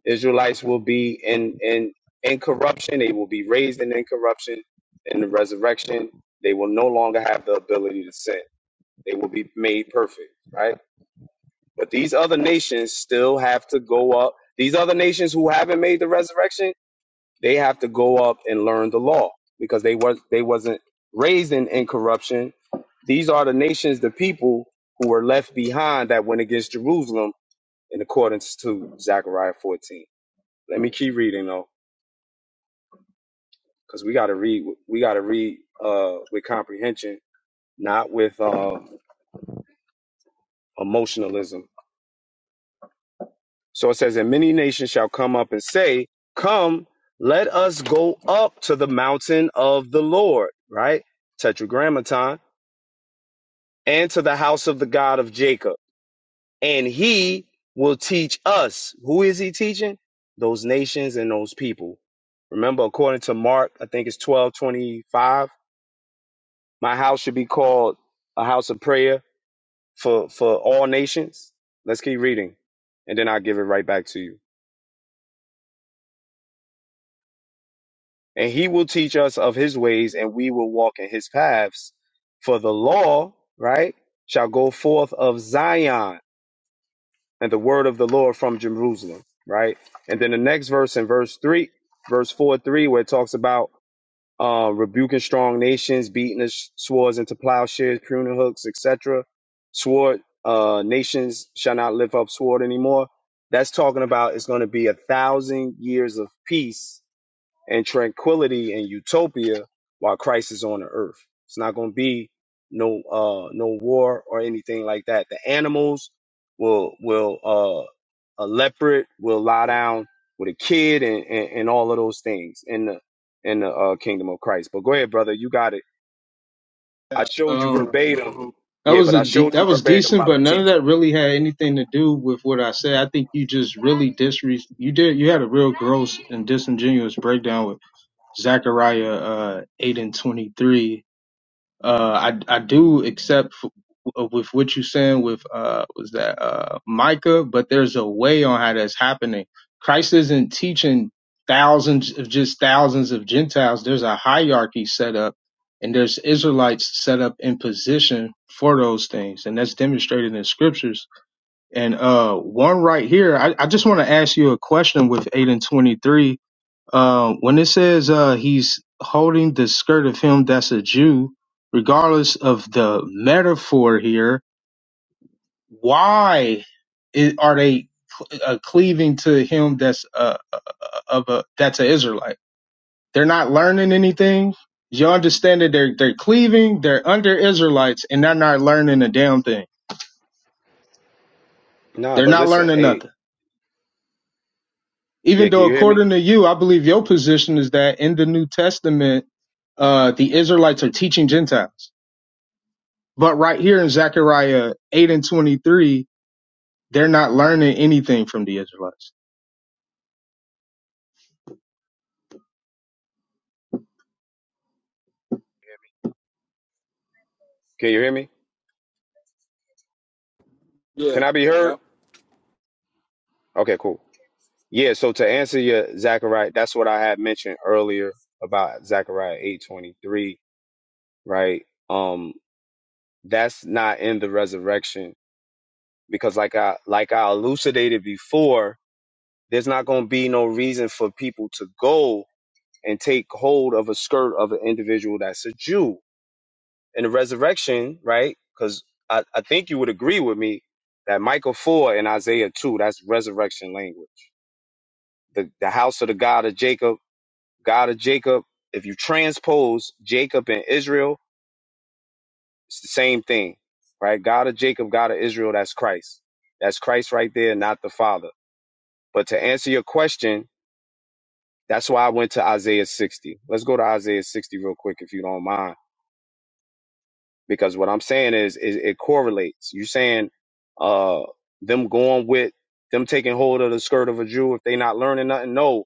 Israelites will be in in in corruption. They will be raised in incorruption in the resurrection. They will no longer have the ability to sin. They will be made perfect, right? But these other nations still have to go up. These other nations who haven't made the resurrection, they have to go up and learn the law because they was they wasn't raised in incorruption. These are the nations, the people who were left behind that went against Jerusalem in accordance to Zechariah 14. Let me keep reading though. because we got to read we got to read uh, with comprehension not with uh, emotionalism so it says and many nations shall come up and say come let us go up to the mountain of the lord right tetragrammaton and to the house of the god of jacob and he will teach us who is he teaching those nations and those people remember according to mark i think it's twelve twenty five. my house should be called a house of prayer for for all nations. Let's keep reading, and then I'll give it right back to you. And he will teach us of his ways, and we will walk in his paths. For the law, right, shall go forth of Zion, and the word of the Lord from Jerusalem, right. And then the next verse in verse three, verse four, three, where it talks about um, rebuking strong nations, beating the sh- swords into plowshares, pruning hooks, etc. Sword uh, nations shall not lift up sword anymore. That's talking about it's going to be a thousand years of peace and tranquility and utopia while Christ is on the earth. It's not going to be no uh no war or anything like that. The animals will will uh a leopard will lie down with a kid and and, and all of those things in the in the uh, kingdom of Christ. But go ahead, brother, you got it. I
Yeah,
showed you
um,
verbatim.
that
Yeah,
was
but
a
I
de-
showed you
that was
verbatim
decent,
about
but
the
none of
teaching.
that really had anything to do with what I said. I think you just really disre you did you had a real gross and disingenuous breakdown with Zechariah uh, eight and twenty three Uh, I I do accept f- w- with what you saying with uh was that uh Micah, but there's a way on how that's happening. Christ isn't teaching thousands of just thousands of Gentiles. There's a hierarchy set up, and there's Israelites set up in position for those things, and that's demonstrated in scriptures. And uh, one right here, I, I just want to ask you a question with eight and twenty three uh, when it says uh, he's holding the skirt of him that's a Jew, regardless of the metaphor here, why i are they uh, cleaving to him that's uh, uh, of a that's an Israelite? They're not learning anything. You understand that they're they're cleaving, they're under Israelites, and they're not learning a damn thing.
Nah,
They're
but
not
listen,
learning
hey,
nothing.
yeah,
Even
can
though,
you hear me?
according to you, I believe your position is that in the New Testament, uh, the Israelites are teaching Gentiles. But right here in Zechariah 8 and 23, they're not learning anything from the Israelites.
Can you hear me?
yeah.
Can I be heard?
yep.
Okay, cool. Yeah, so to answer your Zechariah, that's what I had mentioned earlier about Zechariah 8:23, right? Um that's not in the resurrection because like I like I elucidated before, there's not going to be no reason for people to go and take hold of a skirt of an individual that's a Jew. In the resurrection, right? Cuz I, I think you would agree with me that Michael 4 and Isaiah 2, that's resurrection language. The the house of the God of Jacob God of Jacob, if you transpose Jacob and Israel, it's the same thing, right? God of Jacob, God of Israel, that's Christ. That's Christ right there, not the Father. But to answer your question, that's why I went to Isaiah 60. Let's go to Isaiah 60 real quick, if you don't mind, because what I'm saying is, is it correlates. you saying uh, them going with them taking hold of the skirt of a Jew if they not learning nothing. No,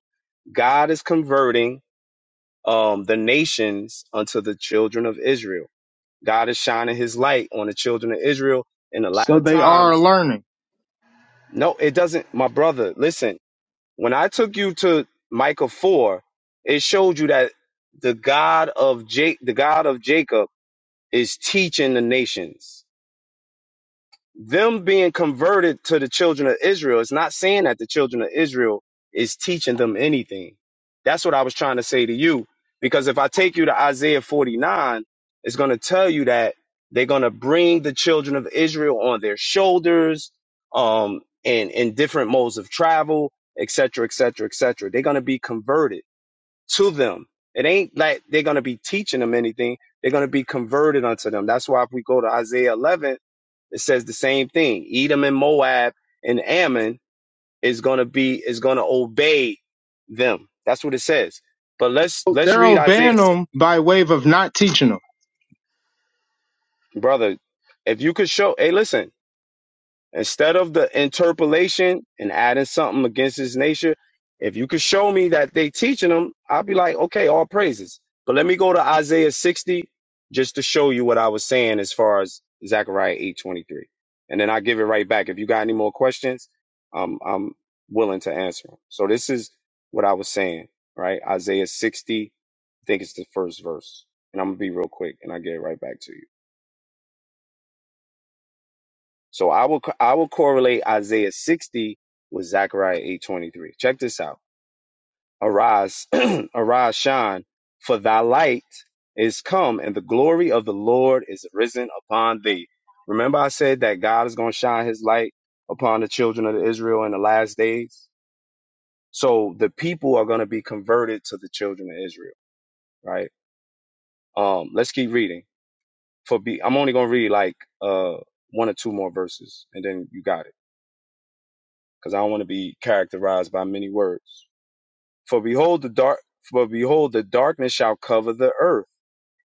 God is converting um, the nations unto the children of Israel God is shining his light on the children of Israel in the
So
latter
they are
times.
learning.
No, it doesn't, my brother. Listen, when I took you to Micah 4, it showed you that the God of Jake, the God of Jacob is teaching the nations. them being converted to the children of Israel is not saying that the children of Israel is teaching them anything. That's what I was trying to say to you. Because if I take you to Isaiah 49, it's going to tell you that they're going to bring the children of Israel on their shoulders um, and in different modes of travel, et cetera, et cetera, et cetera. They're going to be converted to them. It ain't like they're going to be teaching them anything. They're going to be converted unto them. That's why if we go to Isaiah 11, it says the same thing. Edom and Moab and Ammon is going to be is going to obey them. That's what it says. But let's let's
They're
read Isaiah,
obeying them by way of not teaching them.
brother. If you could show, hey, listen. Instead of the interpolation and adding something against his nature, if you could show me that they teaching him, I'll be like, okay, all praises. But let me go to Isaiah 60 just to show you what I was saying as far as Zechariah 8:23. And then I give it right back. If you got any more questions, um, I'm willing to answer them. So this is what I was saying, right? Isaiah 60, I think it's the first verse. And I'm gonna be real quick and I get it right back to you. So I will co- I will correlate Isaiah 60 with Zechariah 8:23. Check this out. Arise, arise, shine, for thy light is come, and the glory of the Lord is risen upon thee. Remember, I said that God is going to shine His light upon the children of Israel in the last days. So the people are going to be converted to the children of Israel, right? Um, let's keep reading. For be, I'm only going to read like uh one or two more verses, and then you got it. because I don't want to be characterized by many words. For behold, the dark, for behold, the darkness shall cover the earth,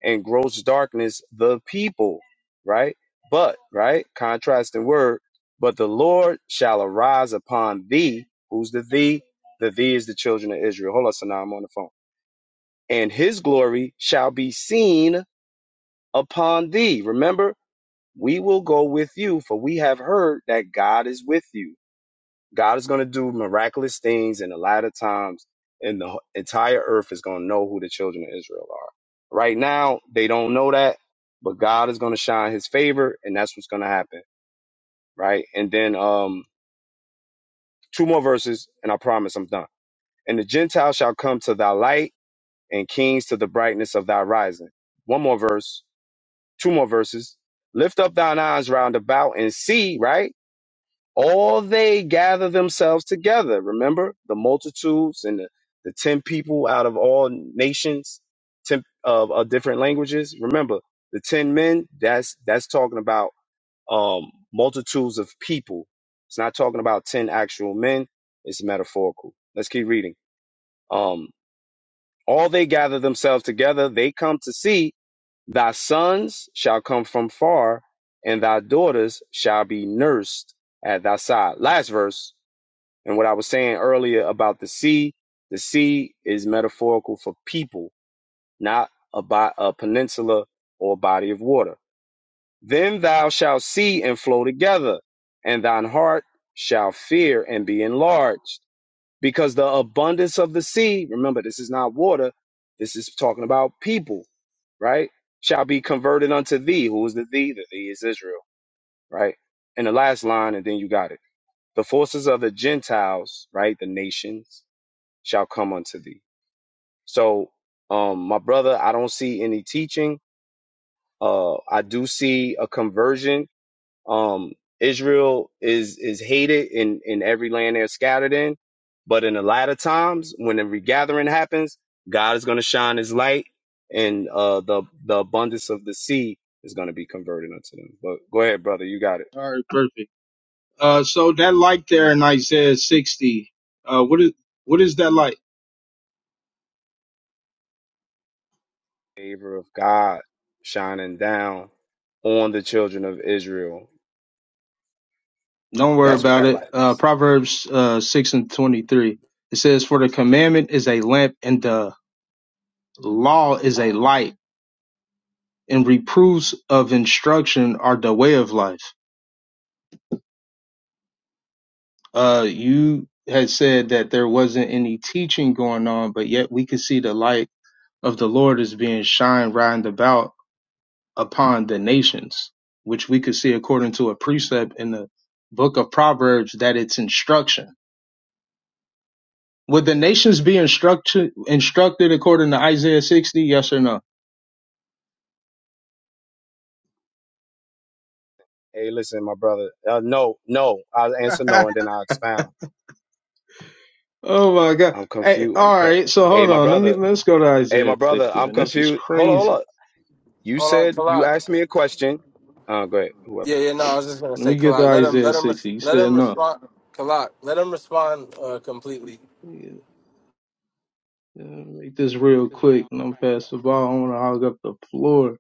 and gross darkness the people. Right, but right, contrasting word. But the Lord shall arise upon thee. Who's the thee? The thee is the children of Israel. Hold on, so now I'm on the phone. And his glory shall be seen upon thee. Remember, we will go with you, for we have heard that God is with you God is going to do miraculous things and a lot of times, and the entire earth is going to know who the children of Israel are. Right now, they don't know that, but God is going to shine His favor, and that's what's going to happen. Right, and then um, two more verses, and I promise I'm done. And the Gentiles shall come to thy light, and kings to the brightness of thy rising. One more verse, two more verses. Lift up thine eyes round about and see. Right All they gather themselves together. Remember the multitudes and the, the 10 people out of all nations, 10 of, of different languages. Remember the 10 men, that's, that's talking about, um, multitudes of people. It's not talking about 10 actual men. It's metaphorical. Let's keep reading. Um, all they gather themselves together. They come to see thy sons shall come from far and thy daughters shall be nursed at thy side. Last verse and what I was saying earlier about the sea, the sea is metaphorical for people, not a, bo- a peninsula or body of water. Then thou shalt see and flow together, and thine heart shall fear and be enlarged. Because the abundance of the sea, remember, this is not water, this is talking about people, right? Shall be converted unto thee. Who is the thee? The thee is Israel, right? And the last line, and then you got it. The forces of the Gentiles, right? The nations shall come unto thee. So, um, my brother, I don't see any teaching. Uh, I do see a conversion. Um, Israel is is hated in in every land they're scattered in, but in the latter times, when the regathering happens, God is going to shine His light, and uh, the the abundance of the sea is going to be converted unto them. But go ahead, brother, you got it.
All right, perfect. Uh, so that light there in Isaiah 60, uh, what is, what is that light?
Favor of God shining down on the children of Israel.
Don't worry
That's what
about
that
it.
light
Uh,
is.
Proverbs, uh, 6 and 23. It says, for the commandment is a lamp and the Law is a light, and reproofs of instruction are the way of life. Uh, you had said that there wasn't any teaching going on, but yet we could see the light of the Lord is being shined round about upon the nations, which we could see according to a precept in the book of Proverbs that it's instruction. Would the nations be instruct- instructed according to Isaiah 60? Yes or no?
Hey, listen, my brother. Uh, no, no. I'll answer no, and then I'll expound.
Oh my God.
I'm
Hey,
confused. I'm.
all
Co-
right. So
hey,
hold
my
on. Let me
brother.
let's go to
Hey, my
Isaiah
brother.
60,
I'm
man. This is
confused. Hold on, hold on.
crazy.
You
Hold on,
said you
Kalak.
asked me a question. Oh, great. Whoever.
Yeah, yeah. No, I was just gonna
Let
say
me get to
Kalak. Let him
Isaiah
let him res-
60. He
let
said
him
no.
respond. Kalak, let him respond uh, completely.
Yeah, uh, Make this real quick, and I'm past the ball. I want to hog up the floor.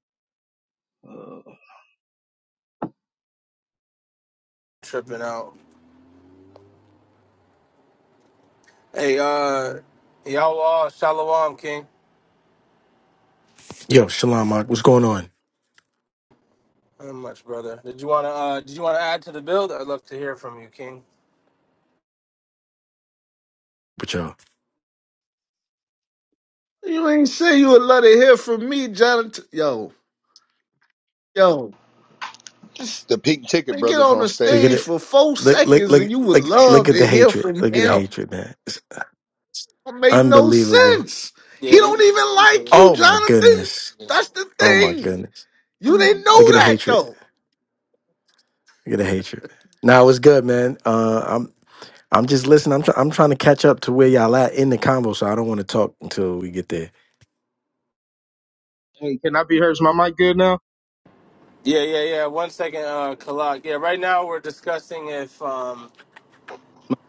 Uh,
Tripping out. Hey, uh, Yahweh Shalom, King.
Yo, Shalom, Mark. What's going on
Not much, brother. Did you wanna uh, did you wanna add to the build? I'd love to hear from you, King.
with y'all?
You ain't say you would let it hear from me, Jonathan. Yo, yo, this,
The Pink Ticket
they get
Brothers
on
on
the
Look at
stage
stage.
it.
for four
Look, look,
seconds and you
look,
would
look, look
love
at the
to hear
hatred.
from
Look at the
him.
hatred, man. It's
That made no
unbelievable.
sense. He
Yeah. you-
don't even like you,
Oh my
Jonathan.
goodness.
Yeah,
That's the
Oh my
thing.
goodness.
You didn't
Look
know
at the
that
hatred.
though.
Look at the hatred. Now it's good, man. Uh, I'm, I'm just listening. I'm, try- I'm trying to catch up to where y'all at in the combo, so I don't want to talk until we get there.
hey, can I be heard? Is my mic good now?
yeah, yeah. One second, uh, Kalak. Yeah, right now we're discussing if um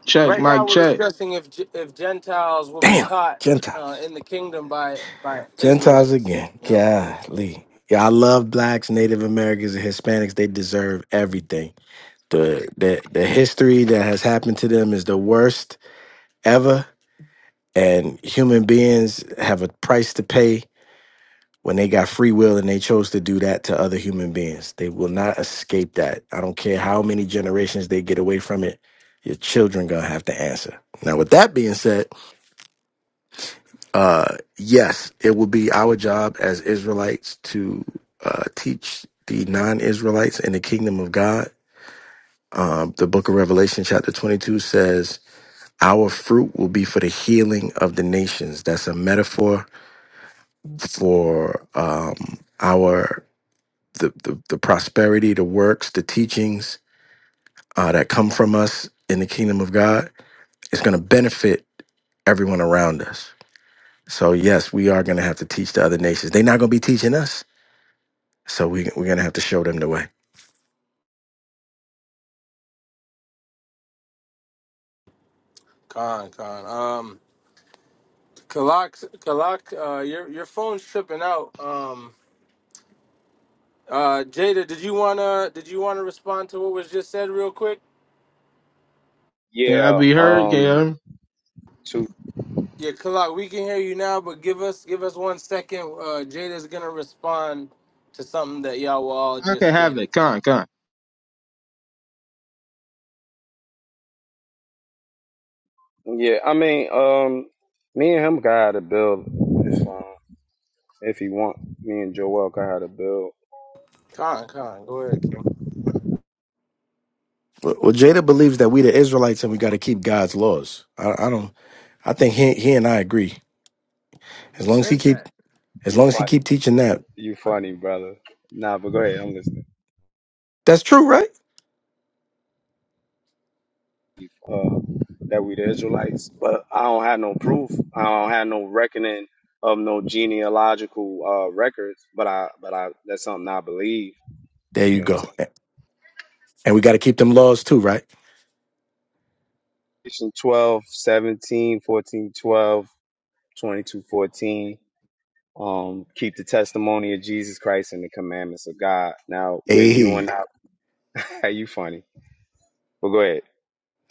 Check,
Right
mic
now, we're
check.
discussing if Ge- if Gentiles will be
Damn,
taught uh,
Gentiles.
in the kingdom by by
Gentiles
Israelites.
again.
Yep.
Golly. Yeah, I love blacks, Native Americans, and Hispanics. They deserve everything. the the the history that has happened to them is the worst ever and human beings have a price to pay when they got free will and they chose to do that to other human beings they will not escape that i don't care how many generations they get away from it your children gonna have to answer now with that being said uh yes it will be our job as israelites to uh teach the non-israelites in the kingdom of god um the book of revelation chapter 22 says Our fruit will be for the healing of the nations. That's a metaphor for um, our the, the the prosperity, the works, the teachings uh, that come from us in the kingdom of God. It's going to benefit everyone around us. So yes, we are going to have to teach the other nations. They're not going to be teaching us, so we we're going to have to show them the way.
Con con. Um, Kalak Kalak, uh, your your phone's tripping out. Um, uh, Jada, did you wanna did you wanna respond to what was just said real quick?
Can I
Yeah.
be heard?
Um.
Can
To.
Yeah, Kalak, we can hear you now, but give us give us one second. Uh, Jada's gonna respond to something that y'all were all
I
just
can have
stated.
it. Con, con.
Yeah. I mean. Um. Me and him got to build. It's fine if he want. Me and Joel got to build.
Con con, go ahead, King.
Well, well, Jada believes that we the Israelites and we got to keep God's laws. I, I don't. I think he he and I agree.
He
As long as he
said that.
keep as
You
long as he
fight.
keep teaching that,
You funny, brother. Nah, but go ahead. I'm listening.
that's true, right?
uh, that we the Israelites. But I don't have no proof. I don't have no reckoning of no genealogical uh, records. But I, but I, that's something I believe.
There you
You know what I'm
go.
saying?
And we got to keep them laws too, right?
Revelation 12, 17, 14, 12, 22, 14. Um, keep the testimony of Jesus Christ and the commandments of God. Now, where you and
Hey,
I, hey, you funny, but go ahead.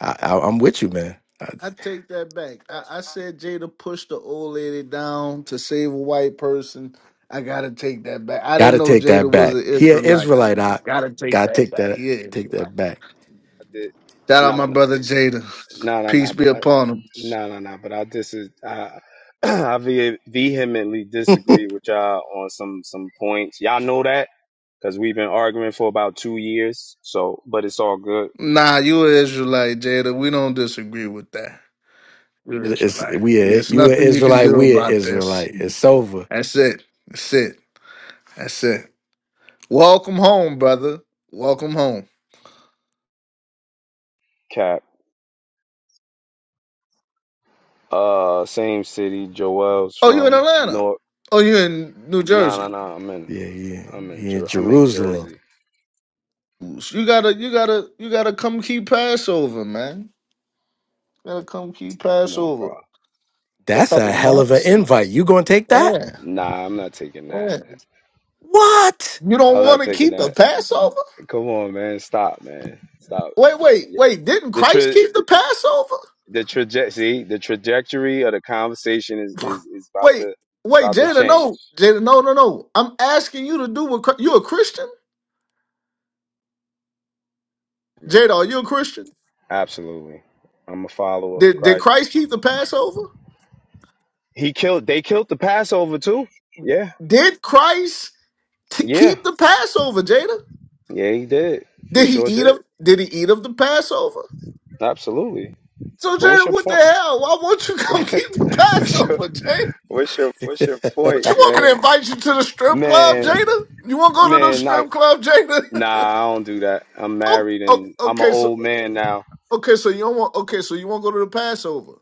I, I, I'm with you, man. I
I take that back. I, I said Jada pushed the old lady down to save a white person. I gotta take that back. I
got
didn't
to
know
take that
Jada was an
back. He an
Israelite.
Israelite. I
Gotta take
got to
that
take
back.
that
He is
take
Israelite.
that back.
Shout out
No,
my
no, no.
brother Jada.
No, no,
Peace
no,
be
but I,
upon him.
no, no, no, but I dis, I, I ve- vehemently disagree with y'all on some some points. Y'all know that because we've been arguing for about two years. So, but it's all good.
Nah, you an Israelite, Jada. We don't disagree with that. You're
It's
Israelite.
we a,
It's
you an
nothing you can
Israelite.
do
We an
about this.
Israelite. It's over.
That's it. That's it. That's it. Welcome home, brother. Welcome home.
Cap, uh, same city. Joel's
Oh, you in
from
Atlanta?
North.
Oh, you in New
No, no,
Jersey?
no. I'm
Yeah,
in,
yeah.
I'm in,
He in
Jer- I'm in
Jerusalem.
Jersey.
You gotta, you gotta, you gotta come keep Passover, man. You gotta come keep
Come on, bro.
Passover. A
That's a
couple
hell of an
months.
invite. You gonna take that?
Yeah,
Nah, I'm not taking that.
yeah.
What?
You don't
I'm not
want to
taking
keep the
that.
Passover?
Come on, man. Stop, man. Stop.
Wait, wait,
Yeah.
wait. Didn't
The
Christ
truth.
keep the Passover?
the traje- see the trajectory of the conversation is is is about
wait,
to is
wait,
about to
Jada.
change,
No, Jada. No, no, no. I'm asking you to do what Chri- you a Christian,
man.
Jada. Are you a Christian?
Absolutely, I'm a follower of
Did did
Christ.
Christ keep the Passover?
He killed. They killed the Passover too. Yeah,
Did Christ t-
yeah,
keep the Passover, Jada?
yeah. He did. He
Did he
sure
eat
did.
of Did he eat of the Passover?
Absolutely.
So
But what's
Jada,
your
what the
point?
hell? Why won't you come keep the
what's your
Passover, Jada?
what's your what's your
What
point,
you want me to
man?
invite you to the strip club,
Man,
Jada? You want to go to the
man, not.
strip club, Jada?
Nah, I don't do that. I'm
oh,
married
oh,
and I'm an
okay, so
old man now.
okay, so you don't want okay, so you won't go to the Passover.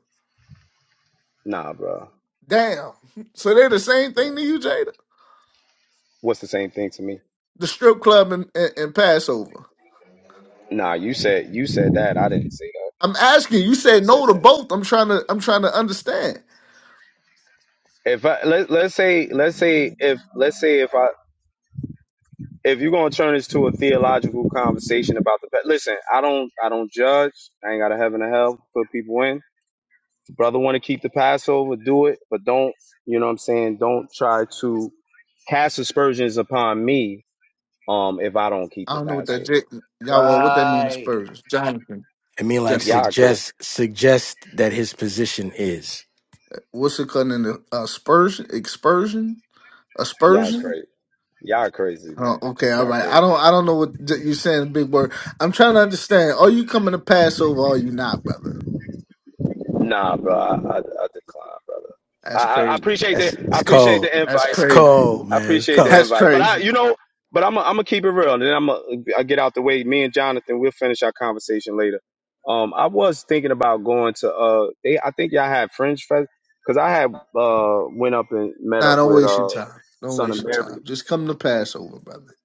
Nah, bro.
Damn. So they the same thing to you, Jada?
What's the same thing to me?
The strip club and, and, and Passover.
Nah, you said you said that. I didn't say that.
I'm asking. You You
You
said no
said
to
that.
both. I'm trying to. I'm trying to understand.
If I let let's say let's say if let's say if I if you're gonna turn this to a theological conversation about the listen, I don't I don't judge. I ain't got a heaven or hell. to Put people in. Brother, want to keep the Passover? Do it, but don't. You know what I'm saying? Don't try to cast aspersions upon me. Um, if I don't keep
I
the
don't know what that
Passover,
j- y'all. Well, what that mean?
Right.
Aspersion. J-
I mean, like
y'all crazy.
suggest suggest that his position is.
What's it called? in the aspersion? Expersion?
Y'all
Aspersion?
crazy. Y'all crazy,
Oh,
man.
okay, all
Y'all
right.
crazy.
I don't. I don't know what j- you're saying. Big word. I'm trying to understand. Are you coming to Passover? Or are you not, brother?
Nah, bro, I, I, I decline, brother. I,
That's
I
crazy.
appreciate the
That's
I
it's
appreciate
called.
the
That's
invite.
It's
crazy.
called,
I
man. It's
appreciate the
called.
That's
invite, but I,
crazy.
you know, but I'm i I'm gonna keep it real, and then I'm gonna get out the way. Me and Jonathan, we'll finish our conversation later. Um, I was thinking about going to uh, they I think y'all had Fringe Fest because I had uh went up and met
Nah,
up
don't
with
waste your
uh
time. Don't
Son
waste
of
your
Mary.
time. Just come to Passover, brother.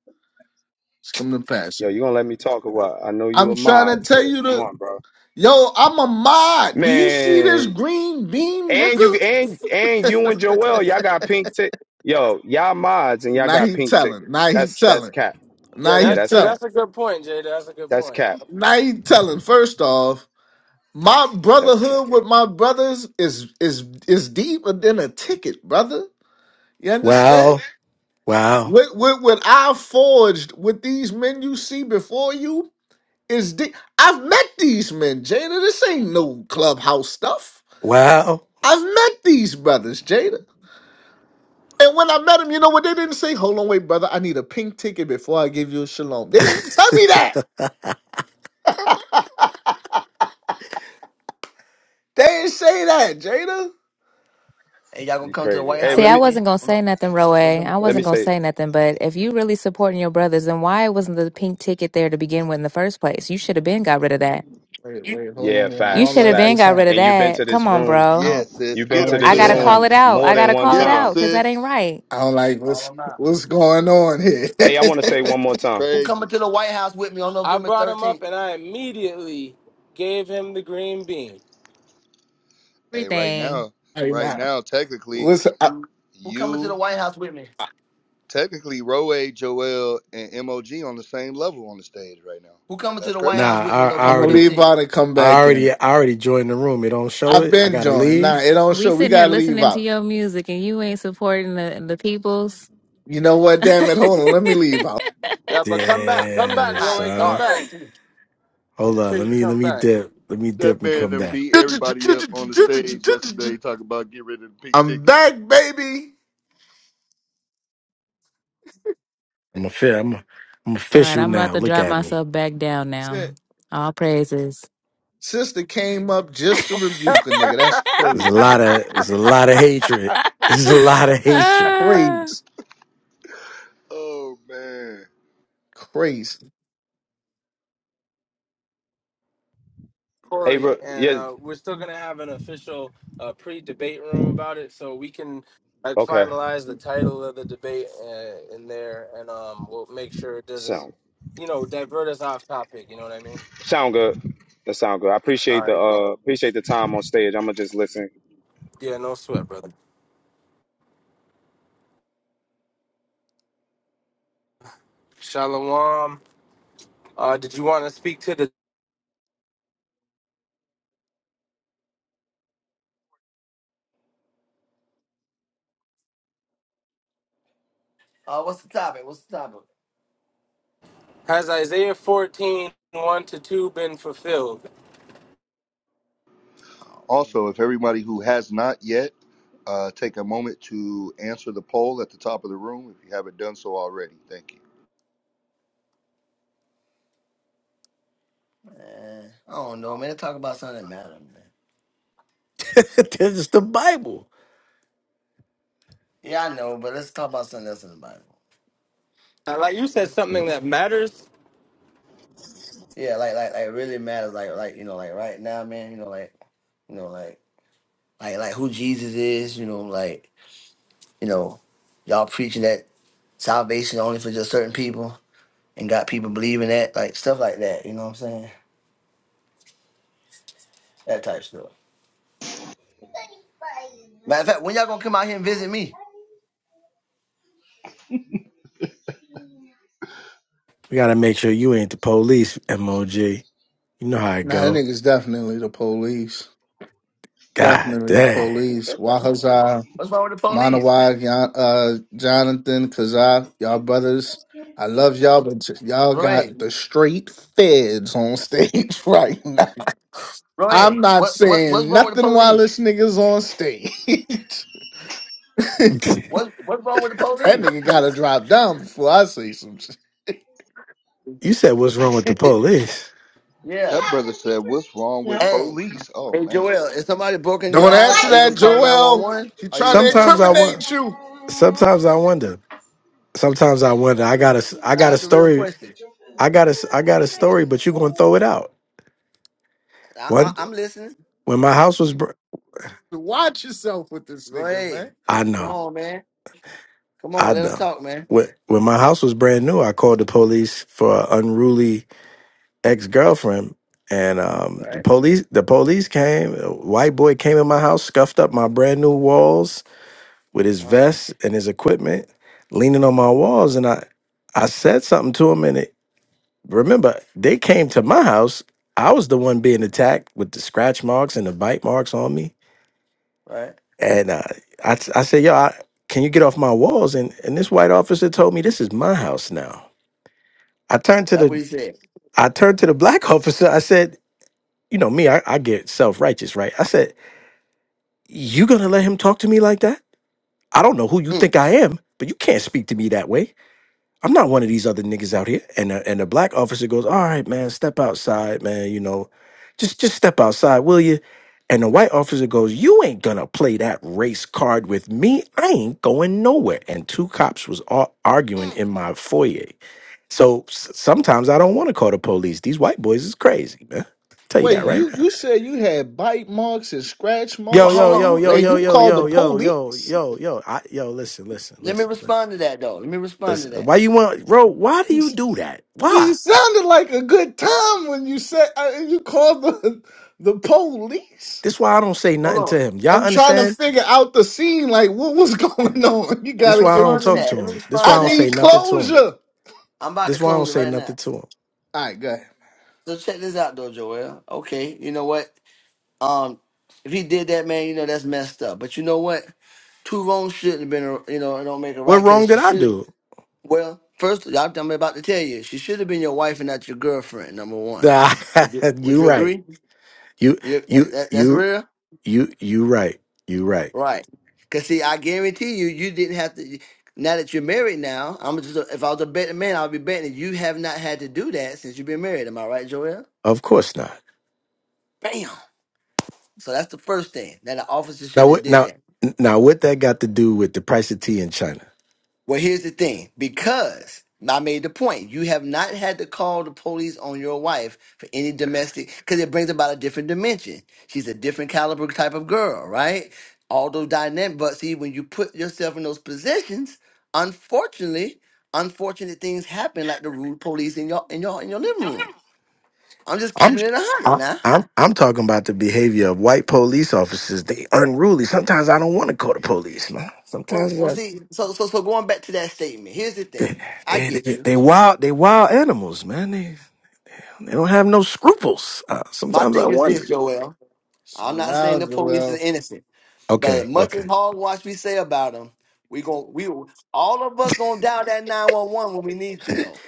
Just come to
Yo,
Passover.
you gonna let me talk a while? I know you
I'm
a
trying
mod,
to tell
but
you to.
come on, bro.
Yo, I'm a mod. Do you see this
Man,
green beam,
And you
nigga?
and and you and Joel, y'all got pink tick. Yo, y'all mods and y'all
now
got
he
pink
telling. Now
tickets.
he
That's that's
telling.
cap.
Yeah,
Now
Yeah,
he
that's
that's
true.
cap.
telling.
That's a good point, Jada. That's a good
That's
point.
cap.
Now he telling. First off, my
That's cap.
brotherhood with my brothers is is is deeper than a ticket, brother. You understand?
Wow, wow,
What what what I forged with these men you see before you is deep. I've met these men, Jada. This ain't no clubhouse stuff.
wow.
I've met these brothers, Jada. And when I met him, you know what? They didn't say, hold on, wait, brother, I need a pink ticket before I give you a shalom. They didn't tell me that. They didn't say that, Jada.
Hey, y'all gonna
You
come to the
crazy.
White
Hey,
House
See,
let
I
with
me
me
wasn't gonna
on
say
No-
nothing, Roe.
November
I
let me
wasn't gonna
13th?
say,
say nothing, but if you really supporting your brothers, then why wasn't the pink ticket there to begin with in the first place? You should have been got rid of that.
Wait, wait, hold on,
yeah,
wait. I
You
don't
should
facts,
have
like
been
what's
got
facts.
rid of
happening.
And you've been to
that.
this
Come on,
room.
I
bro.
Yeah,
don't,
sis.
You've
I
get
been
don't
them,
to
like
I
this
what's
gotta
sis.
call it
room
happening.
out.
more
I
than
gotta
one
call
get
it
them,
time.
out because that
sis.
ain't right.
I don't like
All
what's
I'm not.
what's going on here.
Hey, I want to say one more
It's
time.
Who coming
crazy.
to the White House with me on
I
November
brought him up
13th?
and I immediately gave him the green bean.
Hey, right
Everything.
now,
hey,
right
now,
now, technically,
what's, I,
Who coming to the
you,
White House with me?
technically, Roe, Joel, and MOG on the same level on the stage right now.
Who coming to
That's
the White
crazy.
Nah,
House with me
I, I
I'm going
November
to
already,
leave
13th?
out and come
I
back
already,
in.
I already joined the room. It don't show
I've
it. I
been
gotta
joined. Nah,
leave.
it don't
We
show. We
sitting
got
here
to leave
listening to
out.
your music and you ain't supporting the the peoples.
You know what? Damn it. Hold on. Let me leave out.
Yeah, but come
Hot,
back, come back,
Damn,
hot
Roy,
and
come
son.
back.
garbage, too.
Hold
I'm
on.
sure
Let
you
me, let
come
me
back,
dip. Let me
That
dip and
man
come
done
back.
beat everybody up on the stage yesterday talking about get rid of the pink
I'm
tickets.
back, baby.
I'm official. I'm, I'm
All right,
official
I'm about
now.
to
Look
drop
at me.
myself back down
Shit.
now. All praises.
Sister came up just to rebuke a nigga. That's
There's a
crazy.
lot of, there's a lot of hatred. There's a lot of
That's
hatred.
Ah.
crazy.
Oh, man.
Crazy.
Hey,
Corey.
Ro-
And
yeah,
uh, we're still gonna have an official uh, pre-debate room about it, so we can uh,
okay.
finalize the title of the debate uh, in there, and um, we'll make sure it doesn't,
Sound
you know, divert us off topic. You know what I mean?
sound good. That sound good. I appreciate the uh appreciate the time on stage. I'm gonna just listen
Yeah, no sweat, brother. Shalom. Uh, did you want to speak to the?
Uh, what's the topic? What's the topic?
Has Isaiah 14, one to two been fulfilled?
Oh, man.
Also, if everybody who has not yet, uh, take a moment to answer the poll at the top of the room if you haven't done so already. Thank you.
man. I don't know, man. Let's talk about something that matters, man.
There's the Bible.
Yeah, I know, but let's talk about something else in the Bible.
Uh, Like you said,
Let's,
We
something that matters.
yeah, like, like, like, really matters. Like, like, you know, like right now, man, you know, like, you know, like, like, like who Jesus is, you know, like, You know, y'all preaching that salvation only for just certain people and got people believing that, like stuff like that. You know what I'm saying? That type stuff. Matter of fact, when y'all gonna come out here and visit me?
gotta make sure you ain't the police, MOG. You know how it
Nah, that
go.
nigga's definitely the police.
God
Definitely the
damn.
police. Wahazar,
What's wrong with the police?
Manawag, Yon- uh, Jonathan, Kazak, y'all brothers. I love y'all, but j- y'all
Roy,
got the straight feds on stage right now. I'm
Roy,
not
what what what's
saying
wrong with the
nothing while
police?
this nigga's on stage. that
What what's wrong with the police?
nigga gotta drop down before I say some shit.
you said what's wrong with the police?
Yeah.
That brother said, "What's wrong with
Hey,
police?" Oh
hey
man.
Joel, if somebody broke into your
Don't
house,
answer
are you gonna
that,
call
Joel.
911? Or
He
are you
trying
just
to
gonna let
Sometimes
it
I
pass?
incriminate
want.
you.
Sometimes I wonder. sometimes I wonder. I got a. I
Nah,
got a
that's a real
story.
question.
I got a. I got a story, but you gonna throw it out.
I, I,
One
I'm listening.
when my house was, br-
Watch yourself with this nigga,
Roy,
man.
I
come
know,
on, man. Come
I
on, let them
know.
talk, man.
When when my house was brand new, I called the police for an unruly ex girlfriend, and um,
Right?
the police the police came. A white boy came in my house, scuffed up my brand new walls with his
Uh-huh.
vest and his equipment, leaning on my walls, and I I said something to him, and it Remember, they came to my house. I was the one being attacked with the scratch marks and the bite marks on me.
Right?
And uh, I, I said, yo, I, can you get off my walls? And, and this white officer told me, this is my house now. I turned to
That's what
the,
he said.
I turned to the black officer. I said, you know me, I, I get self-righteous, right? I said, you gonna let him talk to me like that? I don't know who you
Mm,
think I am, but you can't speak to me that way. I'm not one of these other niggas out here. And a, and the black officer goes, all right, man, step outside, man. You know, just just step outside, will you? And the white officer goes, you ain't gonna play that race card with me. I ain't going nowhere. And two cops was all arguing
mm,
in my foyer. So s- sometimes I don't want to call the police. These white boys is crazy, man. Tell you
Wait,
that right
mm.
you
now.
you said you had bite marks and scratch
Yo,
Well,
marks
yo,
on
yo,
hold
you,
on.
yo,
Let,
and
yo,
you
yo,
called the
yo, yo, yo,
police?
yo, yo. I, yo, listen, listen,
let me
listen, listen,
respond to that, though. Let me respond to
listen.
that.
Why you want, bro? Why do you do that?
I mean,
Why?
You sounded like a good time when you said uh, you called the the police.
This why I don't say
Hold
nothing
on.
to him. Y'all
I'm trying to
understand?
figure out the scene. Like, what was going on? You
Let me
This
gotta
why I
give me
don't
respond to
some.
talk
that.
to
Let me
him. This
respond
why
I
to
I don't
that.
say
need
nothing to him.
closure. All
I'm about to
This why I don't
close it
say
right now.
nothing to him.
right, go ahead.
So check this out, though, Joel. Okay, you know what? Um, if he did that, man, you know that's messed up. But you know what? Two wrongs shouldn't have been, a- you know, it don't make it
What
right
wrong
because she
did I
should.
do?
Well, first, I'm I'm about to tell you, she should have been your wife and not your girlfriend. Number one.
Nah,
Would you, would
you
you
right.
agree?
You
You, that,
you
that, that's
you
real.
you you right. You right.
Right. Cause see, I guarantee you, you didn't have to. Now that you're married, now I'm just. If I was a betting man, I'd be betting that you have not had to do that since you've been married. Am I right, Joel?
Of course not.
Bam. So that's the first thing. Now the officer
Now
shouldn't have
what
did
now
that.
now what that got to do with the price of tea in China?
Well, here's the thing because I made the point, you have not had to call the police on your wife for any domestic, because it brings about a different dimension. She's a different caliber type of girl, right? All those dynamic, but see, when you put yourself in those positions, unfortunately, unfortunate things happen, like the rude police in your in your in your living room. I'm just
I'm
keeping it a hundred now.
I'm I'm talking about the behavior of white police officers. They unruly. Sometimes I don't want to call the police, man.
Well,
Sometimes
well,
I,
see, so so so going back to that statement, here's the
they,
thing. I
they
get
they
you.
they wild they wild animals, man. They they don't have no scruples. Uh,
My
sometimes I
thing is this,
wonder.
Joel. I'm
Slow
not saying
down,
the police is
Joel.
innocent. But
Okay,
much as
okay.
hogwash we say about him, we gon' we all of us gonna dial that nine one one when we need to though.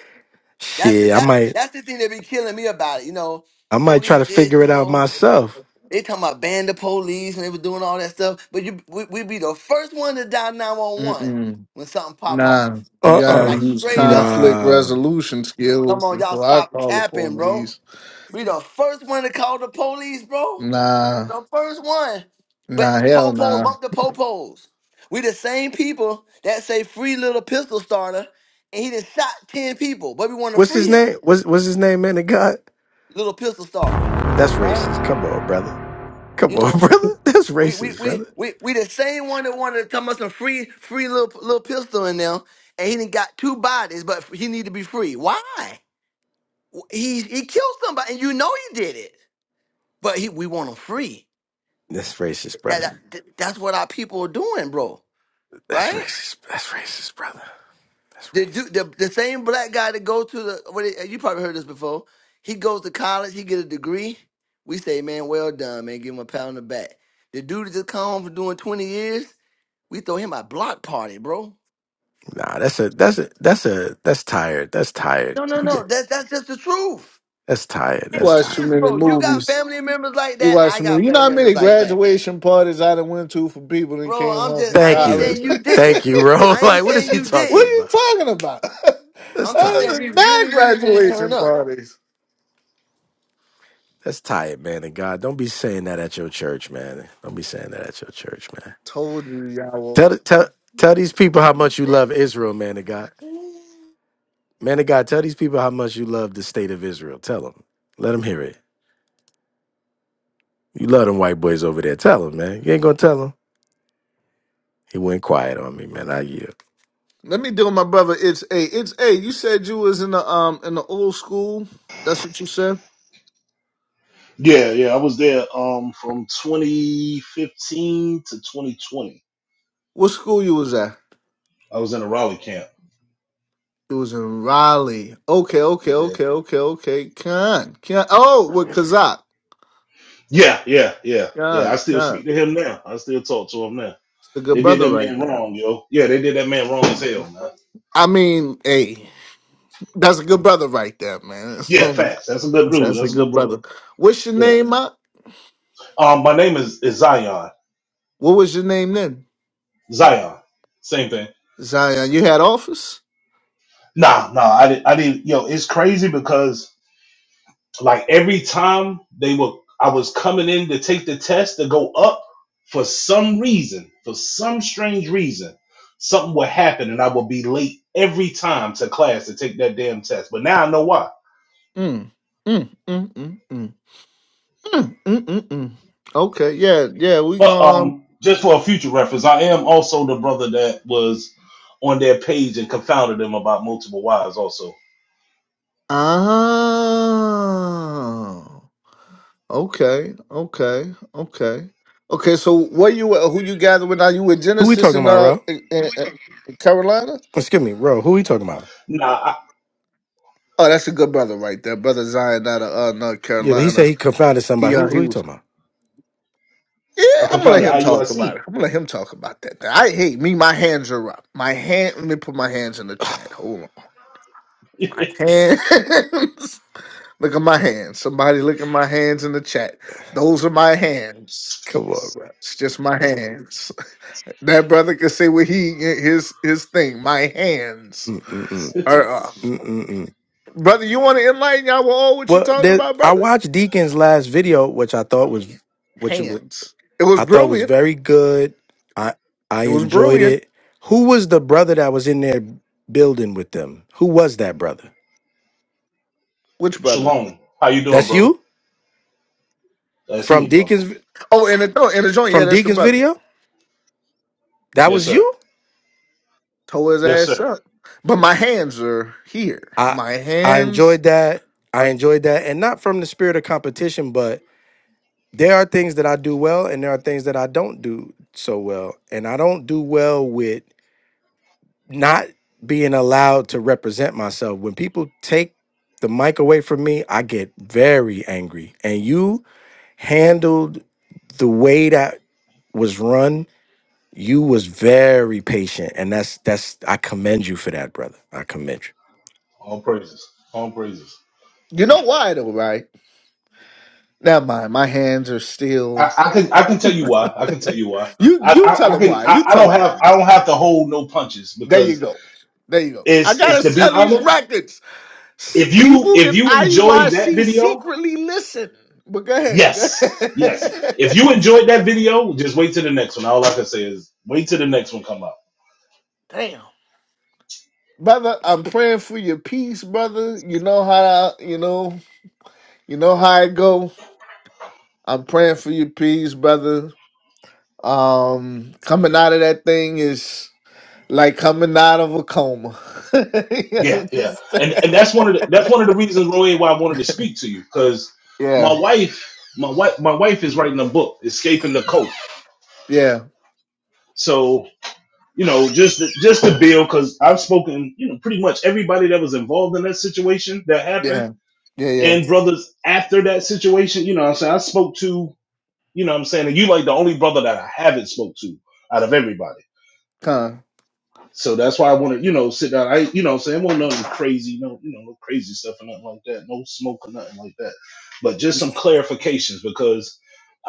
That's the
Shit, I
that's
might
that's the thing that be killing me about it. You know,
I might try
police
to
this.
figure
You
it out
know,
myself.
they talking about ban the police and they were doing all that stuff. But you we, we be the first one to dial nine one one
Mm-mm.
when something pop
Nah,
off,
you
Uh
gotta
like
uh
use
straight up.
conflict
Nah.
resolution
Come
skills
on, y'all
before I
stop
call the
capping, bro.
police.
We the first one to call the police, bro.
Nah,
The first one. But
nah, hell
Popo
nah.
bump the Popos. We the same people that say free little pistol starter, and he just shot 10 people, but we want to
What's his
free
name?
him.
What's what's his name, man? The God?
Little pistol starter.
That's
Right?
racist. Come on, brother. Come
You
on,
know,
brother. That's
we we
racist,
we
brother.
we, we the same one that wanted to come us some free free little little pistol in them, and he done got two bodies, but he need to be free. Why? He he killed somebody, and you know he did it. But he we want him free.
That's racist,
That,
brother.
that that's what our people are doing, bro.
That's
Right?
racist. That's racist, brother. That's
The
racist.
dude, the, the same black guy that go to the what it, you probably heard this before. He goes to college, he get a degree. We say, man, well done, man. Give him a pat on the back. The dude that just come home for doing twenty years, we throw him a block party, bro.
Nah, that's a that's a that's a that's tired. That's tired.
No, no,
We
no.
get
That's that's just the truth.
that's tired.
You
It
That's
watch
tired.
too
is,
many
bro. You got
movies.
family members like
You
that.
watch
I
too
got
many. You know
family
how many
members like that,
graduation parties I done went to for people that
bro.
came
I'm
home
just,
from
I
Thank
ain't
college?
you.
saying
what
you didn't.
Thank you, bro.
I ain't
Like what is
saying
he
you
talking
are
didn't.
you
about?
talking about?
That's
I'm just
Other
saying
than that
tired.
we
was not
really, really, really turn
graduation
up.
parties.
That's tired, man. And God, don't be saying that at your church, man. Don't be saying that at your church, man.
Told you y'all.
Tell the- tell tell these people how much you love Israel, man of God. Man of God, tell these people how much you love the state of Israel. Tell them. Let them hear it. You love them white boys over there. Tell them, man. You ain't gonna tell them. He went quiet on me, man. I yield.
Let me deal with my brother. It's a. It's a. You said you was in the um in the old school. That's what you said.
Yeah, yeah. I was there um from 2015 to 2020.
What school you was at?
I was in the Raleigh camp.
It was in Raleigh. Okay, okay,
Yeah,
okay, okay, okay. Khan, Khan. Oh, with Kazak.
yeah, yeah, yeah, yeah. I
Khan,
still
Khan.
speak to him now. I still talk to him now.
It's a good
They did
brother
that
right
man
there.
wrong, yo. Yeah, they did that man wrong as hell, man.
I mean, hey, that's a good brother right there, man. That's,
Yeah, facts. That's a good dude.
that's a
That's a good
good
brother.
brother. What's your
Yeah.
name, Up?
Um, my name is, is Zion.
What was your name then?
Zion. Same thing.
Zion, you had office?
Nah, nah. I didn't. I didn't. Yo, it's crazy because Like every time they were, I was coming in to take the test to go up for some reason, for some strange reason, something would happen and I would be late every time to class to take that damn test. But now I know why.
Mm, mm, mm, mm, mm, mm, mm, mm, mm. mm. Okay, yeah, yeah, we
But
going.
um, just for a future reference, I am also the brother that was on their page and confounded them about multiple wives. Also,
Ah. Okay, okay, okay, okay. So, what you who you gathered with now? You with
Who we
Genesis
talking
in
about,
uh
bro?
in, in, in Carolina?
Excuse me, bro. Who he talking about?
nah,
Oh, that's a good brother right there, brother Zion out of uh, North
Yeah, but he said
Carolina.
he confounded
He
somebody. Who
uh,
who
he
he
was.
talking
Yeah,
I, I
I'm gonna let
confounded
him talk about it.
IUIC.
I'm gonna let him talk about that. I hate me. My hands are up. My hand. Let me put my hands in the
about?
chat. Hold on. My hands. look at my hands. Somebody look at my hands in the chat. Those are my hands.
Come on, bro.
It's just my hands. That brother can say what he his his thing. My hands
Mm-mm-mm.
are uh,
Mm-mm-mm.
brother. You want to enlighten y'all with all what you
Well,
talking
there,
about,
I
brother?
watched Deacon's last video, which I thought was which it was-
Hands. It was
I thought was
brilliant.
very good. I I
It was
enjoyed
brilliant.
it. Who was the brother that was in there building with them? Who was that brother?
Which brother?
Shalom. How you doing,
That's
brother?
you
That's
from
me, brother.
Deacon's
Oh, and the oh and the joint. Yeah,
from
that's the
Deacon's
brother.
video. That
Yes,
was
sir.
you.
Tore his
Yes,
ass
sir.
up. But my hands are here.
I
My
I
hands.
enjoyed that. I
Are,
enjoyed that, and not from the spirit of competition, but there are things that I do well and there are things that I don't do so well. And I don't do well with not being allowed to represent myself. When people take the mic away from me, I get very angry. And you handled the way that was run, you was very patient. And that's that's I commend you for that, brother. I commend you.
All praises. All praises.
you know why though, right? Never mind. My hands are still.
I, I can I can tell you why. I can tell you why.
You
I,
you
I,
tell
I
him
can
why.
I,
You
I
tell
don't
him
have I
why.
don't have to hold no punches
There you
because
go. There you go. I
it's it's
gotta
to be
sell these
honest,
records. S-
if you
People in
if you enjoyed that
IUIC
video,
secretly listen. But go ahead. Go
yes. Yes. If you
ahead.
enjoyed that video, just wait till the next one. All I can say is wait till the next one come up.
Damn. Brother, I'm praying for your peace, brother. You know how you know, you know how it go. I'm praying for your peace, brother. Um coming out of that thing is like coming out of a coma. You
Yeah, yeah. And and
understand?
that's one of the that's one of the reasons, Roy, why I wanted to speak to you. Cause my
yeah,
wife my wife my wife is writing a book, Escaping the Coast.
yeah,
So you know, just to, just to build, because I've spoken, you know, pretty much everybody that was involved in that situation that happened,
yeah, yeah, yeah.
and brothers after that situation, you know, what I'm saying I spoke to, you know, what I'm saying, and you like the only brother that I haven't spoke to out of everybody.
Con.
So that's why I want to, you know, sit down. I, you know, what I'm saying, want nothing crazy, no, you know, no crazy stuff or nothing like that, no smoke or nothing like that, but just some clarifications because.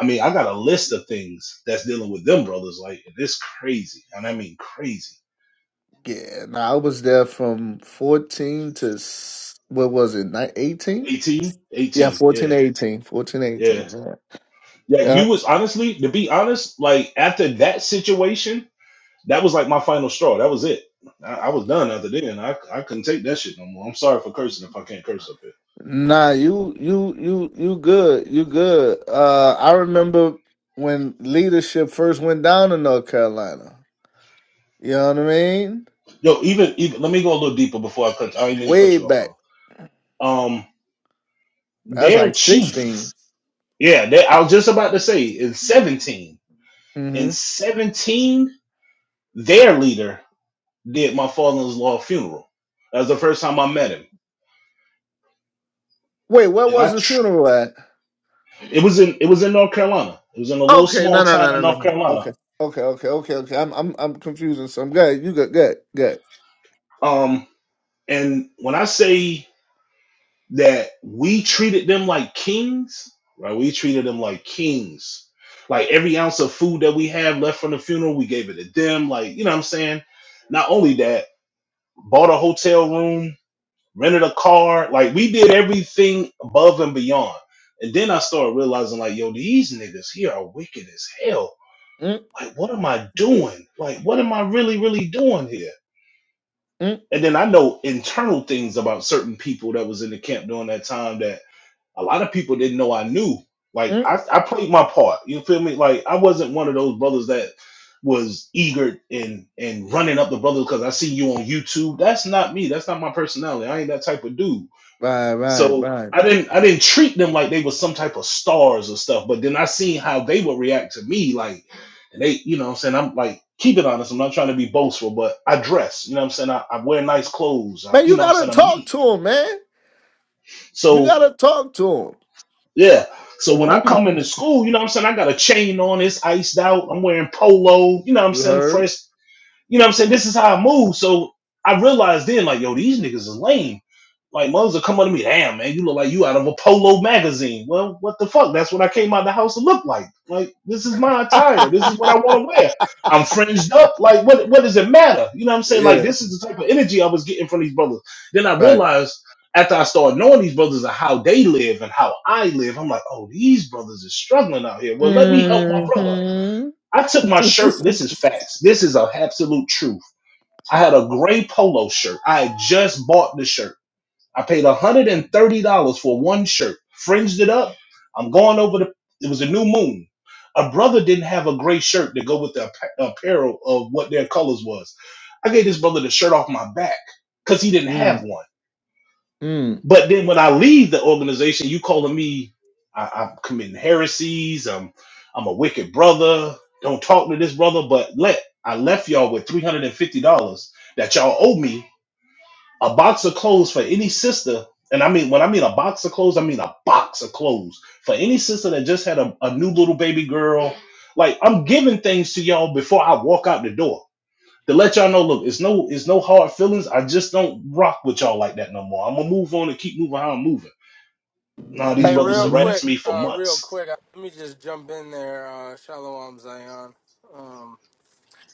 I mean, I got a list of things that's dealing with them brothers. Like, it's crazy. And I mean, crazy.
Yeah, nah, I was there from 14 to s- what was it, ni- 18?
18
Yeah,
18
14
yeah
to 18. 14 to
yeah
18. Yeah.
yeah
yeah.
you was honestly to be honest like after that situation that was like my final straw that was it i, I was done after then I, I couldn't take that shit no more i'm sorry for cursing if i can't curse up here
Nah, you you you you good. You good. Uh I remember when leadership first went down in North Carolina. You know what I mean?
yo even, even let me go a little deeper before i cut i didn't mean to cut
Way
you off
back.
brother um
That's
their
like 16.
chief yeah they, i was just about to say in 17 in
Mm-hmm.
17 their leader did my father-in-law funeral that was the first time i met him
Wait, where
and
was
i
the funeral at?
It was in it was in North Carolina. It was in a little
Okay,
small
no no no
town
no
in
no
North
no.
Carolina.
Okay. Okay, okay, okay, okay. I'm I'm I'm confusing So I'm Good, you good, good, good.
Um, and when I say that we treated them like kings, right? We treated them like kings. Like every ounce of food that we had left from the funeral, we gave it to them. Like, you know what I'm saying? Not only that, bought a hotel room, rented a car, like we did everything above and beyond. And then I started realizing, like, yo, these niggas here are wicked as hell
Mm,
like what am i doing like what am i really really doing here
mm,
and then i know internal things about certain people that was in the camp during that time that a lot of people didn't know i knew
mm.
like i, I played my part you feel me like i wasn't one of those brothers that was eager and and running up the brothers because i see you on youtube that's not me that's not my personality i ain't that type of dude
Right, right,
so
right.
I didn't I didn't treat them like they were some type of stars or stuff, but then I seen how they would react to me, like and they, you know what I'm saying? I'm like, keep it honest, I'm not trying to be boastful, but I dress, you know what I'm saying? I, I wear nice clothes, I,
Man,
you
you
know what I'm
gotta
saying, I'm
talk
neat.
to him, man. You
So
gotta talk to him.
yeah. So when I come into school, you know what I'm saying, I got a chain on, it's iced out, I'm wearing polo, you know what I'm
You
saying,
heard?
fresh You know what I'm saying? This is how I move. So I realized then, like, yo, these niggas is lame. Like, mothers will come up to me, damn, man, you look like you out of a polo magazine. Well, what the fuck? That's what I came out of the house to look like. Like, this is my attire. This is what I want to wear. I'm fringed up. Like, what what does it matter? You know what I'm saying? Like,
Yeah,
this is the type of energy I was getting from these brothers. Then I
right.
realized after I started knowing these brothers and how they live and how I live, I'm like, oh, these brothers are struggling out here. Well, let me help
hmm
my brother.
Mm,
I took my shirt. This is facts. This is a absolute truth. I had a gray polo shirt. I had just bought the shirt. I paid $130 for one shirt, fringed it up. I'm going over the, it was a new moon. A brother didn't have a gray shirt to go with the appa- apparel of what their colors was. I gave this brother the shirt off my back because he didn't have
mm,
one. But then when I leave the organization, you calling me, I, I'm committing heresies. I'm, I'm a wicked brother. Don't talk to this brother. But let I left y'all with three hundred and fifty dollars that y'all owe me a box of clothes for any sister, and I mean when I mean a box of clothes, I mean a box of clothes for any sister that just had a, a new little baby girl. Like I'm giving things to y'all before I walk out the door to let y'all know. Look, it's no it's no hard feelings. I just don't rock with y'all like that no more. I'm gonna move on and keep moving how I'm moving. Nah, these
Hey,
brothers
real
mm-hmm.
quick,
harassed me for
uh, real
months.
quick. uh, Let me just jump in there. Uh, Shalom Zion. Um,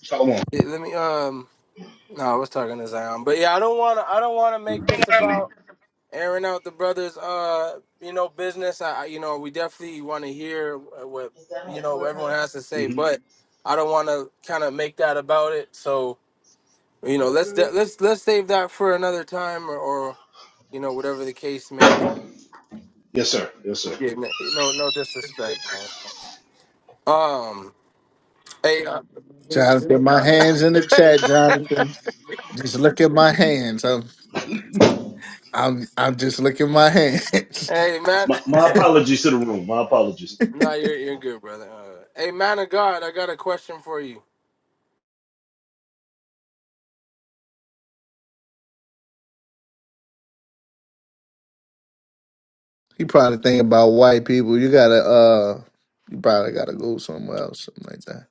Shalom.
yeah, let me. Um, no, I was talking to Zion, but yeah, I don't want to. I don't want to make this
Shalom,
about airing out the brothers. Uh, you know, business. I, I- you know, we definitely want to hear what you know what everyone has to say,
Mm-hmm.
but I don't want to kind of make that about it. So you know, let's de- let's let's save that for another time, or, or you know, whatever the case may be.
Yes, sir. Yes, sir.
Yeah, no, no no disrespect, man. Um, hey, uh,
Jonathan, my hands in the chat, Jonathan. Just look at my hands. I'm I'm I'm just looking at my hands.
hey, man.
My, my apologies to the room. My apologies.
nah, you're you're good, brother. Uh, hey, man of God, I got a question for you.
he probably thinking about white people. You gotta uh you probably gotta go somewhere else, something like that.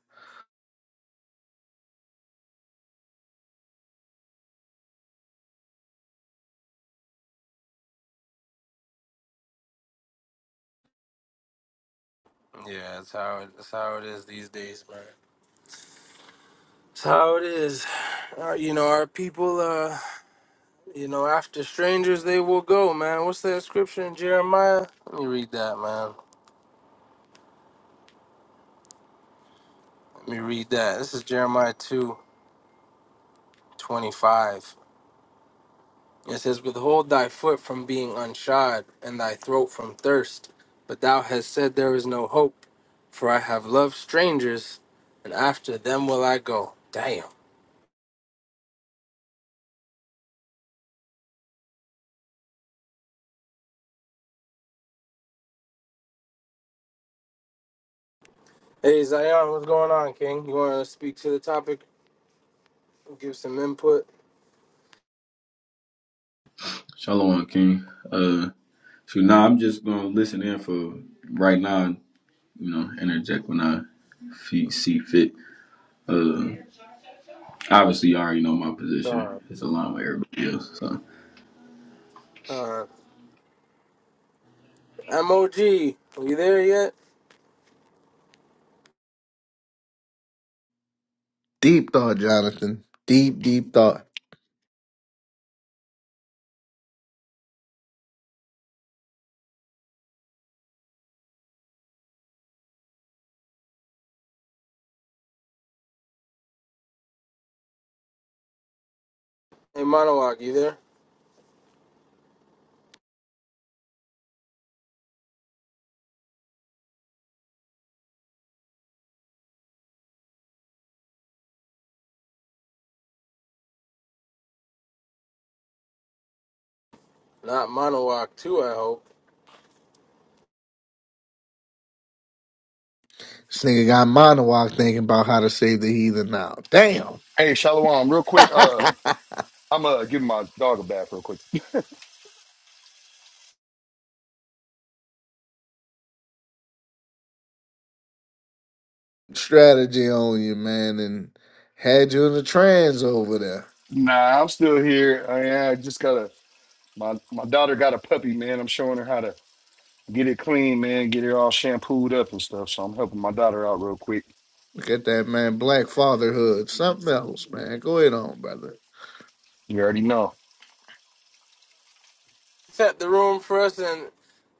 Yeah, that's how it, that's how it is these days, man. That's how it is. Uh, you know, our people, uh, you know, after strangers they will go, man. What's that scripture in Jeremiah? Let me read that, man. Let me read that. This is Jeremiah two twenty-five. It says, Withhold thy foot from being unshod, and thy throat from thirst. But thou hast said, There is no hope, for I have loved strangers, and after them will I go. Damn. Hey, Zion, what's going on, King? You want to speak to the topic? Give some input?
Shalom, King. Uh, so now I'm just gonna listen in for right now. You know, interject when I fe- see fit. Uh, obviously, you already know my
Uh,
position. It's aligned with everybody else. So.
uh, MOG, are you there yet?
Deep thought, Jonathan. Deep, deep thought.
Hey, Monowak, you there? Not Monowak, too, I hope.
This nigga got monologue thinking about how to save the heathen now. Damn.
Hey, Shalom, real quick. Uh, I'm uh giving my dog a bath real quick.
Strategy on you, man, and had you in the trans over there.
Here, I, I just got a my my daughter got a puppy, man. I'm showing her how to get it clean, man. Get it all shampooed up and stuff. So I'm helping my daughter out real quick.
Look at that, man. Black fatherhood. Something else, man. Go ahead on, brother.
Yeah, oh,
Set the room for us and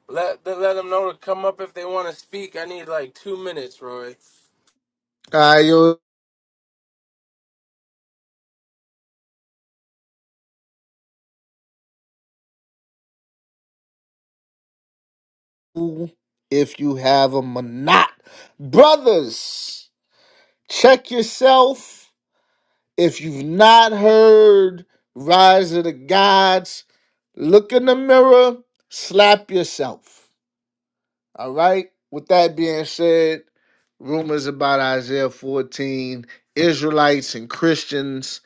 let, let them know to come up if they want to speak. I need like two minutes, Roy.
I yo, if you have them or not. Brothers, check yourself. If you've not heard Rise of the Gods, look in the mirror, slap yourself. All right. With that being said, rumors about Isaiah 14, Israelites and Christians.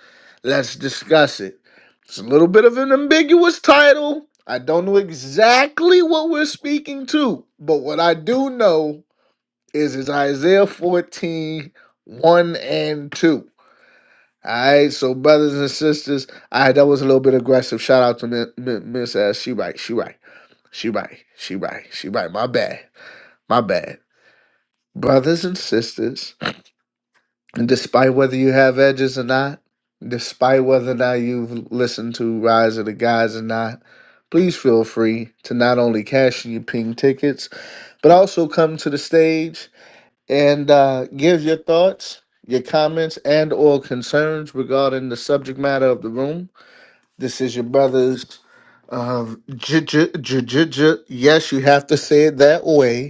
Let's discuss it. It's a little bit of an ambiguous title. I don't know exactly what we're speaking to, but what I do know is it's Isaiah 14, one and 2. All right, so brothers and sisters, all right, that was a little bit aggressive. Shout out to Mi- Mi- Miss S. She right, she right, she right, she right, she right. My bad, my bad brothers and sisters, despite whether you have edges or not, despite whether or not you've listened to Rise of the Guys or not, please feel free to not only cash in your ping tickets, but also come to the stage and uh, give your thoughts, your comments, and or concerns regarding the subject matter of the room. This is your brother's. Um, j- j- j- j- j- yes, you have to say it that way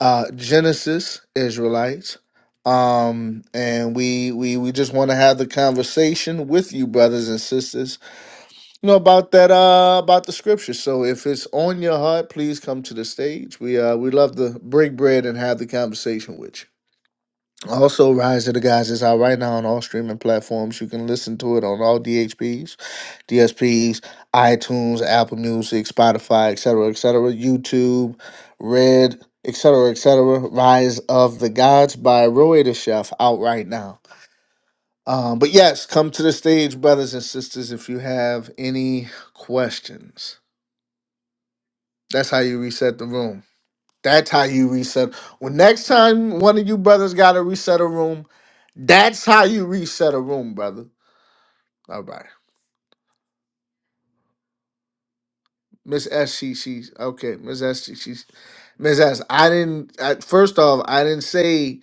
uh, Genesis Israelites, um, and we we we just want to have the conversation with you, brothers and sisters, you know about that uh, about the scripture. So if it's on your heart, please come to the stage. We uh, we love to break bread and have the conversation with you. Also, Rise of the Guys is out right now on all streaming platforms. You can listen to it on all DHPs, DSPs, iTunes, Apple Music, Spotify, etc., etc., YouTube, Red, etc., etc. Rise of the Gods by Roy the Chef out right now. Um, but yes, come to the stage, brothers and sisters, if you have any questions. That's how you reset the room. That's how you reset. When next time one of you brothers got to reset a room, that's how you reset a room, brother. All right, Miss S, she, she's okay. Miss S, she, she's Miss S. I didn't. At first off, I didn't say.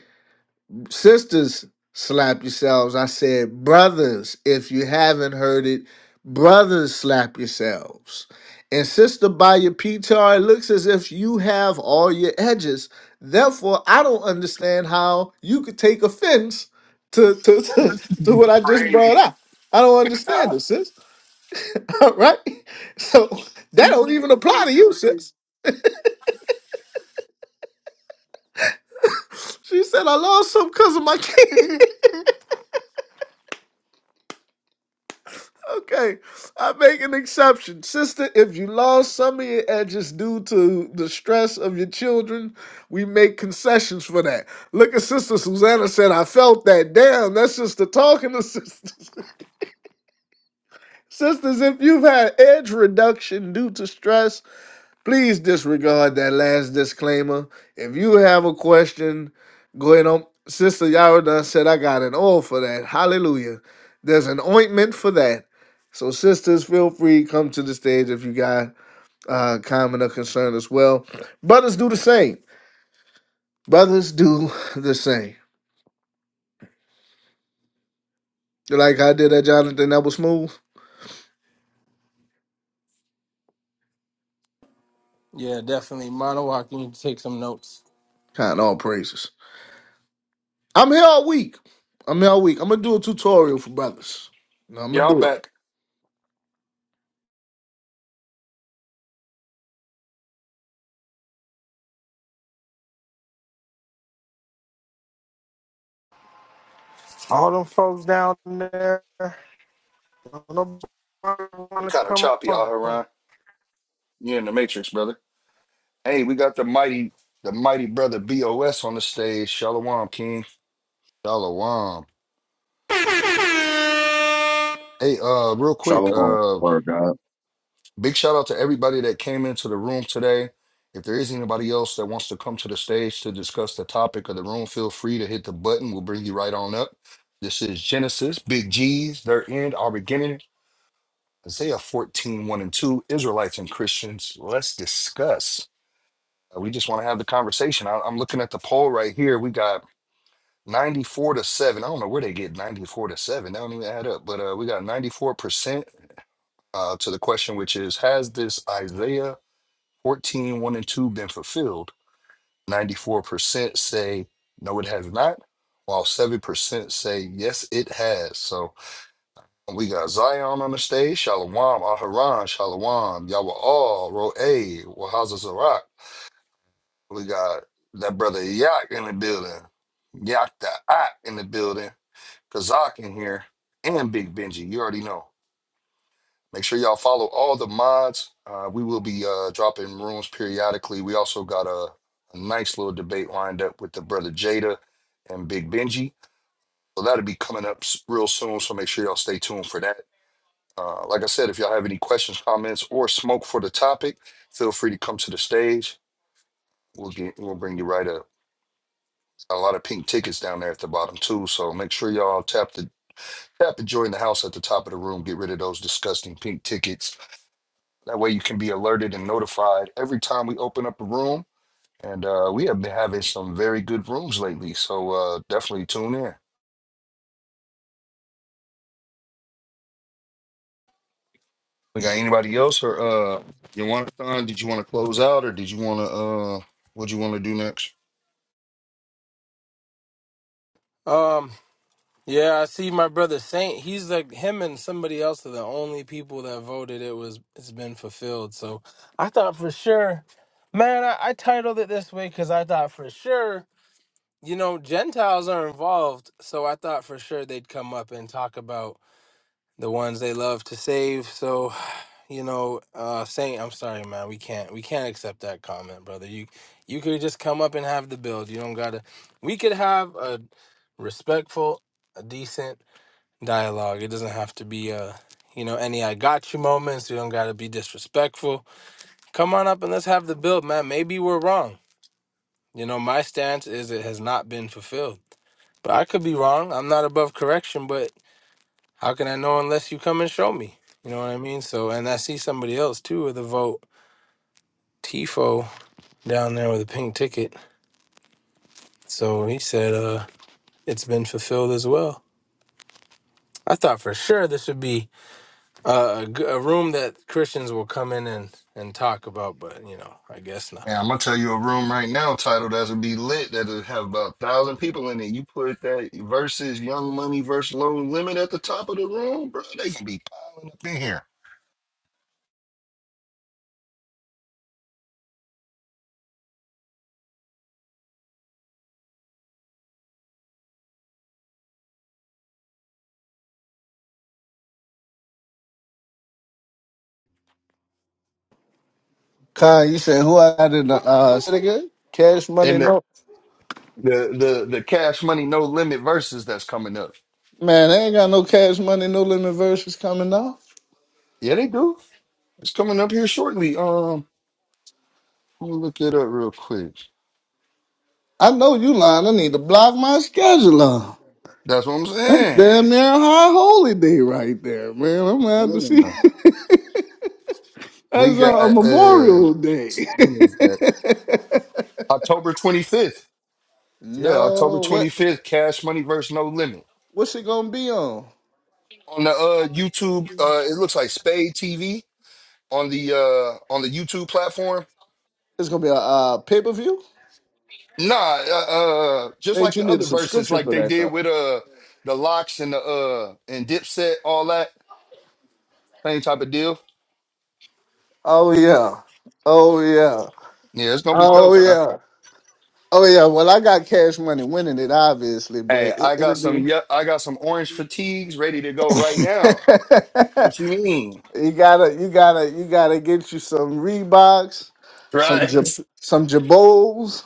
Sisters, slap yourselves. I said, brothers, if you haven't heard it, brothers, slap yourselves. And sister, by your PTR, it looks as if you have all your edges. Therefore, I don't understand how you could take offense to to, to,
this
to
is
what I just
crazy.
brought up. I don't understand this, sis. right? So that don't even apply to you, sis. She said I lost some because of my kids. Okay, I make an exception. Sister, if you lost some of your edges due to the stress of your children, we make concessions for that. Look at Sister Susanna said, I felt that. Damn, that's just the talking to sisters. Sisters, if you've had edge reduction due to stress, please disregard that last disclaimer. If you have a question, go ahead on. Sister Yara done said, I got an oil for that. Hallelujah. There's an ointment for that. So, sisters, feel free come to the stage if you got uh, comment or concern as well. Brothers do the same. Brothers do the same. Like I did at Jonathan, that was smooth.
Yeah, definitely. Monowak, you need to take some notes.
Kind of all praises. I'm here all week. I'm here all week. I'm gonna do a tutorial for brothers. No, I'm gonna
yeah, I'm
do it.
back.
all them folks down there, don't nobody want
You
to
kind of
come
choppy
up.
out here,
huh?
Ryan. You're in the matrix, brother. Hey, we got the mighty the mighty brother Bos on the stage. Shalom, King. Shalom. Hey, uh, real quick,
Shalom,
uh,
word God.
big shout out to everybody that came into the room today. If there is anybody else that wants to come to the stage to discuss the topic of the room, feel free to hit the button. We'll bring you right on up. This is Genesis, Big G's, their end, our beginning, Isaiah fourteen one and 2, Israelites and Christians. Let's discuss. Uh, We just want to have the conversation. I- I'm looking at the poll right here. We got 94 to 7. I don't know where they get 94 to 7. That don't even add up. But uh, we got 94% uh, to the question, which is Has this Isaiah fourteen one and 2 been fulfilled? 94% say no, it has not, while 7% say yes, it has. So we got Zion on the stage, Shalom, Aharon, Shalom, Yawa'al, Ro'eh, Wahaza Zarak. We got that brother Yak in the building, Yak the Ak in the building. Kazak in here, and Big Benji. You already know. Make sure y'all follow all the mods. Uh, we will be uh, dropping rooms periodically. We also got a, a nice little debate lined up with the brother Jada and Big Benji. So that'll be coming up s- real soon. So make sure y'all stay tuned for that. Uh, like I said, if y'all have any questions, comments, or smoke for the topic, feel free to come to the stage. We'll get we'll bring you right up. A lot of pink tickets down there at the bottom too. So make sure y'all tap the Tap to join the house at the top of the room. Get rid of those disgusting pink tickets. That way you can be alerted and notified every time we open up a room. And uh, we have been having some very good rooms lately. So uh, definitely tune in. We got anybody else or uh you want to did you want to close out or did you want to uh what you want to do next?
Um, yeah, I see my brother Saint. He's like him and somebody else are the only people that voted it was it's been fulfilled. So I thought for sure, man, I, I titled it this way because I thought for sure, you know, Gentiles are involved. So I thought for sure they'd come up and talk about the ones they love to save. So, you know, uh Saint, I'm sorry, man. We can't we can't accept that comment, brother. You you could just come up and have the build. You don't gotta we could have a respectful, a decent dialogue. It doesn't have to be uh you know, any I got you moments. You don't gotta be disrespectful. Come on up and let's have the build, man. Maybe we're wrong. You know, my stance is it has not been fulfilled. But I could be wrong. I'm not above correction, but how can I know unless you come and show me? You know what I mean? So, and I see somebody else too with a vote, Tifo down there with a pink ticket. So he said, uh, it's been fulfilled as well. I thought for sure this would be uh, a, g- a room that Christians will come in and, and talk about, but you know, I guess not.
Yeah, I'm gonna tell you a room right now titled as it be lit that'll have about a thousand people in it. You put that versus Young Money versus Low Limit at the top of the room, bro. They gonna be piling up in here.
Khan, you said who I did the uh, say it again? Cash money?
and
No,
The the the Cash Money No Limit verses that's coming up.
man, I ain't got no cash money. No limit verses coming off.
Yeah, they do. It's coming up here shortly. Um, let me look it up real quick.
I know you lying. I need to block my schedule. on.
That's what I'm
That's
saying.
damn near a high holy day right there, man. I'm gonna have to see.
Mm. We
That's a,
got
a
uh,
Memorial Day.
when is that? October 25th. Yeah, October
no, what
25th. Cash Money versus No Limit
what's it gonna be on?
on the uh YouTube. Uh, it looks like Spade TV on the uh on the YouTube platform.
It's gonna be a uh, pay per view.
Nah, uh, uh just like
Paige, you
the
need a
other verses,
subscription
like
for
they
that
did
though.
with uh the locks and the uh and Dipset, all that. Same type of deal.
Oh yeah, oh yeah,
Yeah, it's gonna be
oh
dope. Huh?
yeah, oh yeah. Well, I got cash money winning it, obviously,
Hey,
but it,
I
it'll
got
be.
some. Yeah, I got some orange fatigues ready to go right
you
now. What you mean?
gotta, you gotta, you gotta get you some Reeboks, some Right.
Right?
Jab- some Jabos.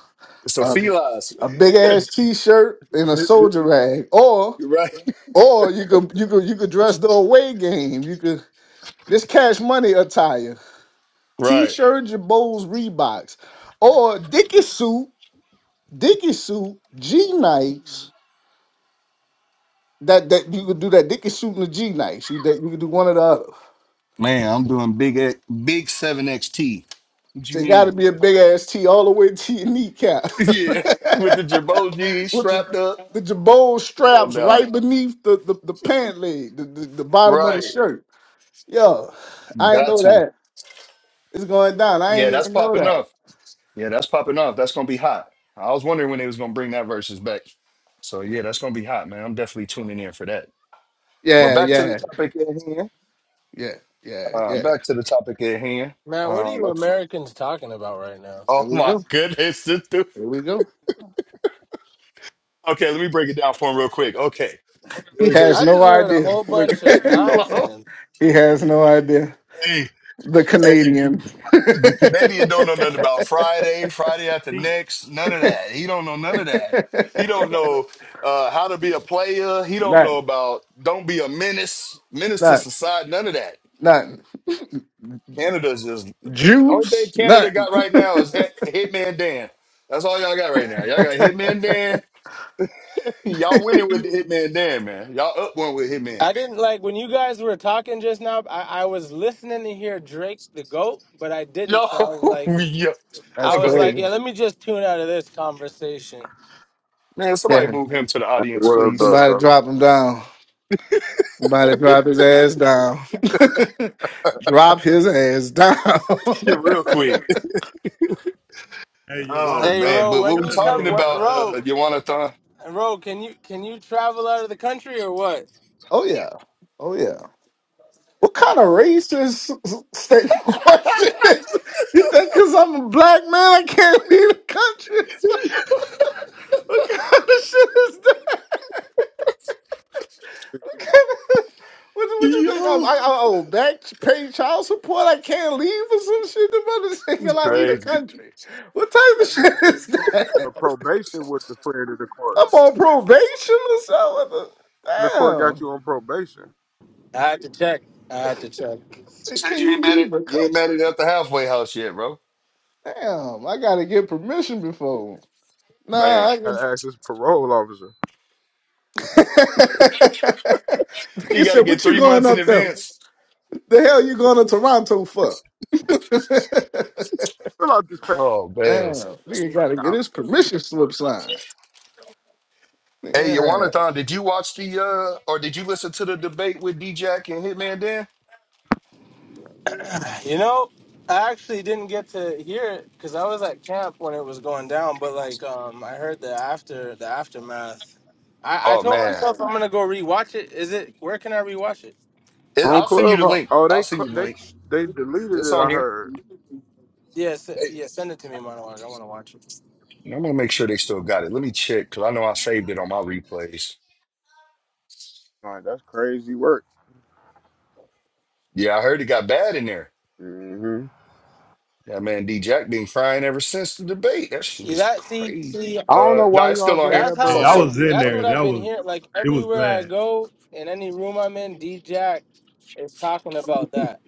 So
a,
felines.
a big ass t shirt and a soldier rag, or
right?
or you could you could you could dress the away game. You could this cash money attire, t
Right.
shirt, Jabos, Reeboks, or Dickie suit, Dickie suit, G Nikes. That that you could do that Dickie suit and the G Nikes. You that you could do one or the other.
Man, I'm doing big X- big seven XT. What you
So it got to
mean?
be a big ass T all the way to your kneecap.
Yeah, with the Jabot jeans
With the,
strapped up.
the jabot
Come on
straps
now.
right beneath the, the, the pant leg, the, the, the bottom of the
Right.
shirt. Yo, I ain't
Got
know
to.
that. It's going down. I
Yeah,
ain't
that's
even know
popping
that.
off. Yeah, that's popping off. That's gonna be hot. I was wondering when they was gonna bring that versus back. So yeah, that's gonna be hot, man. I'm definitely tuning in for that. But
Yeah,
back to the
yeah,
topic at hand.
yeah, yeah,
Uh,
yeah.
back to the topic at hand.
Man, what are
Uh,
you
let's,
Americans talking about right now?
oh
Here we
my
go.
goodness. this dude-
Here we go.
Okay, let me break it down for him real quick. Okay,
He
there is a
has
I
no
just heard a
idea.
whole
Look,
bunch of
long.
nonsense.
he has no idea.
hey,
The
hey,
Canadian.
the Canadian don't know nothing about Friday, Friday after
Jesus.
next, none of that. He don't know none of that. He don't know uh, how to be a player. He don't know
nothing,
about don't be a menace, menace to
nothing,
society, none of that.
nothing.
Canada's just uh, only thing
Juice,
Canada
nothing.
got right now is Hit, Hitman Dan. That's all y'all got right now. Y'all got Hitman Dan. y'all winning with the Hitman Dan, man. Y'all up one with Hitman.
I didn't like when you guys were talking just now. I, I was listening to hear Drake the goat, but I didn't.
Yo,
So I was like,
yo. I'm
I
That's
gonna
was
go ahead.
like,
crazy.
yeah, let me just tune out of this conversation.
Man, somebody
Yeah,
move him to the
That's the
audience,
word,
please.
though,
somebody
yo.
drop him down. About to drop his ass down. drop his ass down.
Real quick.
Hey,
Oh
Hey,
man,
Yawanathon,
Ro,
but
you
what
when
we
you
gotta
come,
talking
know
what,
about,
about
uh
Ro,
Yawanathan?
Ro, can you can you travel out of the country or what?
oh yeah. Oh yeah. What kind of racist state question is? You think because I'm a black man I can't leave the country? What kind of shit is that? What, kind of, what, what you think? I'm,
Yo,
I, I oh back pay child support? I can't leave or some shit. The mother thinking
that's
I leave the
crazy. You
country. What type of shit is that?
A probation with the friend of the court.
I'm on probation or something.
The court got
Damn.
you on probation.
I had to check. I had to check.
Say,
said
Can
you ain't
you
met
leave
it.
the
You ain't met it
country?
at the halfway house yet, bro.
Damn, I gotta get permission before. Nah,
Man.
I
Gotta ask this parole officer.
You
Nigga said,
gotta get
what you
three
going
months in
up there?
advance.
The hell you going to Toronto for? Damn,
Fill out this paper
Oh man.
nigga gotta get
out.
his permission slip signed.
Hey,
Yeah.
Yawanathon, did you watch the uh or did you listen to the debate with D Jack and Hitman Dan?
You know, I actually didn't get to hear it because I was at camp when it was going down. But like, um, I heard the after the aftermath. I, I
Oh
told
man.
myself I'm gonna go rewatch it. Is it? Where can I rewatch it?
It,
on
I'll send you the
Clubhouse.
link.
Oh,
I'll
they
send
cl-
you the
they
link.
they deleted
It's
it.
on
I
here.
heard.
Yes, yeah, s-
Hey,
yeah, send it to me, monologue. I want to watch it.
I'm gonna make sure they still got it. Let me check because I know I saved it on my replays.
Like that's crazy work.
Yeah, I heard it got bad in there.
hmm
Yeah, man D Jack been crying ever since the debate. That shit
See
is
that? See, see,
crazy.
I don't
Uh
know
no,
why
it's
y'all
still on
gave
here.
That's
that
It's
Hey,
how
brother
on
I
the.
I.
social
was
media.
in
That's
there.
what
That
I've been
was
hearing. Like
it was
everywhere I
bad.
go, in any room I'm in, D Jack is talking about that.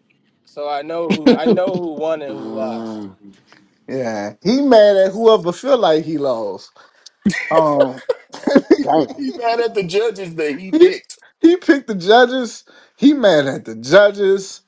So I know who I know who won and who lost.
Mm,
yeah. He mad at whoever feel like he lost. Um
damn.
He mad at the judges that he
he,
picked.
he picked the judges. He mad at the judges.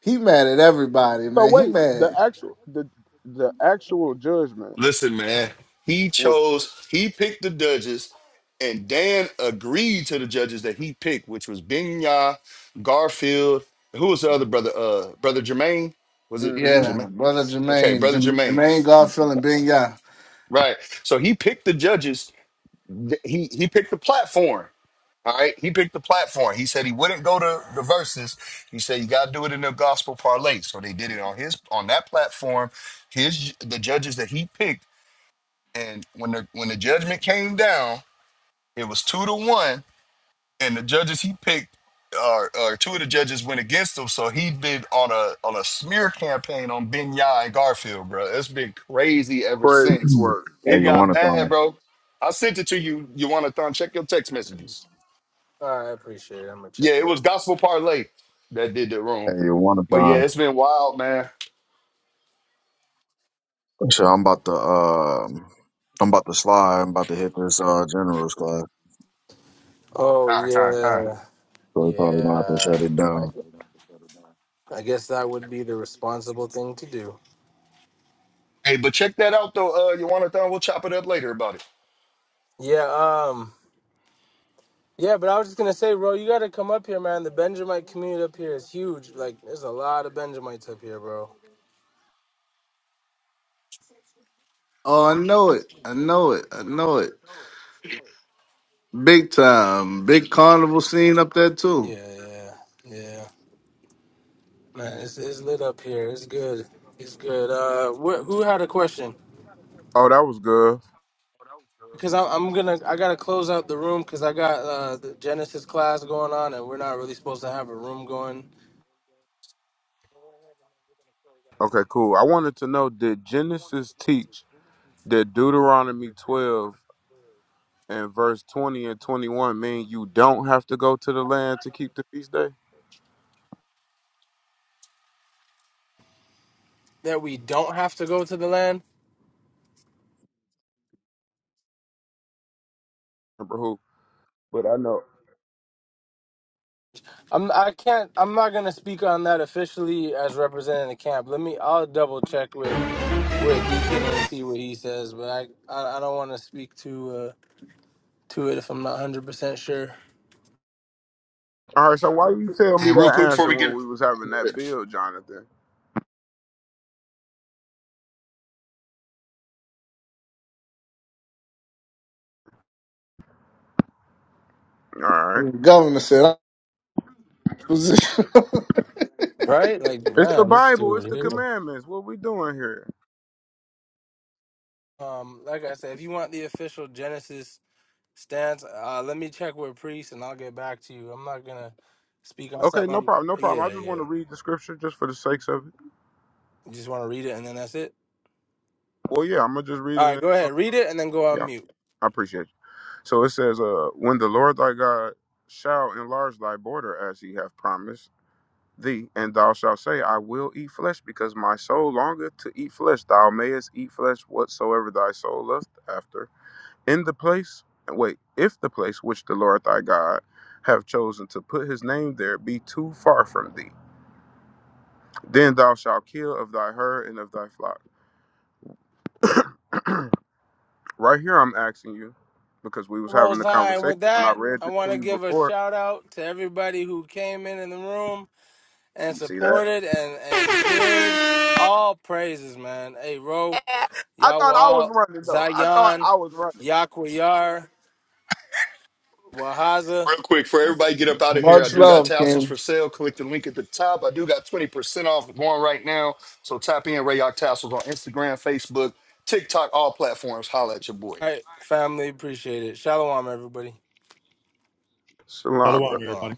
He mad at everybody,
So
man. He
wait, the
mad.
actual the the actual judgment
Listen, man, he
was
chose, he picked the judges, and Dan agreed to the judges that he picked, which was Benya, Garfield. Who was the other brother? Uh, brother Jermaine? Was it
hmm
Yeah,
Jermaine?
brother
Okay,
Jermaine,
brother
Jerm-
Jermaine.
Jermaine Garfield and Ben Yah.
Right. So he picked the judges. th- He he picked the platform. All right. He picked the platform. He said he wouldn't go to the verses. He said you gotta do it in the gospel parlay. So they did it on his on that platform. His the judges that he picked And when the when the judgment came down, it was two to one, and the judges he picked, or or two of the judges went against him. So he been on a on a smear campaign on Ben Yah and Garfield, bro. It's been crazy ever
crazy
since.
work.
It
Hey, you
got
want a
bad,
thong?
bro. I sent it to you. You want to thon check your text messages?
All right, I appreciate it. I'm gonna check
Yeah,
it.
it
out.
was Gospel Parlay that did the wrong.
Hey, you want a
But yeah,
thong?
it's been wild, man.
So I'm about to um, I'm about to slide. I'm about to hit this uh generals class,
Oh
Time, time, time.
yeah,
so we probably gonna have to
yeah.
shut it down.
I, I guess that would be the responsible thing to do.
Hey, but check that out though. Uh, you want to thon? We'll chop it up later about it.
Yeah. Um. Yeah, but I was just gonna say, bro, you gotta come up here, man. The Benjamite community up here is huge. Like, there's a lot of Benjamites up here, bro.
Oh, I know it. I know it. I know it. Big time. Big carnival scene up there too.
Yeah, yeah, yeah. Man, it's, it's lit up here. It's good. It's good. Uh, wh- who had a question?
Oh, that was good.
Because I'm, I'm gonna I gotta close out the room because I got uh, the Genesis class going on, and we're not really supposed to have a room going
Okay, cool. I wanted to know: Did Genesis teach? that Deuteronomy 12 and verse 20 and 21 mean you don't have to go to the land to keep the feast day?
that we don't have to go to the land.
Remember who? But I know.
I'm I can't I'm not gonna speak on that officially as representing the camp. Let me I'll double check with with Deacon and see what he says, but I I, I don't want to speak to uh, to it if I'm not one hundred percent sure.
All right, so why you tell me
And real
that
quick before
answer
we get
when we was having
it.
that build, Jonathan? All right.
The governor said, "I'm in position."
Right? Like
It's the
man, this
Bible, it's
dude.
the
Dude.
commandments. What we doing here?
Um, like I said, if you want the official Genesis stance, uh, let me check with Priest and I'll get back to you. I'm not gonna speak on
Okay,
something.
no
I'm,
problem, no problem. I
yeah,
just want
yeah.
to read the scripture just for the sakes
You
of it.
just want to read it and then that's it.
Well, yeah, I'm going to just read
All right,
it.
go ahead, read it and then go on
Yeah,
mute.
I appreciate you. So it says, uh, when the Lord thy God shall enlarge thy border as he hath promised, thee, and thou shalt say, I will eat flesh, because my soul longeth to eat flesh. Thou mayest eat flesh whatsoever thy soul lust after. In the place, wait, if the place which the Lord thy God have chosen to put his name there be too far from thee, then thou shalt kill of thy herd and of thy flock. right here, I'm asking you, because we was having
Most
a
High. And
conversation
with
when I
that,
read
I
this to
want to
you
give a
before.
shout out to everybody who came in in the room and
You see that?
supported and and shared. All praises, man. Hey, Ro,
I thought I was
Yawal,
running though. I thought
Zion,
I was running.
Yaquayar, Wahaza.
Real quick, for everybody get up out of here, I
Much
do got
love,
tassels
Kim."
for sale. Click the link at the top. I do got 20% off going right now. So tap in Rayoc Tassels on Instagram, Facebook, TikTok, all platforms. Holla at your boy.
All right, family, appreciate it. Shalom, everybody.
Shalom, brother.
Shalom,
Shalom.
everybody.